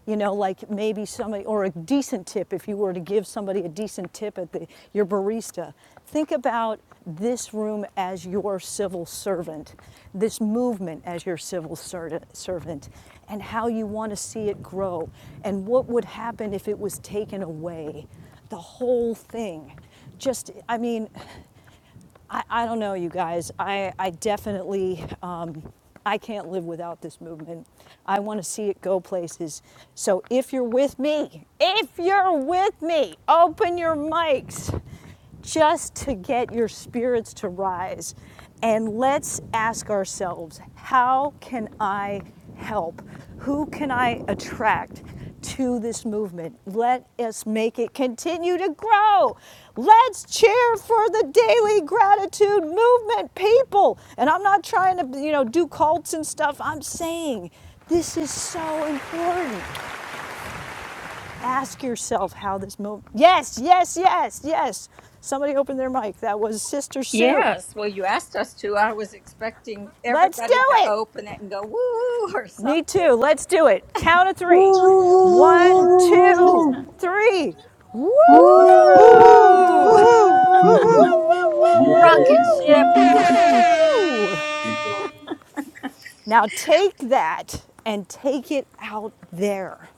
[SPEAKER 1] you know, like maybe somebody, or a decent tip if you were to give somebody a decent tip at the, your barista. Think about this room as your civil servant, this movement as your civil ser- servant, and how you want to see it grow, and what would happen if it was taken away. The whole thing. Just, I mean, I, I don't know, you guys. I, I definitely, um, I can't live without this movement. I want to see it go places. So if you're with me, if you're with me, open your mics just to get your spirits to rise. And let's ask ourselves how can I help? Who can I attract to this movement? Let us make it continue to grow. Let's cheer for the daily gratitude movement, people. And I'm not trying to, you know, do cults and stuff. I'm saying this is so important. Ask yourself how this movement. Yes, yes, yes, yes. Somebody opened their mic. That was Sister Sue.
[SPEAKER 12] Yes, well, you asked us to. I was expecting
[SPEAKER 1] Let's do
[SPEAKER 12] everybody to
[SPEAKER 1] it.
[SPEAKER 12] open it and go woo or
[SPEAKER 1] Me
[SPEAKER 12] something.
[SPEAKER 1] too. Let's do it. Count of
[SPEAKER 3] Woo,
[SPEAKER 1] three.
[SPEAKER 3] woo,
[SPEAKER 1] One,
[SPEAKER 3] woo, woo, woo,
[SPEAKER 1] two,
[SPEAKER 3] woo, woo.
[SPEAKER 1] three. Woo! Woo!
[SPEAKER 3] Woo, woo,
[SPEAKER 13] Woo
[SPEAKER 3] woo, woo, woo, woo, woo, woo, woo,
[SPEAKER 13] woo, woo
[SPEAKER 12] Woo!
[SPEAKER 13] woo, woo
[SPEAKER 9] Mhm.
[SPEAKER 13] woo.
[SPEAKER 1] Woo!
[SPEAKER 3] woo,
[SPEAKER 1] Woo!
[SPEAKER 3] woo,
[SPEAKER 1] Woo!
[SPEAKER 9] Yeah,
[SPEAKER 12] Rocket
[SPEAKER 1] Woo!
[SPEAKER 3] woo,
[SPEAKER 12] ship.
[SPEAKER 9] keep going.
[SPEAKER 3] woo, woo.
[SPEAKER 1] Woo! Now take that and take it out there.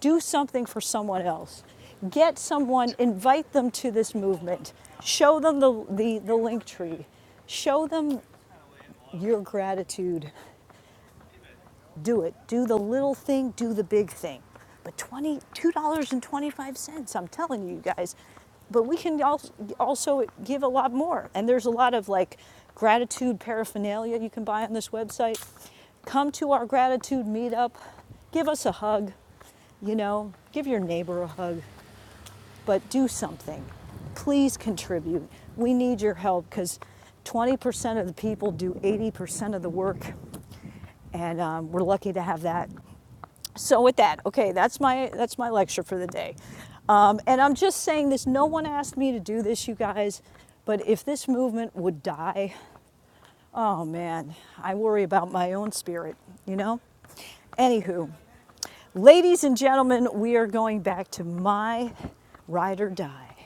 [SPEAKER 1] Do something for someone else. Get someone. Invite them to this movement. Show them the the, the link tree. Show them your gratitude do it. Do the little thing, do the big thing. But twenty two dollars and twenty five cents. I'm telling you guys. But we can also give a lot more. And there's a lot of like gratitude paraphernalia you can buy on this website. Come to our gratitude meetup. Give us a hug. You know, give your neighbor a hug. But do something. Please contribute. We need your help because 20% of the people do 80% of the work and um, we're lucky to have that so with that, okay, that's my that's my lecture for the day. Um, and I'm just saying this. No one asked me to do this, you guys. But if this movement would die, Oh man, I worry about my own spirit, you know? Anywho, ladies and gentlemen, we are going back to my ride or die,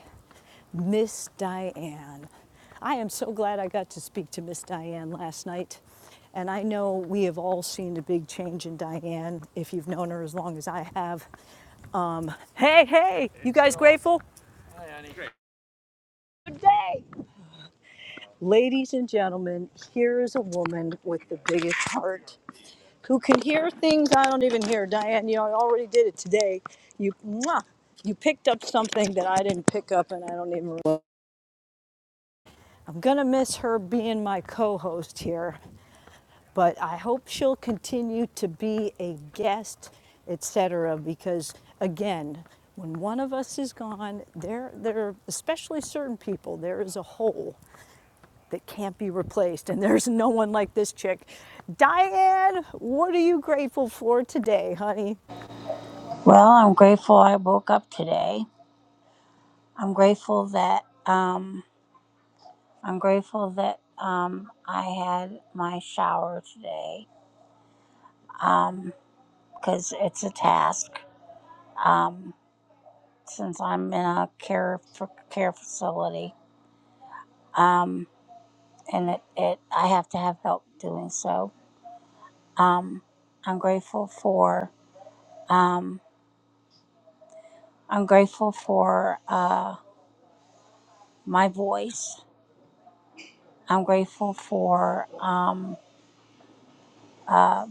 [SPEAKER 1] Miss Diane. I am so glad I got to speak to Miss Diane last night. And I know we have all seen a big change in Diane if you've known her as long as I have. Um, hey, hey, you guys grateful? Ladies and gentlemen, here is a woman with the biggest heart who can hear things I don't even hear. Diane, you know, I already did it today. You, mwah, you picked up something that I didn't pick up, and I don't even. Remember. I'm gonna miss her being my co-host here, but I hope she'll continue to be a guest, etc. Because again, when one of us is gone, there, there, especially certain people, there is a hole that can't be replaced, and there's no one like this chick. Diane, what are you grateful for today, honey?
[SPEAKER 3] Well, I'm grateful I woke up today. I'm grateful that um, I'm grateful that um, I had my shower today um, because it's a task. Um, since I'm in a care for care facility, um, and it, it I have to have help doing so. Um, I'm grateful for um, I'm grateful for uh, my voice. I'm grateful for um, uh,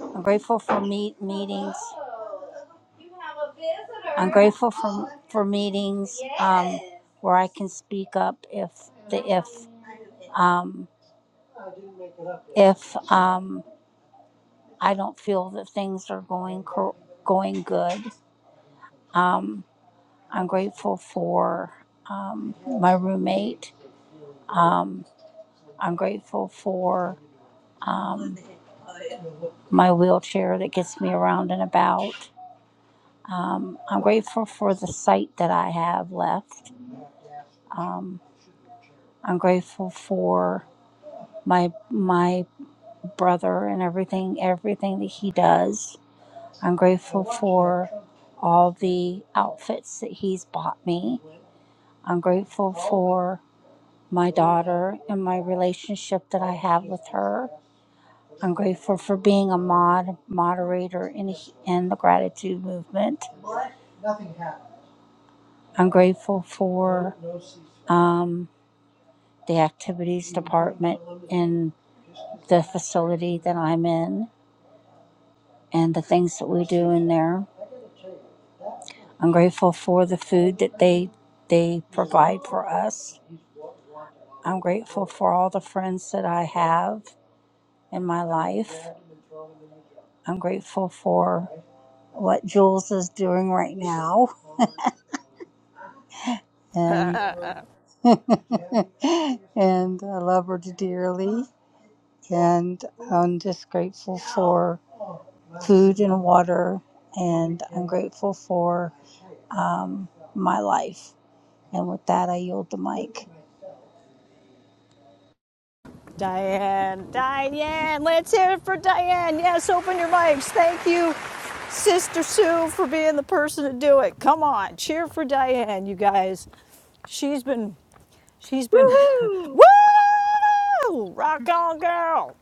[SPEAKER 3] I'm grateful for meet meetings. I'm grateful for for meetings um, where I can speak up if the if um, if um, I don't feel that things are going cor- going good. Um, I'm grateful for um, my roommate. Um, I'm grateful for um, my wheelchair that gets me around and about. Um, I'm grateful for the sight that I have left. Um, I'm grateful for my my brother and everything everything that he does. I'm grateful for all the outfits that he's bought me. I'm grateful for my daughter and my relationship that I have with her. I'm grateful for being a mod moderator in in the gratitude movement. I'm grateful for um, the activities department in the facility that I'm in and the things that we do in there. I'm grateful for the food that they they provide for us. I'm grateful for all the friends that I have. in my life. I'm grateful for what Jules is doing right now, and and I love her dearly. And I'm just grateful for food and water, and I'm grateful for um, my life. And with that, I yield the mic.
[SPEAKER 1] Diane, Diane, let's hear it for Diane. Yes, open your mics. Thank you, Sister Sue, for being the person to do it. Come on, cheer for Diane, you guys. She's been, she's been,
[SPEAKER 12] Woo!
[SPEAKER 1] woo! Rock on, girl.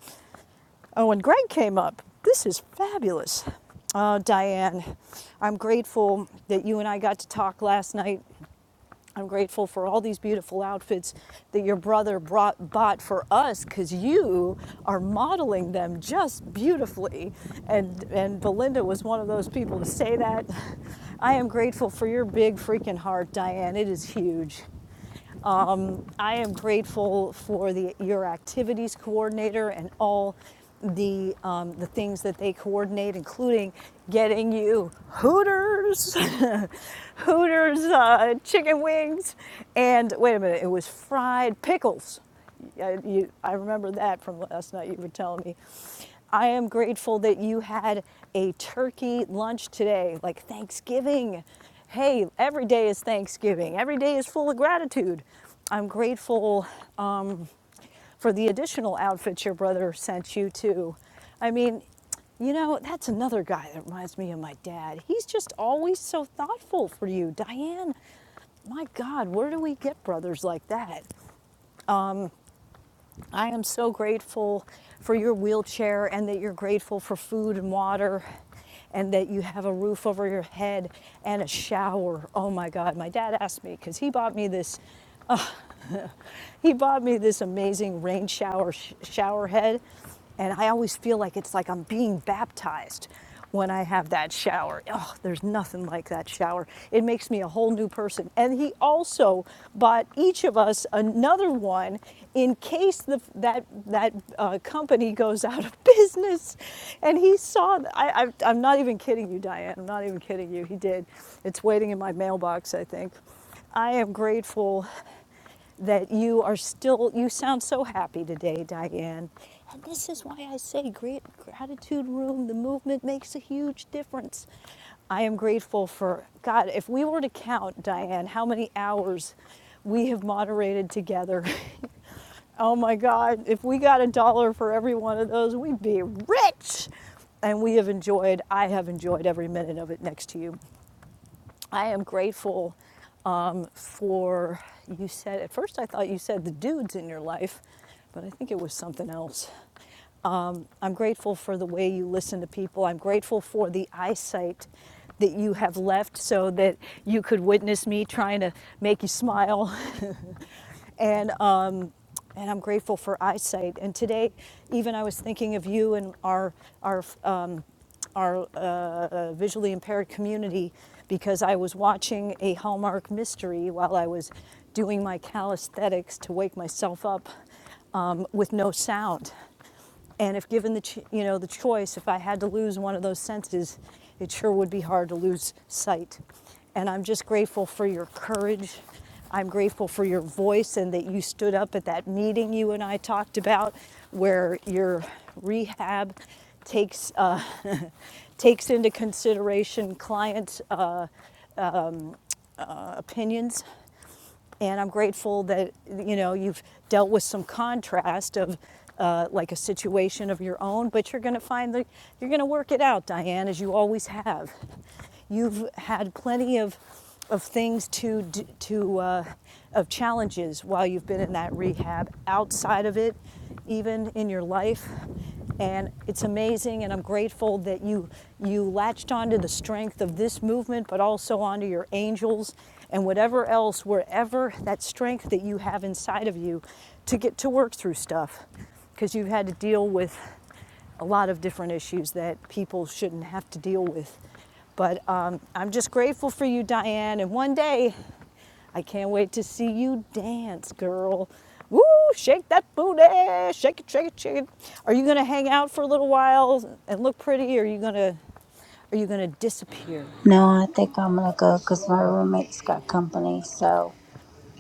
[SPEAKER 1] Oh, and Greg came up. This is fabulous. Oh, Diane, I'm grateful that you and I got to talk last night I'm grateful for all these beautiful outfits that your brother brought bought for us because you are modeling them just beautifully. And and Belinda was one of those people to say that. I am grateful for your big freaking heart, Diane. It is huge. Um, I am grateful for the, your activities coordinator and all the, um, the things that they coordinate, including getting you Hooters, Hooters uh, chicken wings, and wait a minute, it was fried pickles yeah, you, I remember that from last night. You were telling me. I am grateful that you had a turkey lunch today, like Thanksgiving. Hey, every day is Thanksgiving. Every day is full of gratitude. I'm grateful um, for the additional outfits your brother sent you too. I mean, you know, that's another guy that reminds me of my dad. He's just always so thoughtful for you, Diane. My God, where do we get brothers like that? I am so grateful for your wheelchair and that you're grateful for food and water and that you have a roof over your head and a shower. Oh my God. My dad asked me because he bought me this he bought me this amazing rain shower sh- shower head, and I always feel like it's like I'm being baptized when I have that shower. Oh, there's nothing like that shower. It makes me a whole new person. And he also bought each of us another one in case the, that that uh, company goes out of business. And he saw. I, I, I'm not even kidding you, Diane. I'm not even kidding you. He did. It's waiting in my mailbox, I think. I am grateful that you are still, you sound so happy today, Diane. And this is why I say great gratitude room, the movement makes a huge difference. I am grateful for, God, if we were to count, Diane, how many hours we have moderated together. oh my God, if we got a dollar for every one of those, we'd be rich. And we have enjoyed, I have enjoyed every minute of it next to you. I am grateful um, for, you said, at first I thought you said the dudes in your life, but I think it was something else. Um, I'm grateful for the way you listen to people. I'm grateful for the eyesight that you have left so that you could witness me trying to make you smile. and, um, and I'm grateful for eyesight. And today, even I was thinking of you and our, our, uh, our the visually impaired community because I was watching a Hallmark mystery while I was doing my calisthenics to wake myself up um, with no sound. And if given the, ch- you know, the choice, if I had to lose one of those senses, it sure would be hard to lose sight. And I'm just grateful for your courage. I'm grateful for your voice and that you stood up at that meeting you and I talked about where your rehab takes, uh, takes into consideration clients' uh, opinions and I'm grateful that you know you've dealt with some contrast of uh, like a situation of your own, but you're going to find that you're going to work it out, Diane, as you always have. You've had plenty of of things to to uh, of challenges while you've been in that rehab outside of it even in your life and it's amazing, and I'm grateful that you you latched onto the strength of this movement, but also onto your angels and whatever else, wherever that strength that you have inside of you to get to work through stuff. Because you've had to deal with a lot of different issues that people shouldn't have to deal with. But um, I'm just grateful for you, Diane. And one day, I can't wait to see you dance, girl. Woo, shake that booty, shake it, shake it, shake it. Are you gonna hang out for a little while and look pretty? Or are you gonna, are you gonna disappear?
[SPEAKER 3] No, I think I'm gonna go because my roommate's got company, so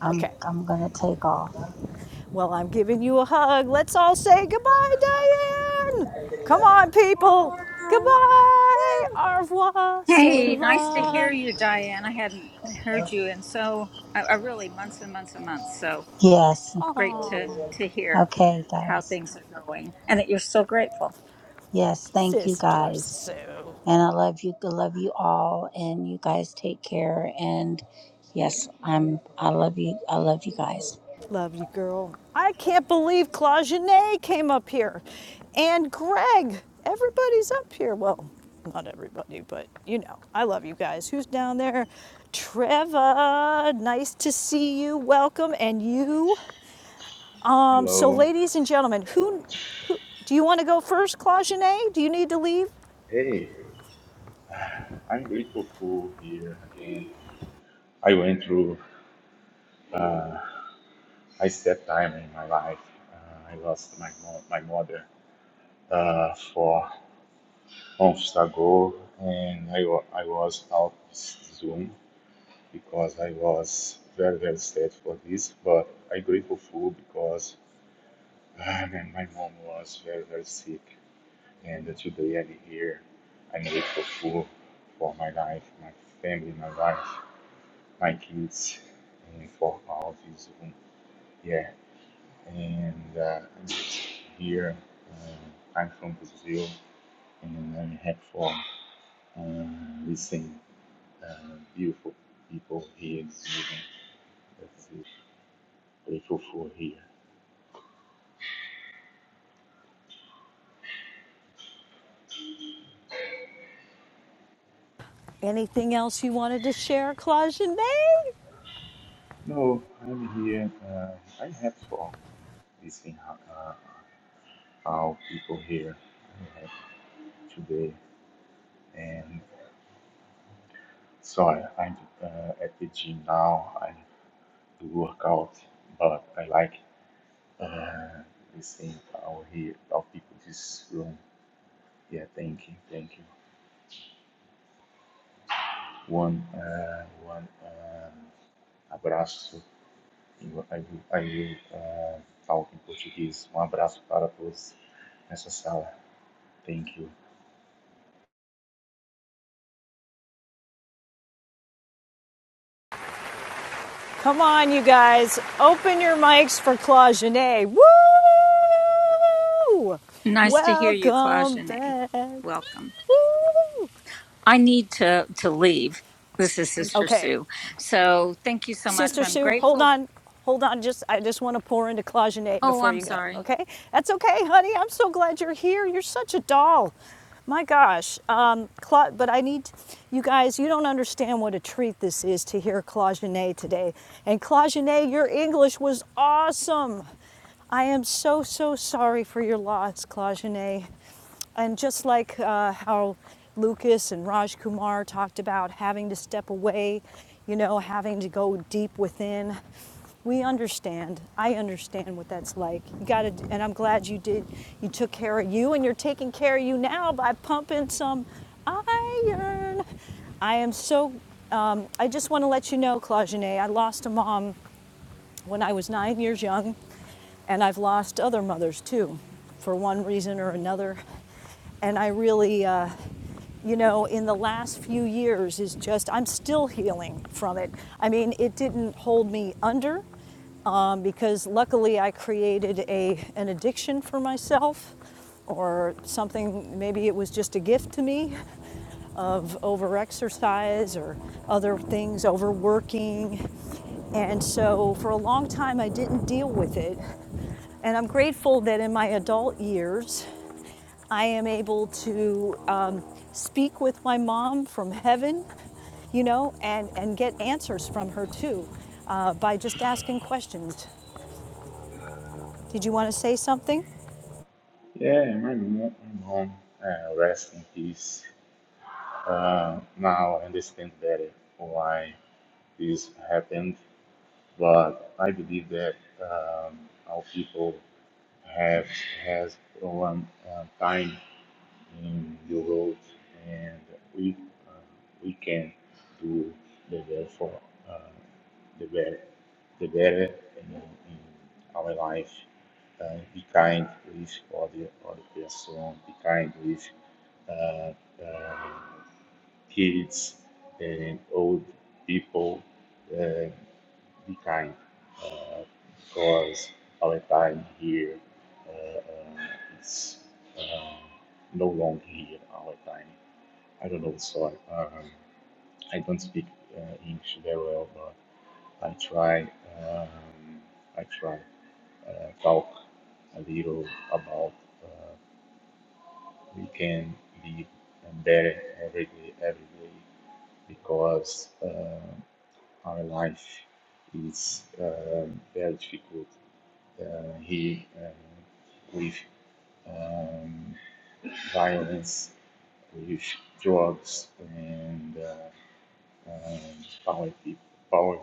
[SPEAKER 3] I'm
[SPEAKER 1] Okay.
[SPEAKER 3] I'm gonna take off.
[SPEAKER 1] Well, I'm giving you a hug. Let's all say goodbye, Diane. Come on, people. Goodbye. Au revoir. So
[SPEAKER 12] Hey, nice to hear
[SPEAKER 1] long.
[SPEAKER 12] you, Diane. I hadn't heard you in so I, I really months and months and months. So
[SPEAKER 3] Yes.
[SPEAKER 12] great
[SPEAKER 1] Oh,
[SPEAKER 12] to to hear
[SPEAKER 3] Okay,
[SPEAKER 12] how
[SPEAKER 3] guys.
[SPEAKER 12] things are going and that you're so grateful.
[SPEAKER 3] Yes, thank you
[SPEAKER 1] Sister
[SPEAKER 3] guys.
[SPEAKER 1] Sue.
[SPEAKER 3] And I love you. I love you all. And you guys take care. And yes, I'm I love you. I love you guys.
[SPEAKER 1] Love you, girl. I can't believe Claudine came up here. And Greg. Everybody's up here. Well, not everybody, but you know, I love you guys. Who's down there? Trevor, nice to see you. Welcome. And you. Um, so
[SPEAKER 14] Hello.
[SPEAKER 1] ladies and gentlemen, who who do you want to go first, Claudine? Do you need to leave?
[SPEAKER 14] Hey, I'm grateful for here again. I went through uh, a step time in my life. Uh, I lost my mo- my mother uh, four months ago, and I, wa- I was out this Zoom because I was very very sad for this. But I'm grateful for because uh, man, my mom was very very sick, and today I'm here. I'm grateful for for my life, my family, my wife. my kids and for all of you Yeah, and uh, I'm just here. Uh, I'm from Brazil and I'm happy for uh, listening uh, beautiful people here in Zoom. That's it. Grateful for here.
[SPEAKER 1] Anything else you wanted to share, Claudine?
[SPEAKER 14] No, I'm here. Uh, I'm happy for listening how, uh, how people here are happy today. And sorry, I'm uh, at the gym now. I do workout, but I like Uh, it's in our head of people in this room. Yeah, thank you, thank you. One, uh, one um, abraço. E Eu, I will, I will uh, talk in Portuguese. Um abraço para todos nessa sala. Thank you.
[SPEAKER 1] Come on, you guys. Open your mics for Claude Genet. Woo!
[SPEAKER 12] Nice to hear you,
[SPEAKER 1] Welcome
[SPEAKER 12] Clajane.
[SPEAKER 1] back.
[SPEAKER 12] Welcome.
[SPEAKER 1] Woo!
[SPEAKER 12] I need to to leave. This is Sister
[SPEAKER 1] Okay.
[SPEAKER 12] Sue. So thank you so much.
[SPEAKER 1] Sister
[SPEAKER 12] I'm
[SPEAKER 1] Sue, hold
[SPEAKER 12] grateful.
[SPEAKER 1] on. Hold on, just I just want to pour into Claudinet
[SPEAKER 12] Oh,
[SPEAKER 1] before
[SPEAKER 12] I'm
[SPEAKER 1] you go,
[SPEAKER 12] sorry.
[SPEAKER 1] okay? That's okay, honey. I'm so glad you're here. You're such a doll. My gosh. Um, Cla- but I need you guys, you don't understand what a treat this is to hear Claudinet today. And Claudinet, your English was awesome. I am so, so sorry for your loss, Claudinet. And just like uh, how Lucas and Raj Kumar talked about having to step away, you know, having to go deep within, we understand. I understand what that's like. You got to, and I'm glad you did. You took care of you, and you're taking care of you now by pumping some iron. I am so. Um, I just want to let you know, Claudine, I lost a mom when I was nine years young, and I've lost other mothers too, for one reason or another. And I really, uh, you know, in the last few years is just, I'm still healing from it. I mean, it didn't hold me under um, because luckily I created a, an addiction for myself or something, maybe it was just a gift to me of overexercise or other things, overworking. And so for a long time, I didn't deal with it. And I'm grateful that in my adult years, I am able to um, speak with my mom from heaven, you know, and, and get answers from her too uh, by just asking questions. Did you want to say something?
[SPEAKER 14] Yeah, my mom, my mom uh, rest in peace. Uh, now I understand better why this happened, but I believe that um, our people. have has one uh, time in the world, and we uh, we can do the best for uh, the better, the better in, in our life. Uh, be kind with other other person. Be kind with uh, uh, kids and old people. Uh, be kind uh, because our time here uh, uh, is uh, no long here our time i don't know so i, um, I don't speak uh, english very well but i try um, i try uh, talk a little about uh, we can live better every day every day because uh, our life is um very difficult uh, he uh, with um, violence, with drugs, and uh, um, power, people, power,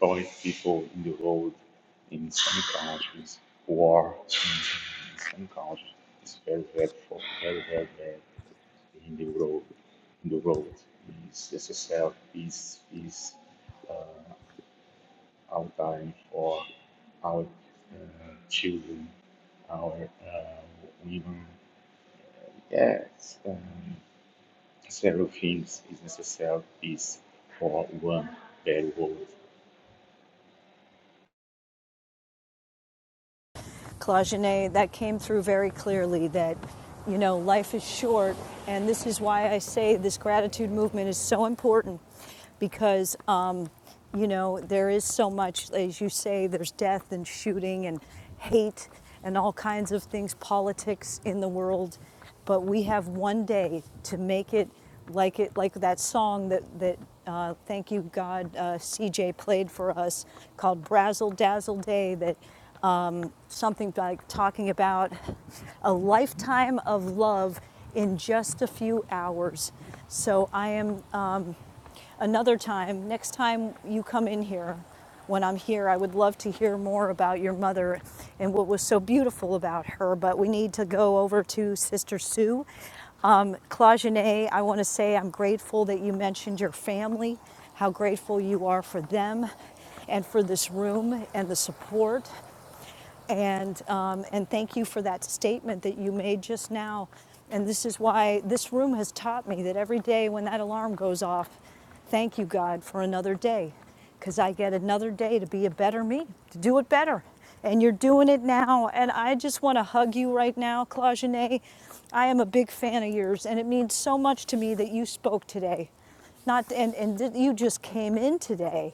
[SPEAKER 14] power people in the road in some countries, war in some countries. It's very hurtful, very, very bad in the road. In the road, it's necessary peace, peace. uh, our time for our uh, children, our uh, women. Yes, um, several things is necessary Is for one very world.
[SPEAKER 1] Claugenet, that came through very clearly that, you know, life is short. And this is why I say this gratitude movement is so important because, um, you know, there is so much, as you say, there's death and shooting and hate and all kinds of things, politics in the world but we have one day to make it like it like that song that that uh, thank you God uh, CJ played for us called Brazzle Dazzle Day that um, something like talking about a lifetime of love in just a few hours. So I am um, another time, next time you come in here, when I'm here, I would love to hear more about your mother and what was so beautiful about her. But we need to go over to Sister Sue. Um, Claudine, I want to say I'm grateful that you mentioned your family, how grateful you are for them and for this room and the support. And, um, and thank you for that statement that you made just now. And this is why this room has taught me that every day when that alarm goes off, thank you, God, for another day. Because I get another day to be a better me, to do it better. And you're doing it now. And I just want to hug you right now, Claudine. I am a big fan of yours, and it means so much to me that you spoke today not and and that you just came in today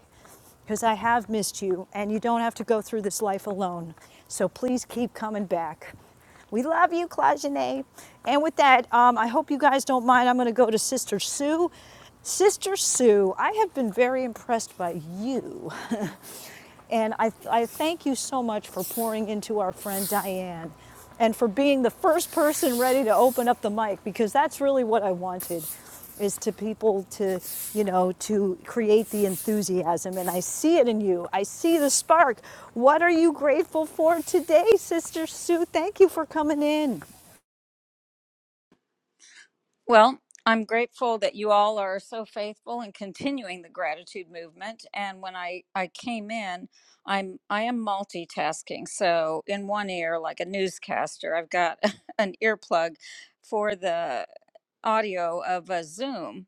[SPEAKER 1] because I have missed you and you don't have to go through this life alone. So please keep coming back. We love you, Clajene. And with that, um, I hope you guys don't mind. I'm going to go to Sister Sue. Sister Sue, I have been very impressed by you. And I, I thank you so much for pouring into our friend Diane and for being the first person ready to open up the mic because that's really what I wanted is to people to, you know, to create the enthusiasm. And I see it in you. I see the spark. What are you grateful for today, Sister Sue? Thank you for coming in,
[SPEAKER 12] Well, I'm grateful that you all are so faithful in continuing the gratitude movement. And when I I came in, I'm I am multitasking. So in one ear, like a newscaster, I've got an earplug for the audio of a Zoom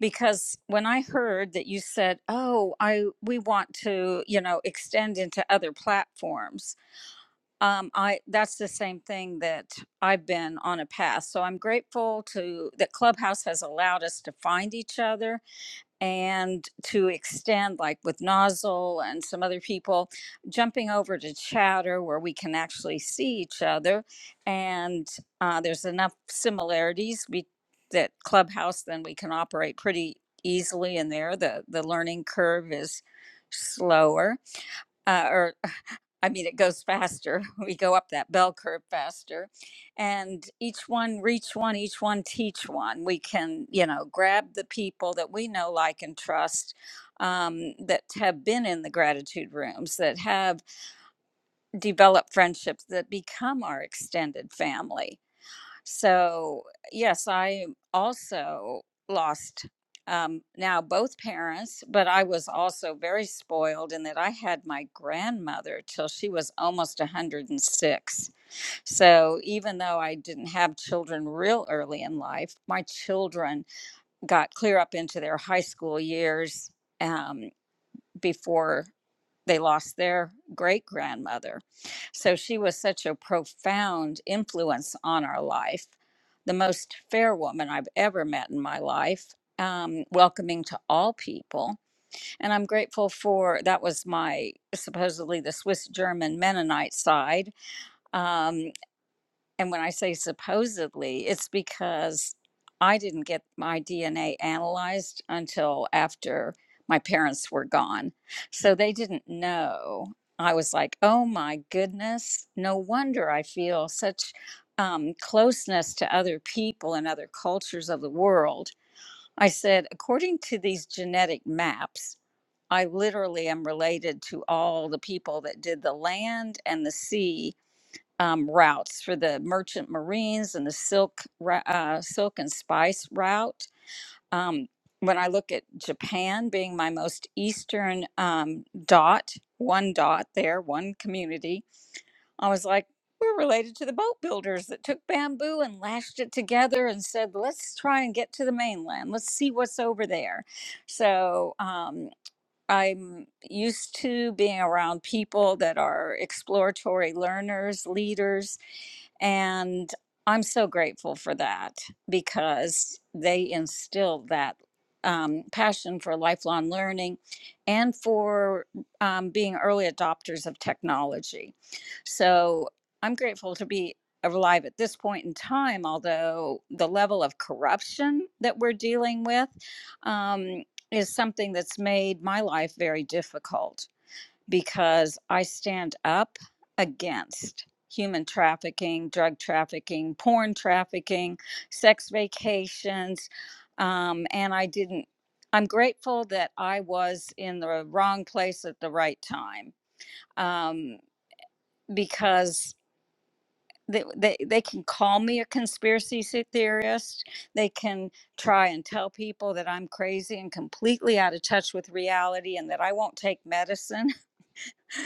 [SPEAKER 12] because when I heard that you said, "Oh, I we want to, you know, extend into other platforms," um, I that's the same thing that I've been on a path. So I'm grateful to that Clubhouse has allowed us to find each other and to extend like with nozzle and some other people jumping over to chatter where we can actually see each other and uh, there's enough similarities we, that clubhouse then we can operate pretty easily in there the the learning curve is slower uh, or I mean, it goes faster. We go up that bell curve faster. And each one, reach one, each one, teach one. We can, you know, grab the people that we know, like, and trust um, that have been in the gratitude rooms, that have developed friendships that become our extended family. So, yes, I also lost um, now both parents, but I was also very spoiled in that I had my grandmother till she was almost 106. So, even though I didn't have children real early in life, my children got clear up into their high school years. Um, before they lost their great grandmother. So she was such a profound influence on our life, the most fair woman I've ever met in my life, um, welcoming to all people. And I'm grateful for that was my supposedly the Swiss German Mennonite side. Um, and when I say supposedly, it's because I didn't get my DNA analyzed until after my parents were gone. So they didn't know. I was like, oh my goodness, no wonder I feel such um, closeness to other people and other cultures of the world. I said, according to these genetic maps, I literally am related to all the people that did the land and the sea um, routes for the merchant marines and the silk ra- uh, silk and spice route. Um, when I look at Japan being my most eastern um, dot, one dot there, one community, I was like, we're related to the boat builders that took bamboo and lashed it together and said, let's try and get to the mainland. Let's see what's over there. So, um, I'm used to being around people that are exploratory learners, leaders, and I'm so grateful for that because they instilled that um, passion for lifelong learning and for um, being early adopters of technology. So I'm grateful to be alive at this point in time, although the level of corruption that we're dealing with. um, is something that's made my life very difficult because I stand up against human trafficking, drug trafficking, porn trafficking, sex vacations. Um, and I didn't, I'm grateful that I was in the wrong place at the right time um, because they, they they can call me a conspiracy theorist they can try and tell people that i'm crazy and completely out of touch with reality and that i won't take medicine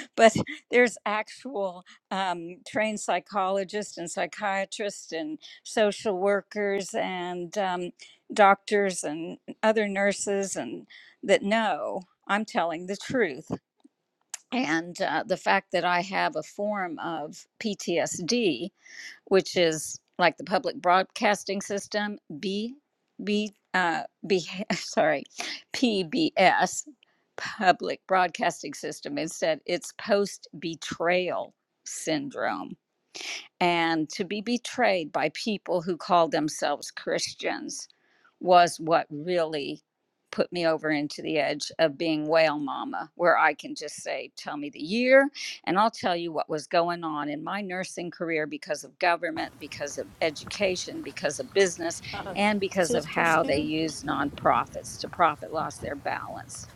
[SPEAKER 12] but there's actual um, trained psychologists and psychiatrists and social workers and um, doctors and other nurses and that know i'm telling the truth and uh, the fact that i have a form of ptsd which is like the public broadcasting system, B, B, uh, B, sorry, PBS, public broadcasting system. Instead, it's post betrayal syndrome and to be betrayed by people who called themselves Christians was what really put me over into the edge of being whale mama, where I can just say, Tell me the year, and I'll tell you what was going on in my nursing career because of government, because of education, because of business, and because of
[SPEAKER 1] Sister
[SPEAKER 12] how they
[SPEAKER 1] Sue.
[SPEAKER 12] used nonprofits to profit lost their balance.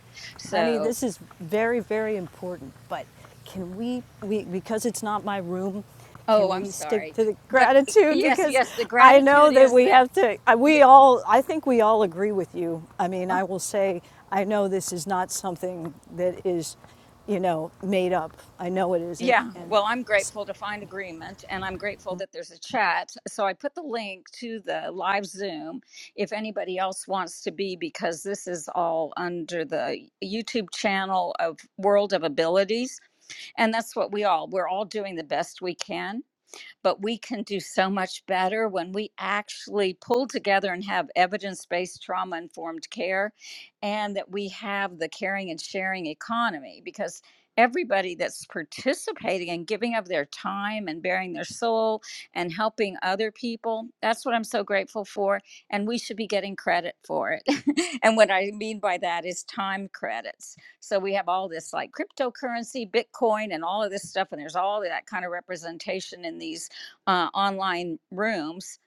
[SPEAKER 1] Honey,
[SPEAKER 12] So,
[SPEAKER 1] this is very, very important, but can we, we, because it's not my room,
[SPEAKER 12] oh,
[SPEAKER 1] can
[SPEAKER 12] I'm
[SPEAKER 1] we stick
[SPEAKER 12] sorry.
[SPEAKER 1] to the
[SPEAKER 12] But
[SPEAKER 1] gratitude?
[SPEAKER 12] yes,
[SPEAKER 1] Because
[SPEAKER 12] yes, the
[SPEAKER 1] I know
[SPEAKER 12] gratitude
[SPEAKER 1] that
[SPEAKER 12] is
[SPEAKER 1] we
[SPEAKER 12] that.
[SPEAKER 1] have to, we
[SPEAKER 12] the,
[SPEAKER 1] all, I think we all agree with you. I mean, I will say, I know this is not something that is, you know, made up. I know it isn't.
[SPEAKER 12] Yeah,
[SPEAKER 1] And
[SPEAKER 12] well, I'm grateful to find agreement and I'm grateful that there's a chat. So I put the link to the live Zoom if anybody else wants to be, because this is all under the YouTube channel of World of Abilities. And that's what we all, we're all doing the best we can but we can do so much better when we actually pull together and have evidence based trauma informed care and that we have the caring and sharing economy because everybody that's participating and giving of their time and bearing their soul and helping other people that's what i'm so grateful for and we should be getting credit for it and what i mean by that is time credits so we have all this like cryptocurrency bitcoin and all of this stuff and there's all of that kind of representation in these uh, online rooms,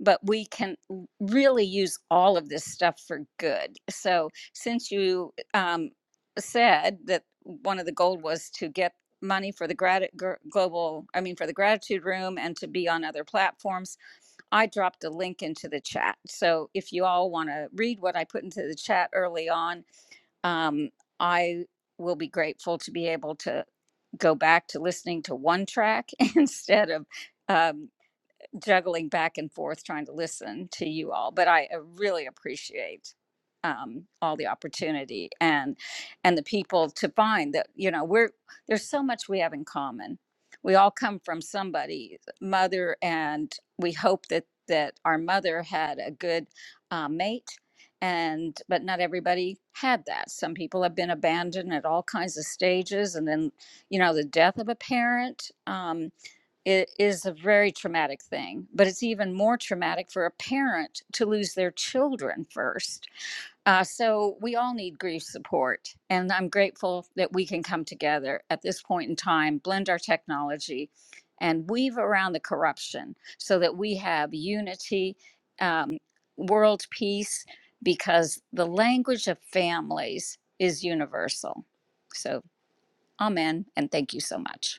[SPEAKER 12] but we can really use all of this stuff for good. So, since you um, said that one of the goals was to get money for the grati- gr- global, I mean, for the gratitude room and to be on other platforms, I dropped a link into the chat. So, if you all want to read what I put into the chat early on, um, I will be grateful to be able to go back to listening to one track instead of um, juggling back and forth trying to listen to you all but i uh, really appreciate um, all the opportunity and and the people to find that you know we're there's so much we have in common we all come from somebody mother and we hope that that our mother had a good uh, mate and but not everybody had that some people have been abandoned at all kinds of stages and then you know the death of a parent Um, it is a very traumatic thing, but it's even more traumatic for a parent to lose their children first. Uh, so we all need grief support. And I'm grateful that we can come together at this point in time, blend our technology, and weave around the corruption so that we have unity, um, world peace, because the language of families is universal. So, amen. And thank you so much.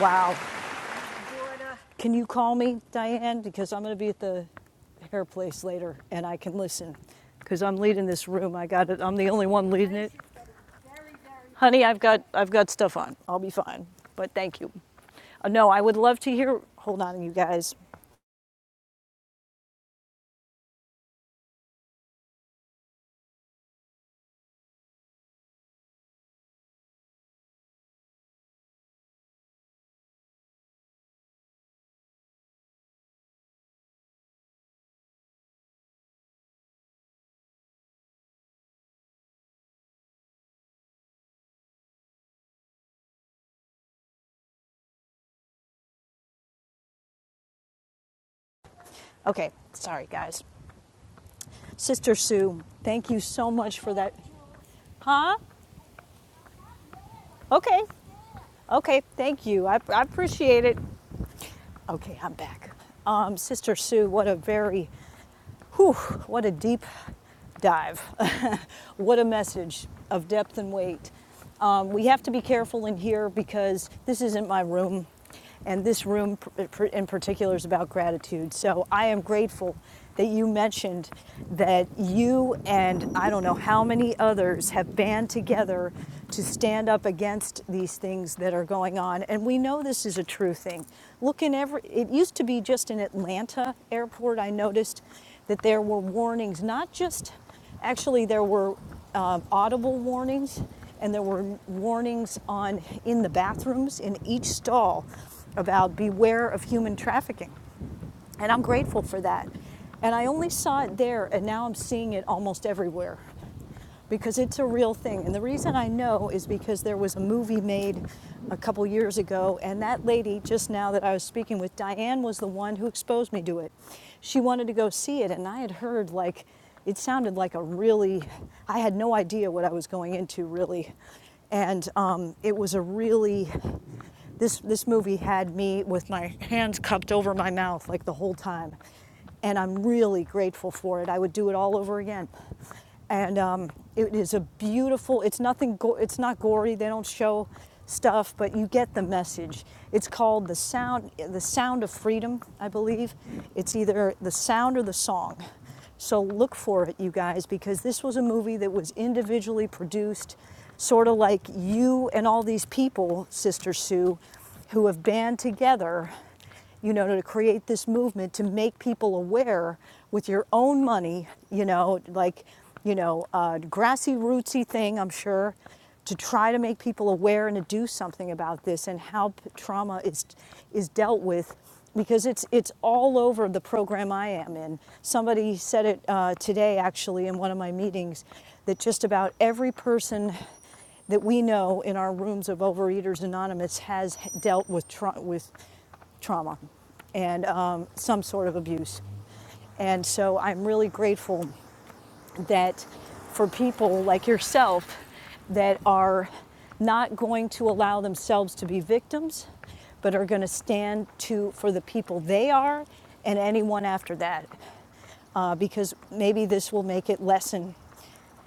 [SPEAKER 1] wow. Can you call me, Diane? Because I'm going to be at the hair place later and I can listen because I'm leading this room. I got it. I'm the only one leading it. honey, I've got, I've got stuff on. I'll be fine. But thank you. Uh, no, I would love to hear. Hold on, you guys. Okay, sorry, guys. Sister Sue, thank you so much for that. Huh? Okay, okay, thank you. I, I appreciate it. Okay, I'm back. Um, Sister Sue, what a very Whew, what a deep dive. what a message of depth and weight. Um, we have to be careful in here because this isn't my room, and this room in particular is about gratitude. So I am grateful that you mentioned that you and I don't know how many others have band together to stand up against these things that are going on. And we know this is a true thing. Look in every, it used to be just in Atlanta airport, I noticed that there were warnings, not just, actually, there were um, audible warnings and there were warnings on in the bathrooms in each stall about beware of human trafficking. And I'm grateful for that. And I only saw it there, and now I'm seeing it almost everywhere because it's a real thing. And the reason I know is because there was a movie made a couple years ago, and that lady just now that I was speaking with, Diane, was the one who exposed me to it. She wanted to go see it, and I had heard like it sounded like a really, I had no idea what I was going into really. And um, it was a really, this, this movie had me with my hands cupped over my mouth like the whole time and I'm really grateful for it. I would do it all over again. And um, it is a beautiful. It's nothing. it's not gory. They don't show stuff, but you get the message. It's called the sound. The sound of freedom, I believe. It's either the sound or the song. So look for it, you guys, because this was a movie that was individually produced, sort of like you and all these people, Sister Sue, who have band together you know, to create this movement to make people aware with your own money, you know, like, you know, a grassy rootsy thing, I'm sure, to try to make people aware and to do something about this and how trauma is is dealt with because it's it's all over the program I am in. Somebody said it uh, today actually in one of my meetings that just about every person that we know in our rooms of Overeaters Anonymous has dealt with tra- with trauma and um, some sort of abuse. And so I'm really grateful that for people like yourself that are not going to allow themselves to be victims, but are going to stand to for the people they are and anyone after that uh, because maybe this will make it lessen.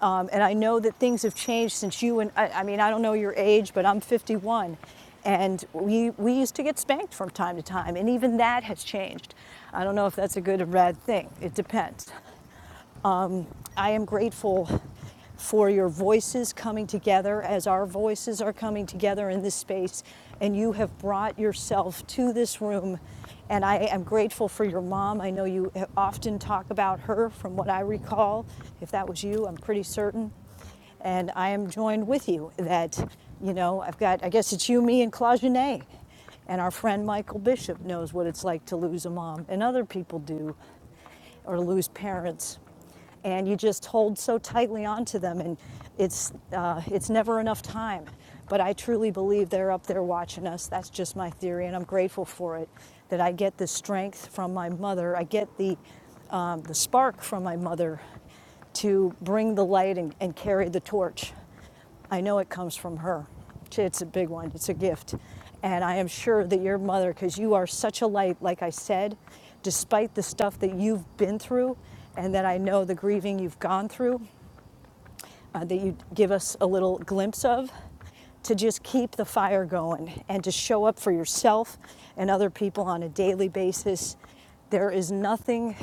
[SPEAKER 1] Um, and I know that things have changed since you and I, I mean, I don't know your age, but I'm 51. And we, we used to get spanked from time to time, and even that has changed. I don't know if that's a good or bad thing. It depends. I am grateful for your voices coming together as our voices are coming together in this space. And you have brought yourself to this room. And I am grateful for your mom. I know you often talk about her, from what I recall. If that was you, I'm pretty certain and I am joined with you that, you know, I've got, I guess it's you, me, and Claudine. And our friend Michael Bishop knows what it's like to lose a mom, and other people do or lose parents. And you just hold so tightly onto them, and it's, uh, it's never enough time. But I truly believe they're up there watching us. That's just my theory, and I'm grateful for it. That I get the strength from my mother, I get the, um, the spark from my mother to bring the light and, and carry the torch. I know it comes from her. It's a big one, it's a gift. And I am sure that your mother, because you are such a light, like I said, despite the stuff that you've been through and that I know the grieving you've gone through uh, that you give us a little glimpse of to just keep the fire going and to show up for yourself and other people on a daily basis. There is nothing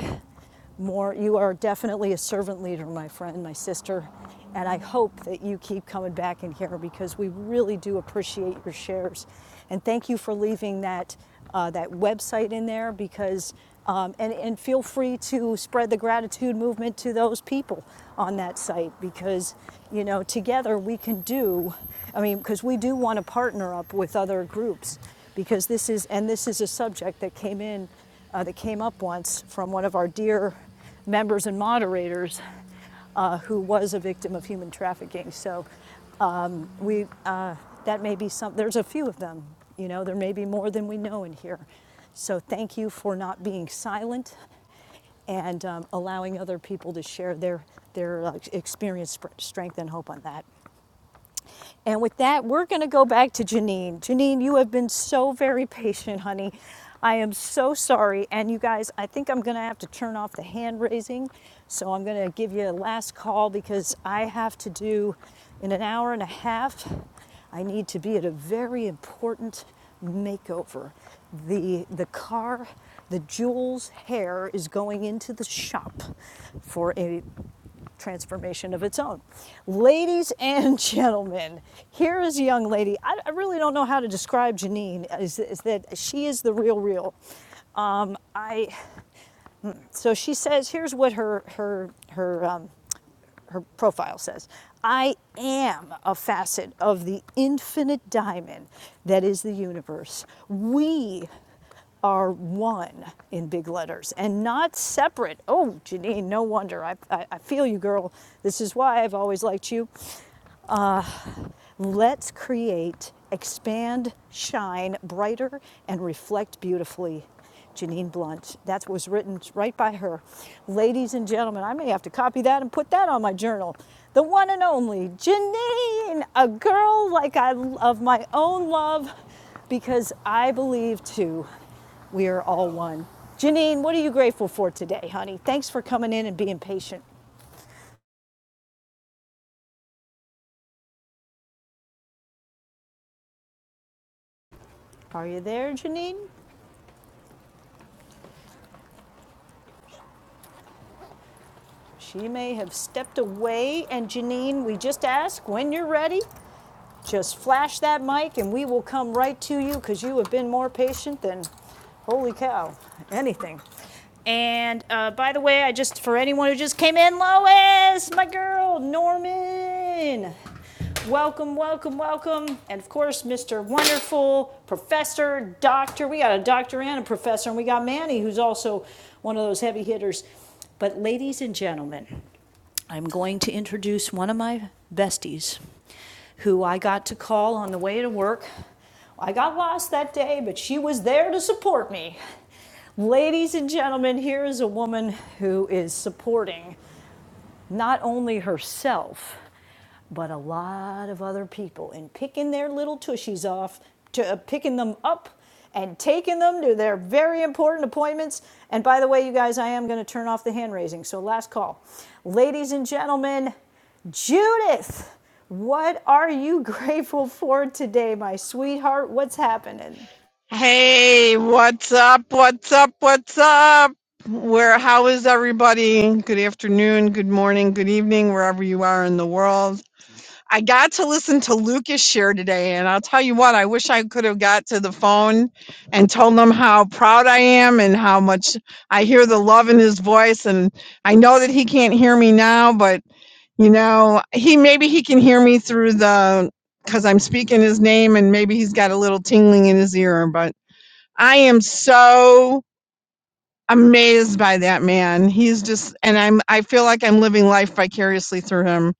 [SPEAKER 1] more. You are definitely a servant leader, my friend, my sister, and I hope that you keep coming back in here because we really do appreciate your shares. And thank you for leaving that uh, that website in there because, um, and, and feel free to spread the gratitude movement to those people on that site because, you know, together we can do, I mean, because we do want to partner up with other groups because this is, and this is a subject that came in, uh, that came up once from one of our dear members and moderators uh, who was a victim of human trafficking. So um, we, uh, that may be some, there's a few of them, you know, there may be more than we know in here. So thank you for not being silent and um, allowing other people to share their, their uh, experience, strength, and hope on that. And with that, we're going to go back to Janine. Janine, you have been so very patient, honey. I am so sorry. And you guys, I think I'm going to have to turn off the hand raising. So I'm going to give you a last call because I have to do, in an hour and a half, I need to be at a very important makeover. The, the car, the Jules hair is going into the shop for a transformation of its own. Ladies and gentlemen, here is a young lady. I, I really don't know how to describe Janine. Is, is that she is the real, real. Um, I so she says. Here's what her her her um, her profile says. I am a facet of the infinite diamond that is the universe. We are one in big letters and not separate. Oh, Janine, no wonder. I, I, I feel you, girl. This is why I've always liked you. Uh, Let's create, expand, shine brighter, and reflect beautifully. Janine Blunt. That was written right by her. Ladies and gentlemen, I may have to copy that and put that on my journal. The one and only Janine, a girl like I of my own love, because I believe too, we are all one. Janine, what are you grateful for today, honey? Thanks for coming in and being patient. Are you there, Janine? She may have stepped away, and Janine, we just ask when you're ready, just flash that mic and we will come right to you because you have been more patient than, holy cow, anything. And uh, by the way, I just, for anyone who just came in, Lois, my girl, Norman. Welcome, welcome, welcome. And of course, Mr. Wonderful, Professor, Doctor. We got a doctor and a professor, and we got Manny, who's also one of those heavy hitters. But, ladies and gentlemen, I'm going to introduce one of my besties who I got to call on the way to work. I got lost that day, but she was there to support me. Ladies and gentlemen, here is a woman who is supporting not only herself, but a lot of other people and picking their little tushies off to uh, picking them up and taking them to their very important appointments. And by the way, you guys, I am going to turn off the hand raising. So last call. Ladies and gentlemen, Judith, what are you grateful for today, my sweetheart? What's happening?
[SPEAKER 13] Hey, what's up? What's up? What's up? Where, how is everybody? Good afternoon, good morning, good evening, wherever you are in the world. I got to listen to Lucas share today, and I'll tell you what, I wish I could have got to the phone and told him how proud I am and how much I hear the love in his voice. And I know that he can't hear me now, but You know, he maybe he can hear me through the because I'm speaking his name and maybe he's got a little tingling in his ear, but I am so amazed by that man. He's just and I'm I feel like I'm living life vicariously through him,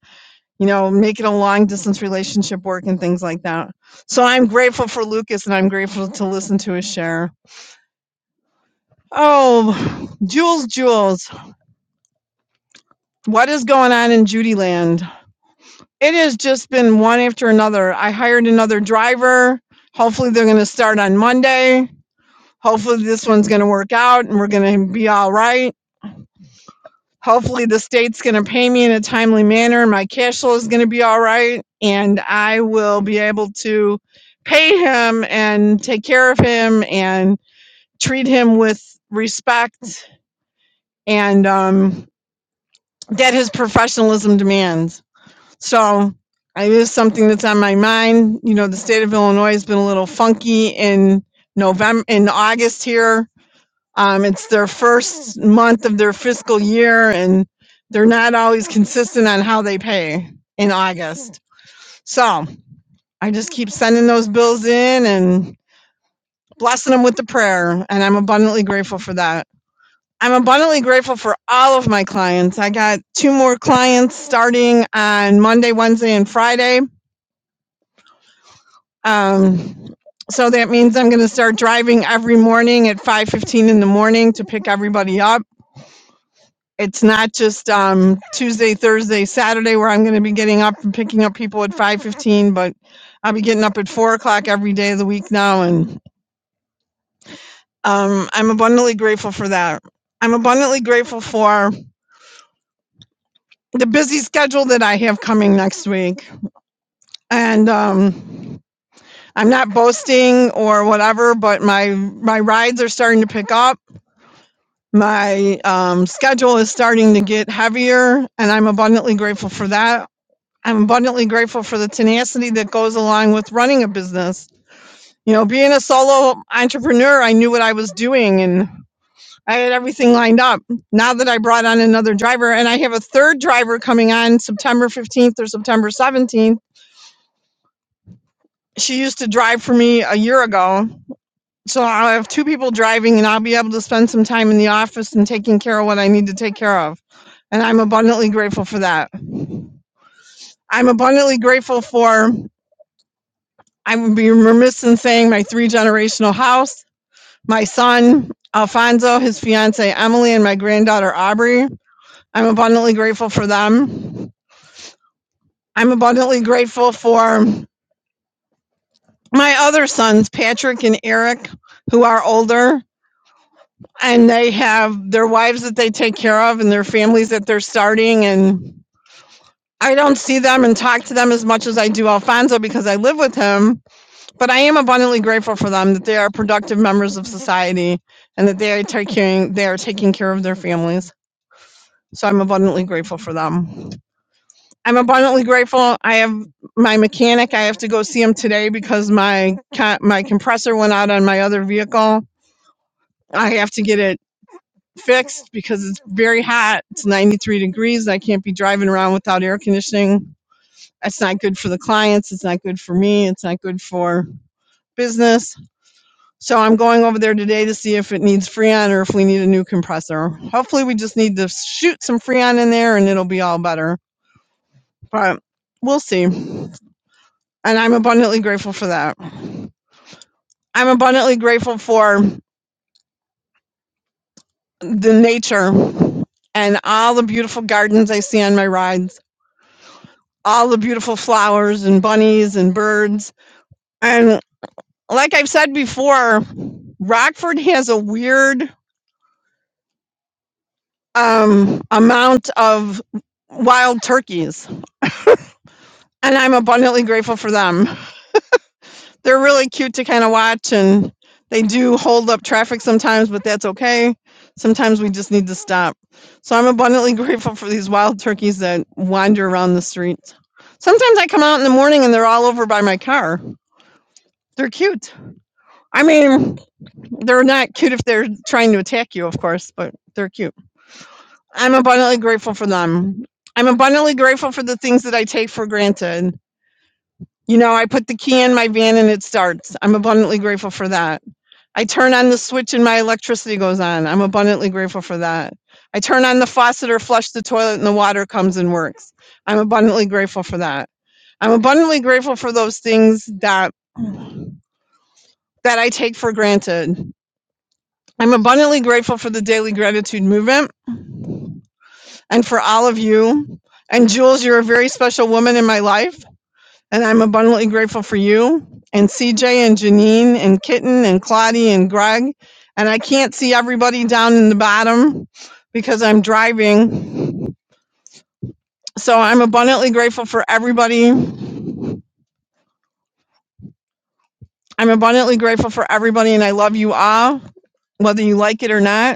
[SPEAKER 13] you know, making a long distance relationship work and things like that. So I'm grateful for Lucas and I'm grateful to listen to his share. Oh, Jules, Jules, what is going on in Judy land? It has just been one after another. I hired another driver. Hopefully, they're going to start on Monday. Hopefully, this one's going to work out and we're going to be all right. Hopefully, the state's going to pay me in a timely manner. My cash flow is going to be all right. And I will be able to pay him and take care of him and treat him with respect and um, that his professionalism demands. So it is something that's on my mind. You know, the state of Illinois has been a little funky in November, in August here. Um, it's their first month of their fiscal year, and they're not always consistent on how they pay in August. So I just keep sending those bills in and blessing them with the prayer, and I'm abundantly grateful for that. I'm abundantly grateful for all of my clients. I got two more clients starting on Monday, Wednesday, and Friday Um, so that means I'm going to start driving every morning at 5:15 in the morning to pick everybody up. It's not just um, Tuesday, Thursday, Saturday where I'm going to be getting up and picking up people at 5:15, but I'll be getting up at four o'clock every day of the week now, and um, I'm abundantly grateful for that. I'm abundantly grateful for the busy schedule that I have coming next week, and um, I'm not boasting or whatever, but my my rides are starting to pick up My um, schedule is starting to get heavier, and I'm abundantly grateful for that. I'm abundantly grateful for the tenacity that goes along with running a business. You know, being a solo entrepreneur, I knew what I was doing and I had everything lined up. Now that I brought on another driver, and I have a third driver coming on September 15th or September 17th, she used to drive for me a year ago So I'll have two people driving and I'll be able to spend some time in the office and taking care of what I need to take care of. And I'm abundantly grateful for that. I'm abundantly grateful for, I would be remiss in saying, my three generational house, my son, Alfonso, his fiance, Emily, and my granddaughter, Aubrey. I'm abundantly grateful for them. I'm abundantly grateful for my other sons, Patrick and Eric, who are older. and they have their wives that they take care of and their families that they're starting and I don't see them and talk to them as much as I do Alfonso because I live with him, but I am abundantly grateful for them that they are productive members of society and that they are taking they are taking care of their families. So I'm abundantly grateful for them. I'm abundantly grateful. I have my mechanic. I have to go see him today because my co- my compressor went out on my other vehicle. I have to get it fixed because it's very hot. It's 93 degrees. I can't be driving around without air conditioning. It's not good for the clients. It's not good for me. It's not good for business. So I'm going over there today to see if it needs Freon or if we need a new compressor. Hopefully, we just need to shoot some Freon in there and it'll be all better. But we'll see. And I'm abundantly grateful for that. I'm abundantly grateful for the nature and all the beautiful gardens I see on my rides all the beautiful flowers and bunnies and birds. And like I've said before, Rockford has a weird um, amount of wild turkeys, and I'm abundantly grateful for them. They're really cute to kind of watch, and they do hold up traffic sometimes, but that's okay. Sometimes we just need to stop. So I'm abundantly grateful for these wild turkeys that wander around the streets. Sometimes I come out in the morning and they're all over by my car. They're cute. I mean, They're not cute if they're trying to attack you, of course, but they're cute. I'm abundantly grateful for them. I'm abundantly grateful for the things that I take for granted. You know, I put the key in my van and it starts. I'm abundantly grateful for that. I turn on the switch and my electricity goes on. I'm abundantly grateful for that. I turn on the faucet or flush the toilet and the water comes and works. I'm abundantly grateful for that. I'm abundantly grateful for those things that that I take for granted. I'm abundantly grateful for the daily gratitude movement. and for all of you. And Jules, you're a very special woman in my life, and I'm abundantly grateful for you, and CJ, and Janine, and Kitten, and Claudie, and Greg. And I can't see everybody down in the bottom because I'm driving. So I'm abundantly grateful for everybody. I'm abundantly grateful for everybody, and I love you all, whether you like it or not.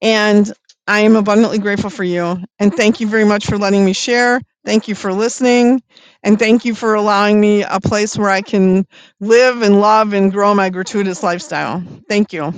[SPEAKER 13] And I am abundantly grateful for you. And thank you very much for letting me share. Thank you for listening. And thank you for allowing me a place where I can live and love and grow my gratuitous lifestyle. Thank you.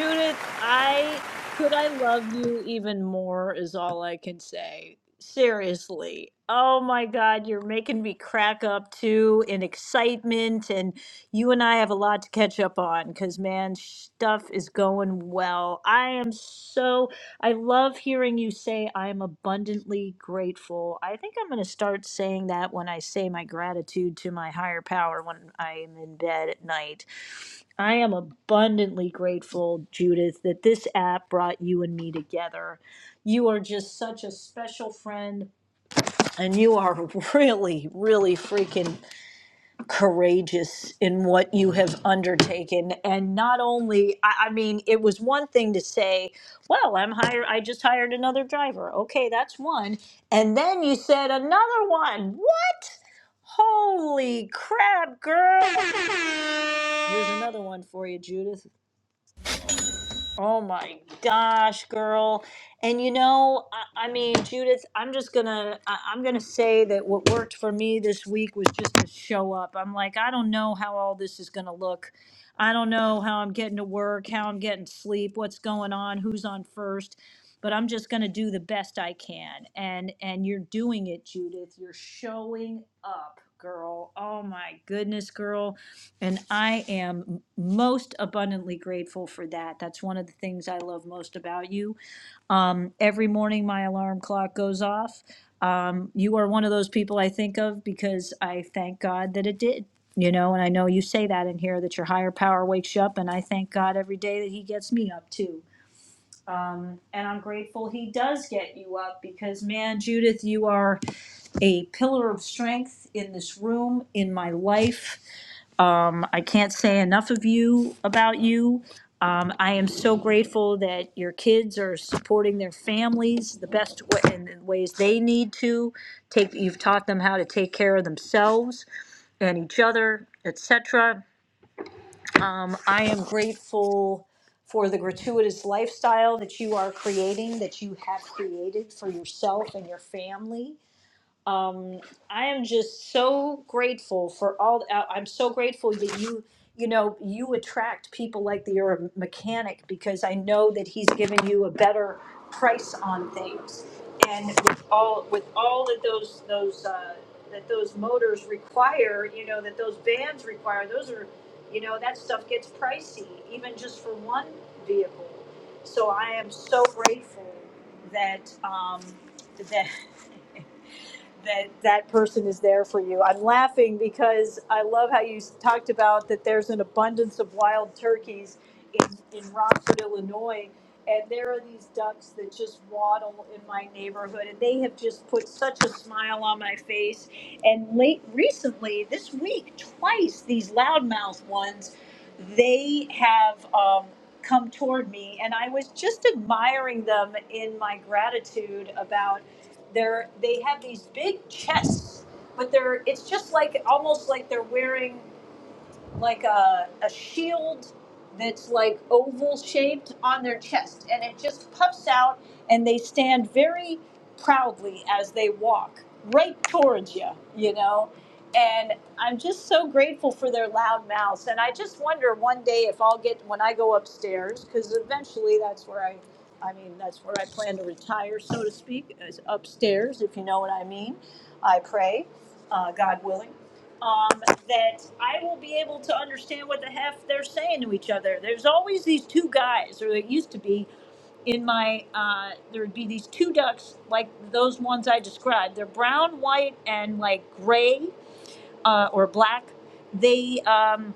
[SPEAKER 1] Judith, I could I love you even more is all I can say. Seriously. Oh my God, you're making me crack up too in excitement, and you and I have a lot to catch up on because man, stuff is going well. I am so I love hearing you say I am abundantly grateful. I think I'm going to start saying that when I say my gratitude to my higher power when I am in bed at night I am abundantly grateful, Judith, that this app brought you and me together. You are just such a special friend, and you are really, really freaking courageous in what you have undertaken. And not only, I, I mean, it was one thing to say, "Well, I'm hired. I just hired another driver." Okay, that's one. And then you said another one. What? Holy crap, girl! Here's another one for you, Judith. Oh my gosh, girl. And you know, I, I mean, Judith, I'm just gonna I, I'm gonna say that what worked for me this week was just to show up. I'm like, I don't know how all this is gonna look. I don't know how I'm getting to work, how I'm getting sleep, what's going on, who's on first, but I'm just gonna do the best I can. And and you're doing it, Judith. You're showing up girl. Oh my goodness, girl. And I am most abundantly grateful for that. That's one of the things I love most about you. Um, every morning, my alarm clock goes off. Um, you are one of those people I think of because I thank God that it did. You know, and I know you say that in here that your higher power wakes you up, and I thank God every day that He gets me up too and I'm grateful he does get you up because, man, Judith, you are a pillar of strength in this room, in my life. Um, I can't say enough of you about you. Um, I am so grateful that your kids are supporting their families the best way, in the ways they need to. Take you've taught them how to take care of themselves and each other, etc I am grateful for the gratuitous lifestyle that you are creating, that you have created for yourself and your family. I am just so grateful for all. I- I'm so grateful that you, you know, you attract people like that. You're a mechanic because I know you a better price on these, and with all with all that those those uh, that those motors require, you know, that those vans require, you know, for one vehicle. I am. um, I'm laughing because I love how you talked about that there's an abundance of wild turkeys in, in Rockford, Illinois. And there are these ducks that just waddle in my neighborhood, and they have just put such a smile on my face. And late recently, this week, twice these loudmouth ones, they have um, come toward me, and I was just admiring them in my gratitude about their. They have these big chests but they're it's just like almost like they're wearing like a, a shield that's like oval shaped on their chest and it just puffs out and they stand very proudly as they walk right towards you you know and i'm just so grateful for their loud mouths and i just wonder one day if i'll get when i go upstairs because eventually that's where i i mean that's where i plan to retire so to speak is upstairs if you know what i mean i pray uh, god willing um, that I will be able to understand what the heck they're saying to each other. There's always these two guys, or it used to be in my, uh, there would be these two ducks like those ones I described. They're brown, white, and like gray uh, or black. They, um,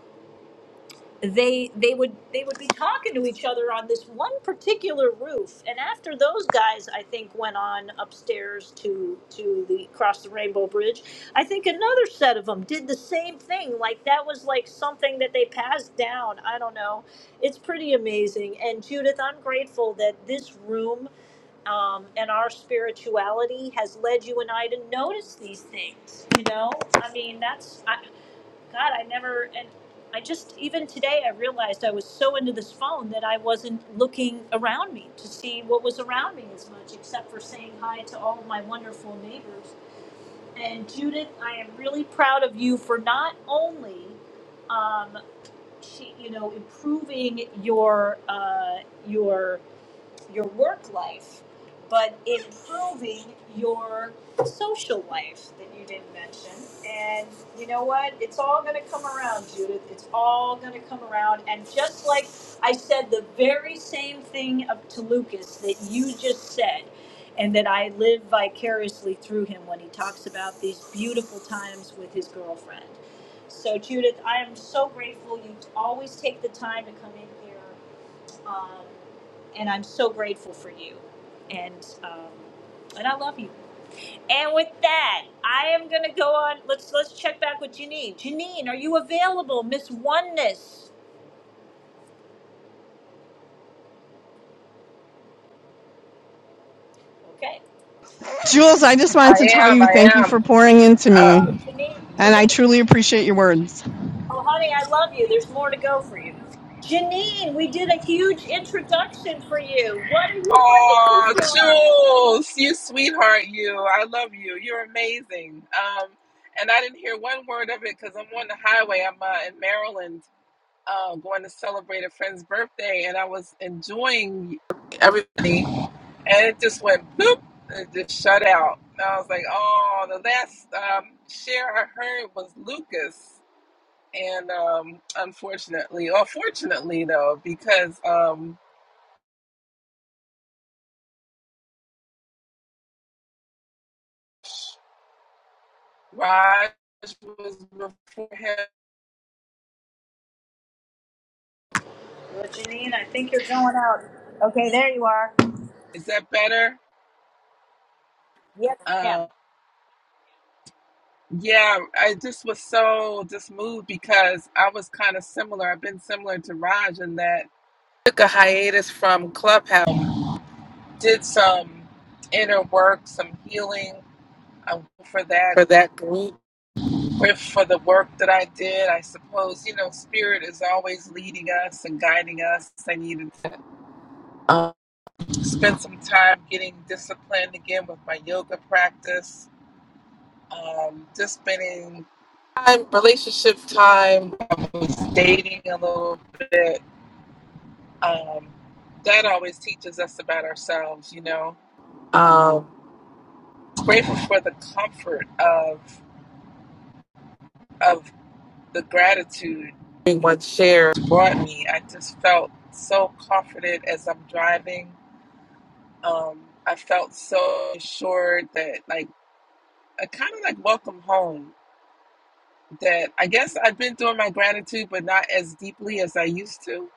[SPEAKER 1] they they would they would be talking to each other on this one particular roof and after those guys i think went on upstairs to to the cross the rainbow bridge i think another set of them did the same thing like that was like something that they passed down i don't know it's pretty amazing and judith i'm grateful that this room um, and our spirituality has led you and i to notice these things you know i mean that's God, I never, and I just, even today, I realized I was so into this phone that I wasn't looking around me to see what was around me as much, except for saying hi to all of my wonderful neighbors. And Judith, I am really proud of you for not only, um, she, you know, improving your, uh, your your work life, but improving your social life that you didn't mention. And you know what? It's all going to come around, Judith. It's all going to come around. And just like I said the very same thing of to Lucas that you just said, and that I live vicariously through him when he talks about these beautiful times with his girlfriend. So Judith, I am so grateful you always take the time to come in here um, and I'm so grateful for you, and um, and I love you. And with that, I am gonna go on. Let's let's check back with Janine. Janine, are you available, Miss Oneness? Okay.
[SPEAKER 13] Jules, I just wanted
[SPEAKER 15] I
[SPEAKER 13] to tell
[SPEAKER 15] am.
[SPEAKER 13] you thank you
[SPEAKER 15] I
[SPEAKER 13] for pouring into
[SPEAKER 15] am.
[SPEAKER 1] Oh,
[SPEAKER 13] me.
[SPEAKER 1] Janine,
[SPEAKER 15] Uh,
[SPEAKER 13] And I
[SPEAKER 1] Janine.
[SPEAKER 13] truly appreciate your words.
[SPEAKER 1] Oh, honey, I love you. There's more to go for you. Janine, we did a huge introduction for you. What are
[SPEAKER 15] oh,
[SPEAKER 1] you grateful for?
[SPEAKER 15] Jules, you sweetheart, you. I love you. You're amazing. Um, and I didn't hear one word of it because I'm on the highway. I'm uh, in Maryland, uh, going to celebrate a friend's birthday, and I was enjoying everybody, and it just went boop, and it just shut out. And I was like, oh, the last um, share I heard was Lucas. And um, unfortunately, or fortunately though, because um, Raj was before him.
[SPEAKER 1] Well, Janine, I think you're going out. Okay, there you are.
[SPEAKER 15] Is that better?
[SPEAKER 1] Yes, ma'am.
[SPEAKER 15] Um, yeah, I just was so just moved because I was kind of similar. I've been similar to Raj in that I took a hiatus from Clubhouse, did some inner work, some healing. I'm grateful for that for that group, for for the work that I did. I suppose you know, spirit is always leading us and guiding us. I needed to um, spend some time getting disciplined again with my yoga practice Um, just spending time, relationship time, I was dating a little bit. Um, that always teaches us about ourselves, you know. Um, grateful for the comfort of of the gratitude everyone shared brought me. I just felt so comforted as I'm driving. Um, I felt so assured that, like, I kind of like welcome home. that I guess I've been doing my gratitude, but not as deeply as I used to.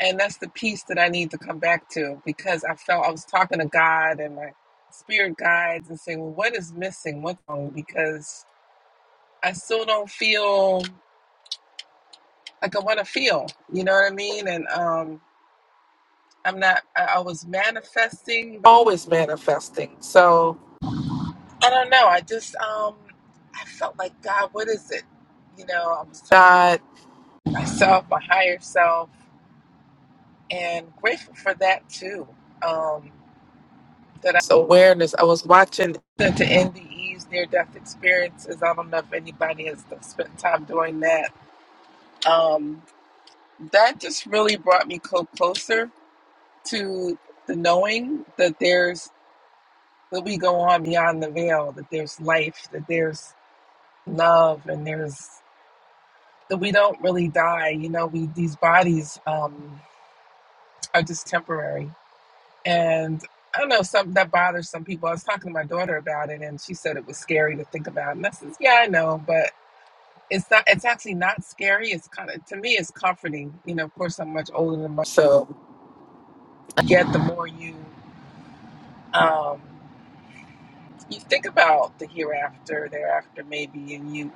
[SPEAKER 15] And that's the piece that I need to come back to because I felt I was talking to God and my spirit guides and saying, well, what is missing? What's wrong? Because I still don't feel like I want to feel, you know what I mean? And um, I'm not, I, I was manifesting, always manifesting. So I don't know. I just, um, I felt like, God, what is it? You know, I was talking to God, myself, my higher self and grateful for that too. Um, that I- so awareness. I was watching to NDEs near death experiences. I don't know if anybody has spent time doing that. Um, that just really brought me co- closer to the knowing that there's that we go on beyond the veil. That there's life. That there's love, and there's that we don't really die. You know, we these bodies um, are just temporary And I don't know, something that bothers some people. I was talking to my daughter about it and she said it was scary to think about. And I says, Yeah, I know, but it's not it's actually not scary. It's kinda to me it's comforting. You know, of course I'm much older than my so yet the more you um you think about the hereafter, thereafter maybe and you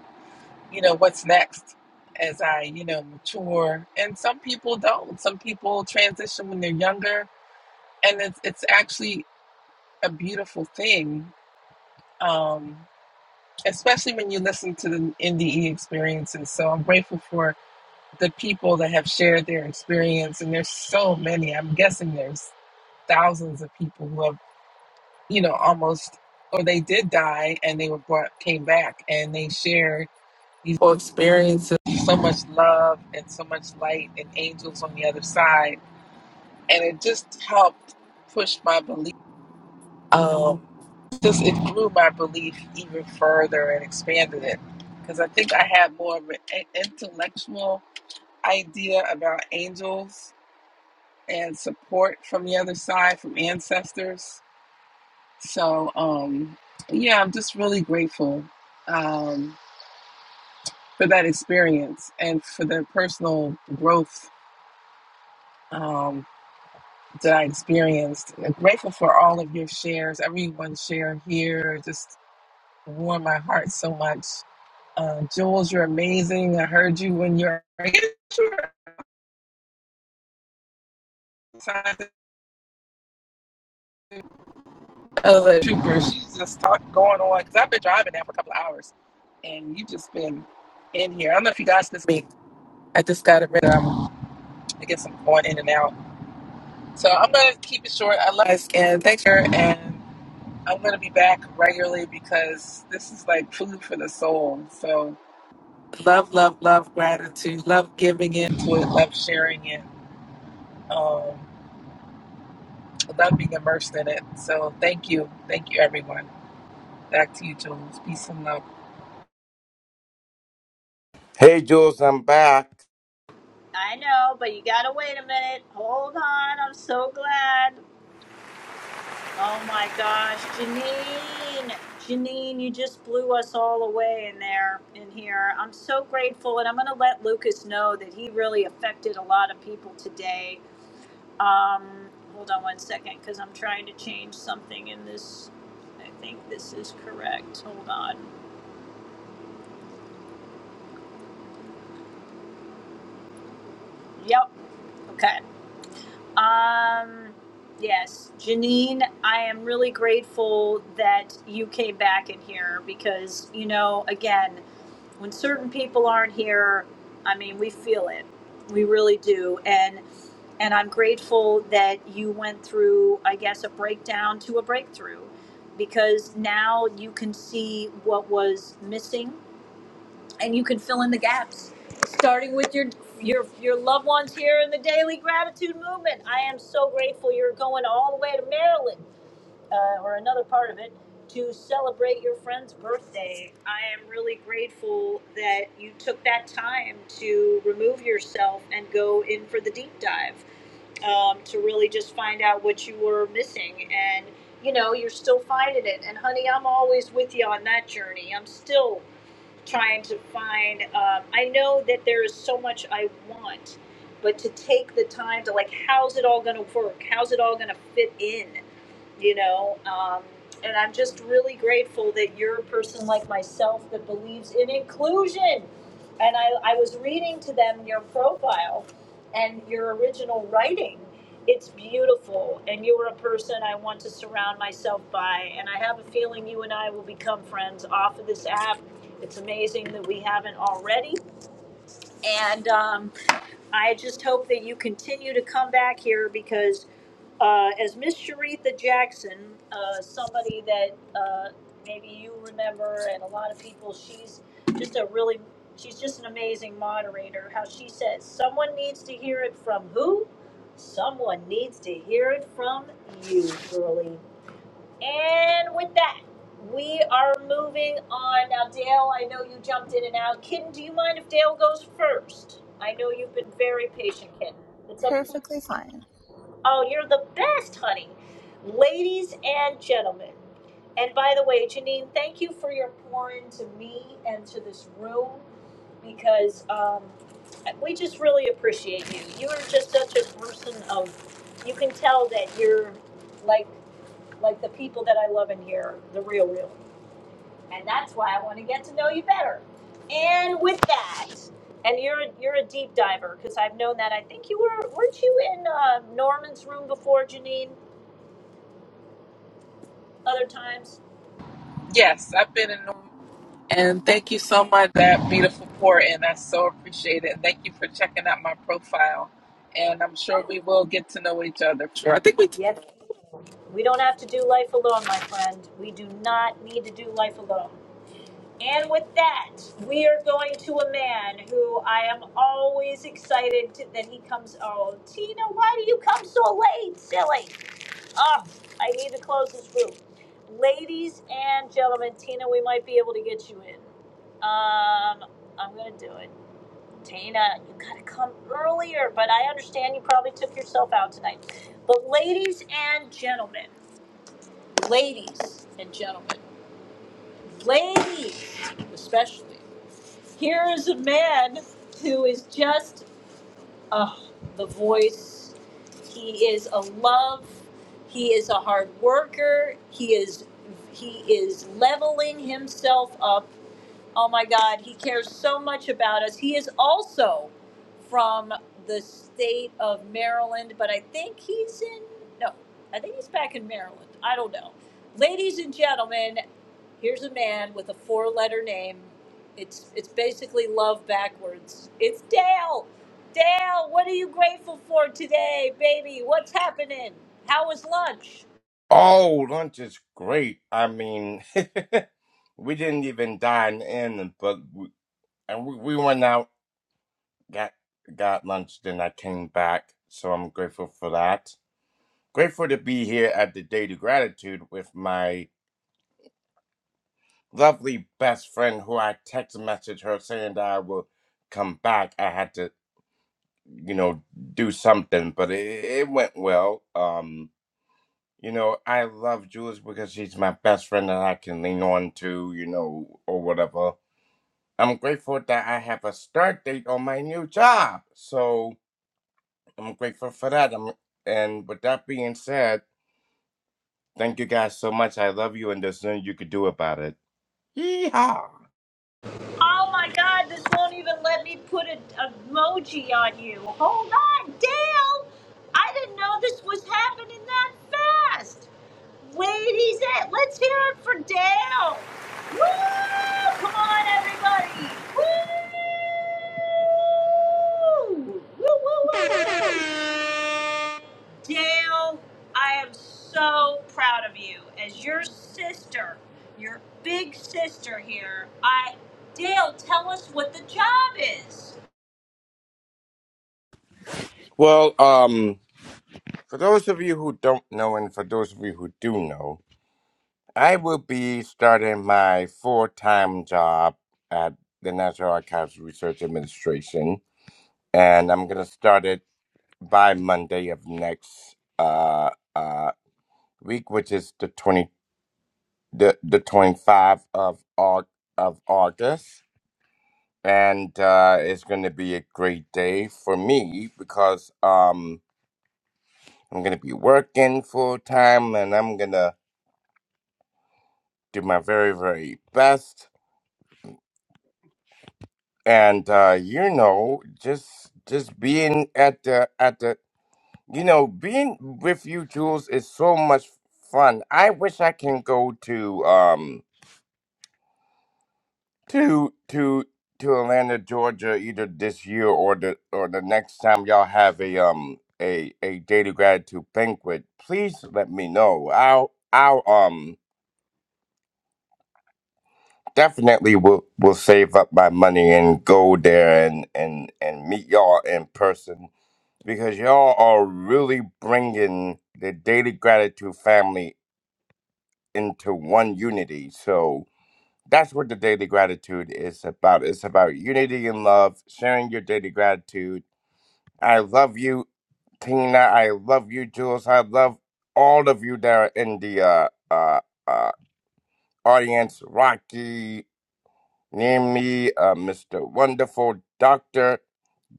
[SPEAKER 15] you know, what's next as I, you know, mature. And some people don't. Some people transition when they're younger and it's it's actually a beautiful thing. Um especially when you listen to the NDE experiences. So I'm grateful for the people that have shared their experience, and there's so many. I'm guessing there's thousands of people who have, you know, almost or they did die and they were brought came back and they shared these whole experiences. So much love and so much light and angels on the other side, and it just helped push my belief. Um, just it grew my belief even further and expanded it because I think I had more of an intellectual idea about angels and support from the other side from ancestors. So um, yeah, I'm just really grateful um, for that experience and for the personal growth um, that I experienced. I'm grateful for all of your shares, everyone's share here. Just warmed my heart so much Uh, Jules, you're amazing. I heard you when you're a trooper. She's just talk, going on because I've been driving now for a couple of hours, and you've just been in here. I don't know if you guys miss me. I just got it rid of. I'm I guess I'm going in and out. So I'm gonna keep it short. I love you guys, and thanks for and I'm gonna be back regularly because this is like food for the soul. So love, love, love gratitude. Love giving into it. Love sharing it. Um without being immersed in it. So thank you. Thank you, everyone. Back to you, Jules. Peace and love.
[SPEAKER 16] Hey, Jules, I'm back.
[SPEAKER 1] I know, but you gotta wait a minute. Hold on, I'm so glad. Oh my gosh, Janine, Janine, you just blew us all away in there, in here. I'm so grateful, and I'm gonna let Lucas know that he really affected a lot of people today. Um, hold on one second, because I'm trying to change something in this. I think this is correct. Hold on. Yep. Okay. Um, yes, Janine, I am really grateful that you came back in here because, you know, again, when certain people aren't here, I mean, we feel it. We really do. And and I'm grateful that you went through, I guess, a breakdown to a breakthrough because now you can see what was missing and you can fill in the gaps starting with your your your loved ones here in the daily gratitude movement i am so grateful you're going all the way to maryland uh, or another part of it to celebrate your friend's birthday i am really grateful that you took that time to remove yourself and go in for the deep dive um, to really just find out what you were missing and you know you're still finding it and honey i'm always with you on that journey i'm still trying to find um, i know that there is so much i want but to take the time to like how's it all going to work how's it all going to fit in you know um, and i'm just really grateful that you're a person like myself that believes in inclusion and i, I was reading to them your profile and your original writing it's beautiful and you are a person i want to surround myself by and i have a feeling you and i will become friends off of this app it's amazing that we haven't already. And um, I just hope that you continue to come back here because, uh, as Miss Sharitha Jackson, uh, somebody that uh, maybe you remember and a lot of people, she's just a really, she's just an amazing moderator. How she says, someone needs to hear it from who? Someone needs to hear it from you, girlie. And with that, we are moving on. Now, Dale, I know you jumped in and out. Kitten, do you mind if Dale goes first? I know you've been very patient, Kitten. It's up.
[SPEAKER 17] Perfectly fine.
[SPEAKER 1] Oh, you're the best, honey. Ladies and gentlemen. And by the way, Janine, thank you for your pour into me and to this room because um, we just really appreciate you. You are just such a person of, you can tell that you're like like the people that I love in here, the real, real. And that's why I want to get to know you better. And with that, and you're you're a deep diver because I've known that. I think you were weren't you in uh, Norman's room before, Janine? Other times.
[SPEAKER 15] Yes, I've been in the room. And thank you so much for that beautiful pour in. I so appreciate it. And thank you for checking out my profile. And I'm sure we will get to know each other. Sure. I think we
[SPEAKER 1] yep. We don't have to do life alone, my friend. We do not need to do life alone. And with that, we are going to a man who I am always excited to, that he comes. Oh, Tina, why do you come so late, silly? Ah, I need to close this room. Ladies and gentlemen, Tina, we might be able to get you in. Um, I'm gonna do it. Tina, you gotta come earlier, but I understand you probably took yourself out tonight. But ladies and gentlemen, ladies and gentlemen, ladies especially, here is a man who is just Oh, the voice. He is a love. He is a hard worker. He is he is leveling himself up Oh my God, he cares so much about us. He is also from the state of Maryland, but I think he's in, no, I think he's back in Maryland. I don't know. Ladies and gentlemen, here's a man with a four letter name. It's, it's basically love backwards. It's Dale. Dale, what are you grateful for today, baby? What's happening? How was lunch?
[SPEAKER 16] Oh, lunch is great. I mean, we didn't even dine in, but we, and we, we went out, got got lunch, then I came back. So I'm grateful for that. Grateful to be here at the Day of Gratitude with my lovely best friend, who I text messaged her saying that I will come back. I had to, you know, do something, but it, it went well. Um You know, I love Jules because she's my best friend that I can lean on to, you know, or whatever. I'm grateful that I have a start date on my new job. So I'm grateful for that. i and with that being said, thank you guys so much. I love you, and there's nothing you could do about it. Yeehaw!
[SPEAKER 1] Oh my god, this won't even let me put a emoji on you. Hold on, Dale! I didn't know this was happening that fast. Wait, he's at. Let's hear it for Dale. Woo! Come on, everybody! Woo! Woo! Woo! Woo! woo. Dale, I am so proud of you. As your sister, your big sister here, I Dale, tell us what the job is.
[SPEAKER 16] Well, um, for those of you who don't know, and for those of you who do know, I will be starting my full time job at the National Archives Research Administration and I'm gonna start it by Monday of next uh uh week, which is the twenty the the twenty five of Aug of August, and uh, it's gonna be a great day for me because um I'm gonna be working full time and I'm gonna do my very very best, and uh, you know just just being at the at the You know, being with you, Jules, is so much fun. I wish I can go to um to to to Atlanta, Georgia, either this year or the or the next time y'all have a um a a day to gratitude banquet. Please let me know. I'll I'll um definitely will will save up my money and go there and and and meet y'all in person because y'all are really bringing the daily gratitude family into one unity. So that's what the daily gratitude is about. It's about unity and love, sharing your daily gratitude. I love you, Tina. I love you, Jules. I love all of you that are in the uh, uh, uh, audience. Rocky, Nimi, uh, Mr. Wonderful, Dr.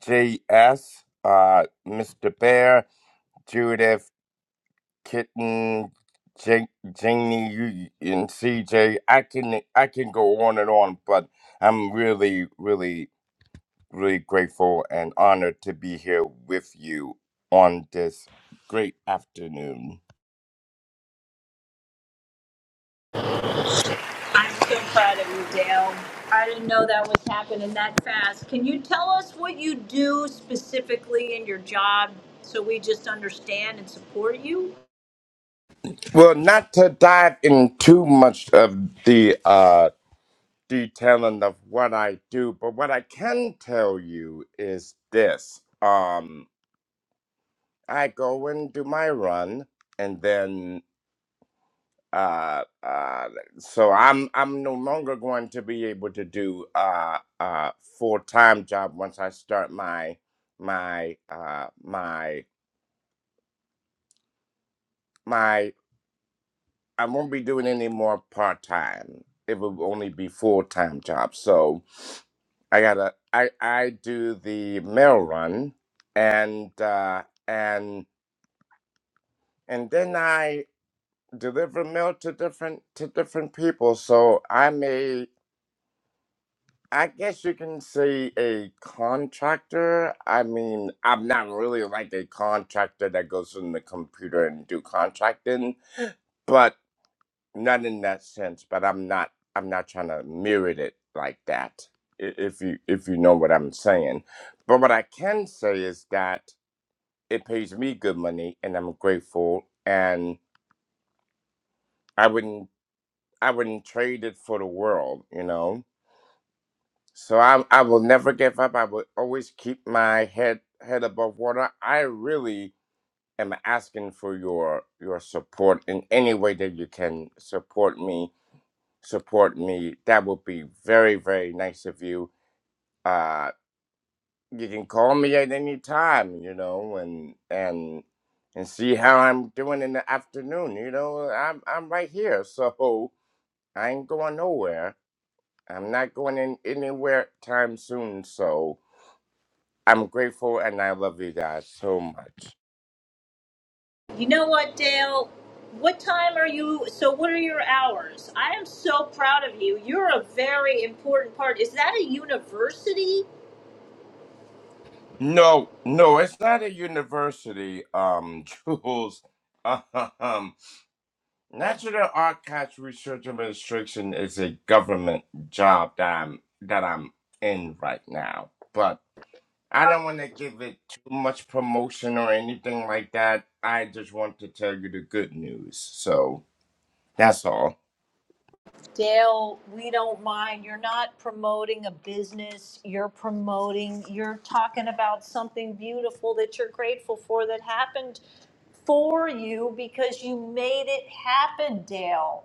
[SPEAKER 16] JS, uh, Mr. Bear, Judith. Kitten, Jake, Janie, you and CJ. I can I can go on and on, but I'm really, really, really grateful and honored to be here with you on this great afternoon.
[SPEAKER 1] I'm so proud of you, Dale. I didn't know that was happening that fast. Can you tell us what you do specifically in your job so we just understand and support you?
[SPEAKER 16] Well, not to dive in too much of the uh, detailing of what I do, but what I can tell you is this: um, I go and do my run, and then uh, uh, so I'm I'm no longer going to be able to do uh, uh, full time job once I start my my uh, my my I won't be doing any more part time. It will only be full time job. So I gotta I I do the mail run and uh, and and then I deliver mail to different to different people. So I may I guess you can say a contractor. I mean, I'm not really like a contractor that goes in the computer and do contracting, but not in that sense. But I'm not. I'm not trying to mirror it like that. i- If you if you know what I'm saying, but what I can say is that it pays me good money, and I'm grateful, and I wouldn't I wouldn't trade it for the world. You know. So I I will never give up. I will always keep my head head above water. I really am asking for your your support in any way that you can support me. Support me. That would be very very nice of you. Uh, you can call me at any time. You know, and and and see how I'm doing in the afternoon. You know, I'm I'm right here. So I ain't going nowhere. I'm not going in anywhere time soon. So. I'm grateful and I love you guys so much.
[SPEAKER 1] You know what, Dale? What time are you? So, what are your hours? I am so proud of you. You're a very important part. Is that a university?
[SPEAKER 16] No, no, it's not a university, um, Jules. Um, National Archives Research Administration is a government job that I'm that I'm in right now. But I don't want to give it too much promotion or anything like that. I just want to tell you the good news. So that's all.
[SPEAKER 1] Dale, we don't mind. You're not promoting a business. You're promoting, you're talking about something beautiful that you're grateful for that happened for you because you made it happen, Dale.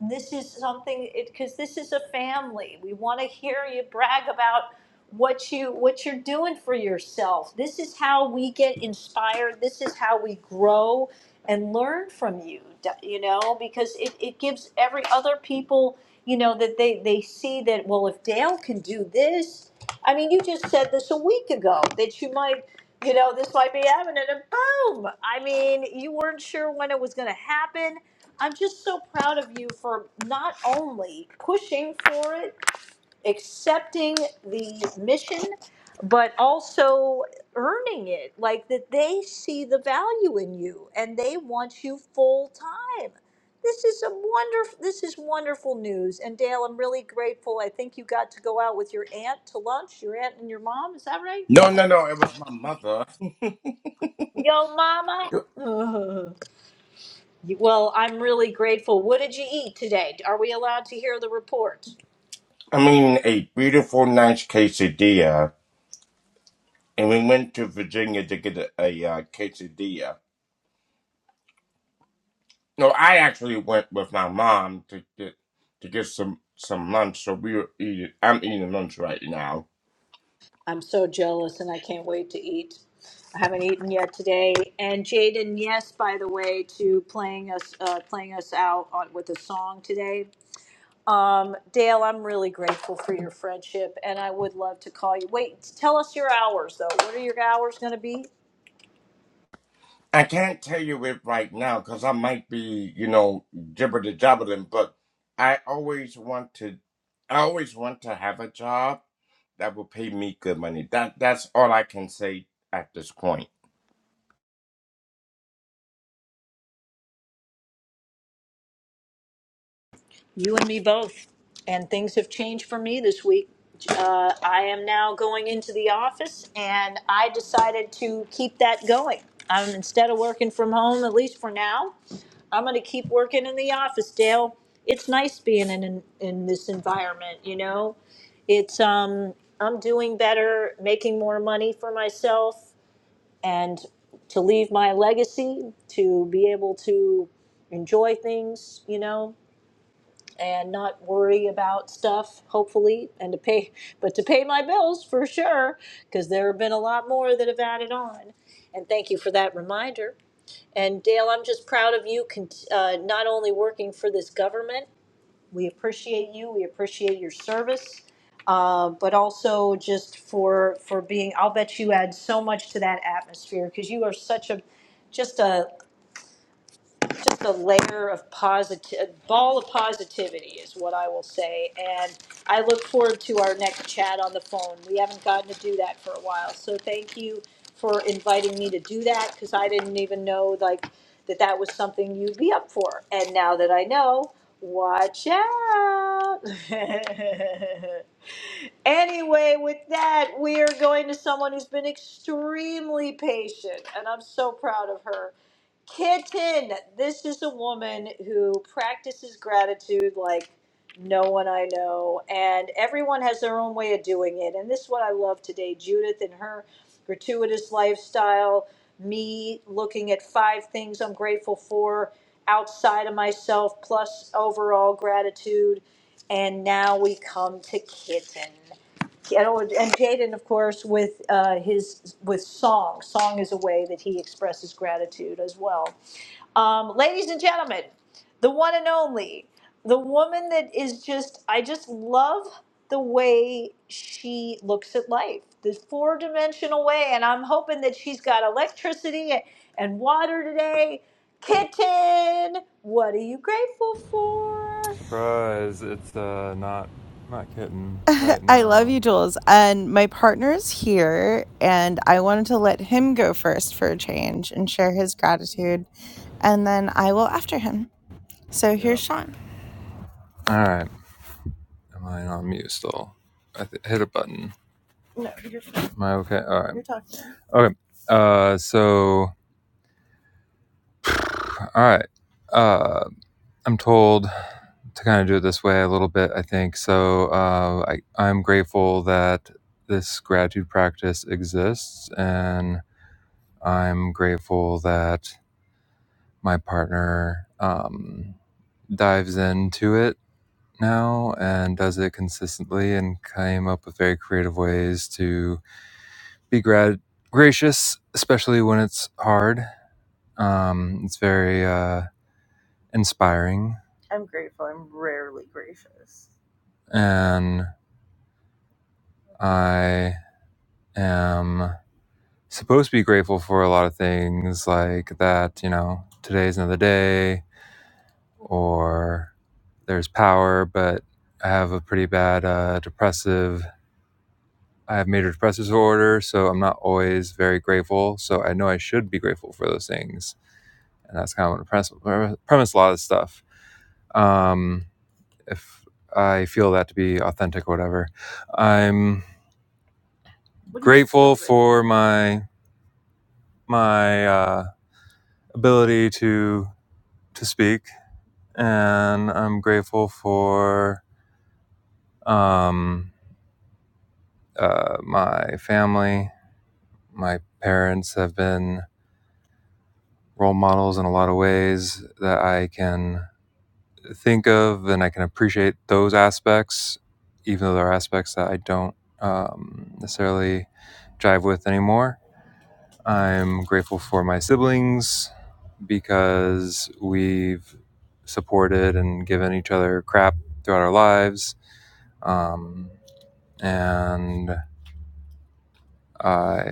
[SPEAKER 1] This is something because this is a family. We want to hear you brag about what you what you're doing for yourself. This is how we get inspired. This is how we grow and learn from you. d- You know, because it, it gives every other people you know, that they, they see that, well, if Dale can do this, I mean, you just said this a week ago that you might, you know, this might be happening, and boom! I mean, you weren't sure when it was going to happen. I'm just so proud of you for not only pushing for it, accepting the mission, but also earning it. Like that they see the value in you and they want you full time. This is a wonderful. This is wonderful news. And Dale, I'm really grateful. I think you got to go out with your aunt to lunch. Your aunt and your mom. Is that right?
[SPEAKER 16] No, no, no. It was my mother.
[SPEAKER 1] Yo, mama. You- well, I'm really grateful. What did you eat today? Are we allowed to hear the report?
[SPEAKER 16] I mean, a beautiful, nice quesadilla and we went to Virginia to get a, a uh, quesadilla. No, I actually went with my mom to get to get some some lunch. So we were eating. I'm eating lunch right now.
[SPEAKER 1] I'm so jealous and I can't wait to eat. I haven't eaten yet today. And Jaden, yes, by the way, to playing us uh, playing us out on, with a song today. Um, Dale, I'm really grateful for your friendship, and I would love to call you. Wait, tell us your hours though. What are your hours going to be?
[SPEAKER 16] I can't tell you it right now because I might be, you know, gibber jabbering. But I always want to. I always want to have a job that will pay me good money. That that's all I can say at this point.
[SPEAKER 1] You and me both. And things have changed for me this week. Uh, I am now going into the office, and I decided to keep that going. I'm instead of working from home, at least for now. I'm gonna keep working in the office, Dale. It's nice being in in, in this environment, you know. It's um I'm doing better, making more money for myself and to leave my legacy, to be able to enjoy things, you know, and not worry about stuff, hopefully, and to pay but to pay my bills for sure, because there have been a lot more that have added on. And thank you for that reminder. And Dale, I'm just proud of you, con- uh, not only working for this government, we appreciate you, we appreciate your service, uh, but also just for, for being, I'll bet you add so much to that atmosphere, because you are such a, just a just a layer of positive ball of positivity is what I will say. And I look forward to our next chat on the phone. We haven't gotten to do that for a while, so thank you for inviting me to do that because I didn't even know like that that was something you'd be up for. And now that I know, watch out. Anyway, with that, we are going to someone who's been extremely patient, and I'm so proud of her. Kitten, this is a woman who practices gratitude like no one I know, and everyone has their own way of doing it. And this is what I love today Judith and her gratuitous lifestyle, me looking at five things I'm grateful for outside of myself, plus overall gratitude. And now we come to Kitten you know, and Jaden, of course, with uh, his with song. Song is a way that he expresses gratitude as well. Um, ladies and gentlemen, the one and only, the woman that is just, I just love the way she looks at life, the four dimensional way. And I'm hoping that she's got electricity and water today. Kitten, what are you grateful for?
[SPEAKER 17] Surprise! It's uh, not not kitten. right I love you, Jules. And my partner's here, and I wanted to let him go first for a change and share his gratitude, and then I will after him. So Yeah. here's yep. Sean. All right. Am I on mute still? I th- hit a button. No, you're fine. Am I okay? All right. You're talking. Okay. Uh. So. All right. Uh. I'm told to kind of do it this way a little bit, I think. So uh, I, I'm grateful that this gratitude practice exists, and I'm grateful that my partner um, dives into it now and does it consistently and came up with very creative ways to be grad- gracious, especially when it's hard. Um, it's very uh, inspiring. I'm grateful. I'm rarely gracious. and I am supposed to be grateful for a lot of things like that, you know, today's another day or there's power, but I have a pretty bad uh, depressive. I have major depressive disorder, so I'm not always very grateful. So I know I should be grateful for those things. And that's kind of what premise, premise a lot of stuff. Um, if I feel that to be authentic or whatever, I'm grateful for my my uh, ability to to speak, and I'm grateful for um, uh, my family. My parents have been role models in a lot of ways that I can think of, and I can appreciate those aspects, even though there are aspects that I don't um, necessarily jive with anymore. I'm grateful for my siblings because we've supported and given each other crap throughout our lives. Um, and I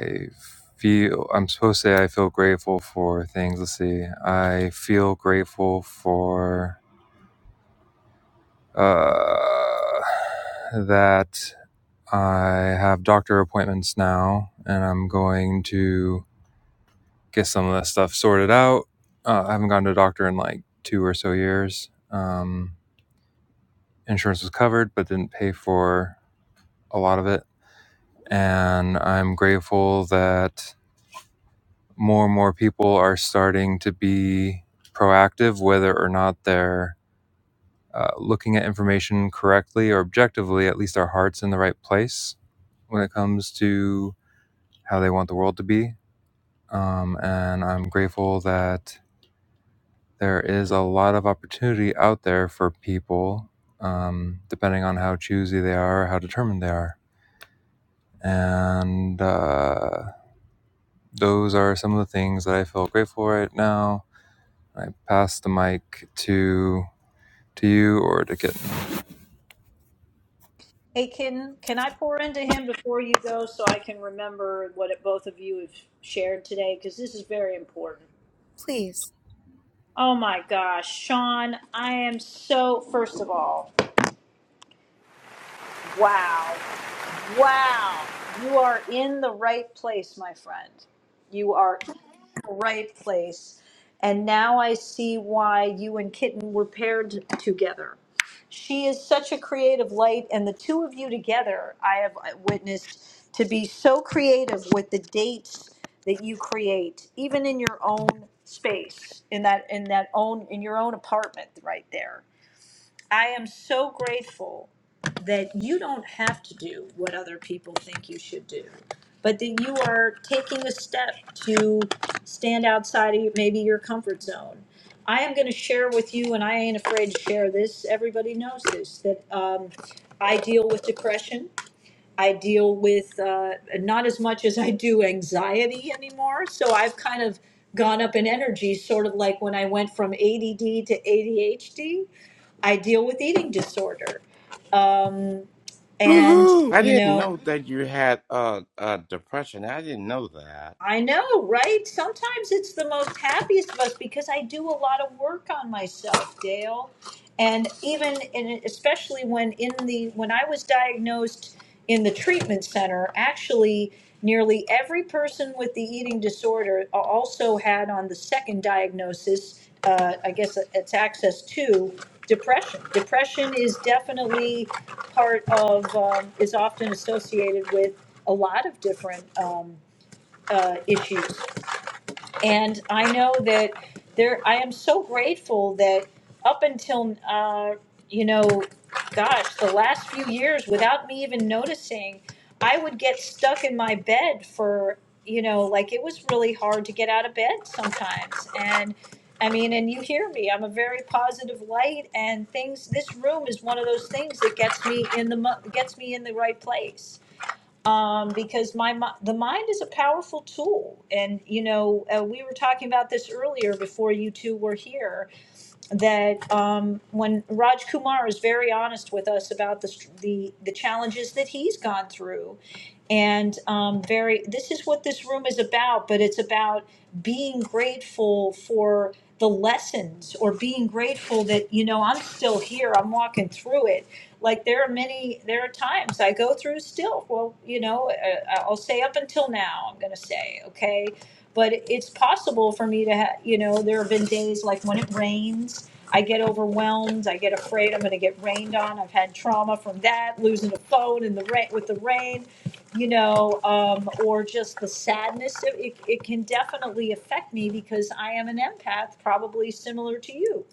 [SPEAKER 17] feel, I'm supposed to say I feel grateful for things. Let's see. I feel grateful for uh, that I have doctor appointments now and I'm going to get some of that stuff sorted out. Uh, I haven't gone to a doctor in like two or so years. Um, insurance was covered, but didn't pay for a lot of it. And I'm grateful that more and more people are starting to be proactive, whether or not they're uh, looking at information correctly or objectively, at least our heart's in the right place when it comes to how they want the world to be. Um, and I'm grateful that there is a lot of opportunity out there for people, um, depending on how choosy they are, how determined they are. And uh, those are some of the things that I feel grateful for right now. I pass the mic to to you or to Kitten.
[SPEAKER 1] Hey, can can I pour into him before you go so I can remember what it, both of you have shared today? Because this is very important.
[SPEAKER 17] Please.
[SPEAKER 1] Oh my gosh, Sean, I am so. First of all, wow. Wow. You are in the right place, my friend. You are in the right place. And now I see why you and Kitten were paired together. She is such a creative light, and the two of you together, I have uh, witnessed to be so creative with the dates that you create, even in your own space, in that in that own in your own apartment right there. I am so grateful that you don't have to do what other people think you should do, but that you are taking a step to stand outside of your- maybe your comfort zone. I am going to share with you, and I ain't afraid to share this. Everybody knows this that um, I deal with depression. I deal with uh, not as much as I do anxiety anymore. So I've kind of gone up in energy, sort of like when I went from ADD to ADHD. I deal with eating disorder. Um, and,
[SPEAKER 16] Woohoo! I
[SPEAKER 1] you
[SPEAKER 16] didn't
[SPEAKER 1] know,
[SPEAKER 16] know that you had uh, uh depression. I didn't know that.
[SPEAKER 1] I know, right? Sometimes it's the most happiest of us because I do a lot of work on myself, Dale. And even and especially when in the when I was diagnosed in the treatment center, actually nearly every person with the eating disorder a- also had on the second diagnosis, uh, I guess it's access to depression. Depression is definitely part of um, is often associated with a lot of different. Um, uh, issues. And I know that there, I am so grateful that up until, uh, you know, gosh, the last few years, without me even noticing, I would get stuck in my bed for, you know, like it was really hard to get out of bed sometimes. And I mean, and you hear me, I'm a very positive light and things, this room is one of those things that gets me in the, mo- gets me in the right place um, because my mi- the mind is a powerful tool, and you know uh, we were talking about this earlier before you two were here. That um, when Raj Kumar is very honest with us about the the the challenges that he's gone through, and um, very this is what this room is about but it's about being grateful for the lessons or being grateful that you know i'm still here i'm walking through it like there are many there are times i go through still well you know uh, i'll say up until now i'm going to say okay but it's possible for me to have you know there have been days like when it rains i get overwhelmed i get afraid i'm going to get rained on i've had trauma from that losing a phone in the rain with the rain you know, um, or just the sadness. It, it, it can definitely affect me because I am an empath, probably similar to you.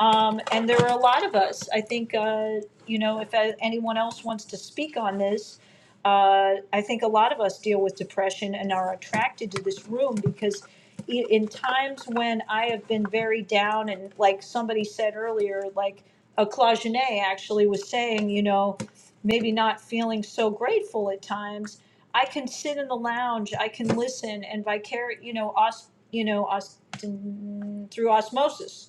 [SPEAKER 1] Um, and there are a lot of us. I think, uh, you know, if uh, anyone else wants to speak on this, uh, I think a lot of us deal with depression and are attracted to this room because i- in times when I have been very down, and like somebody said earlier, like a Claugenet actually was saying, you know, maybe not feeling so grateful at times. I can sit in the lounge, I can listen and vicarious, you know, os, you know, os, through osmosis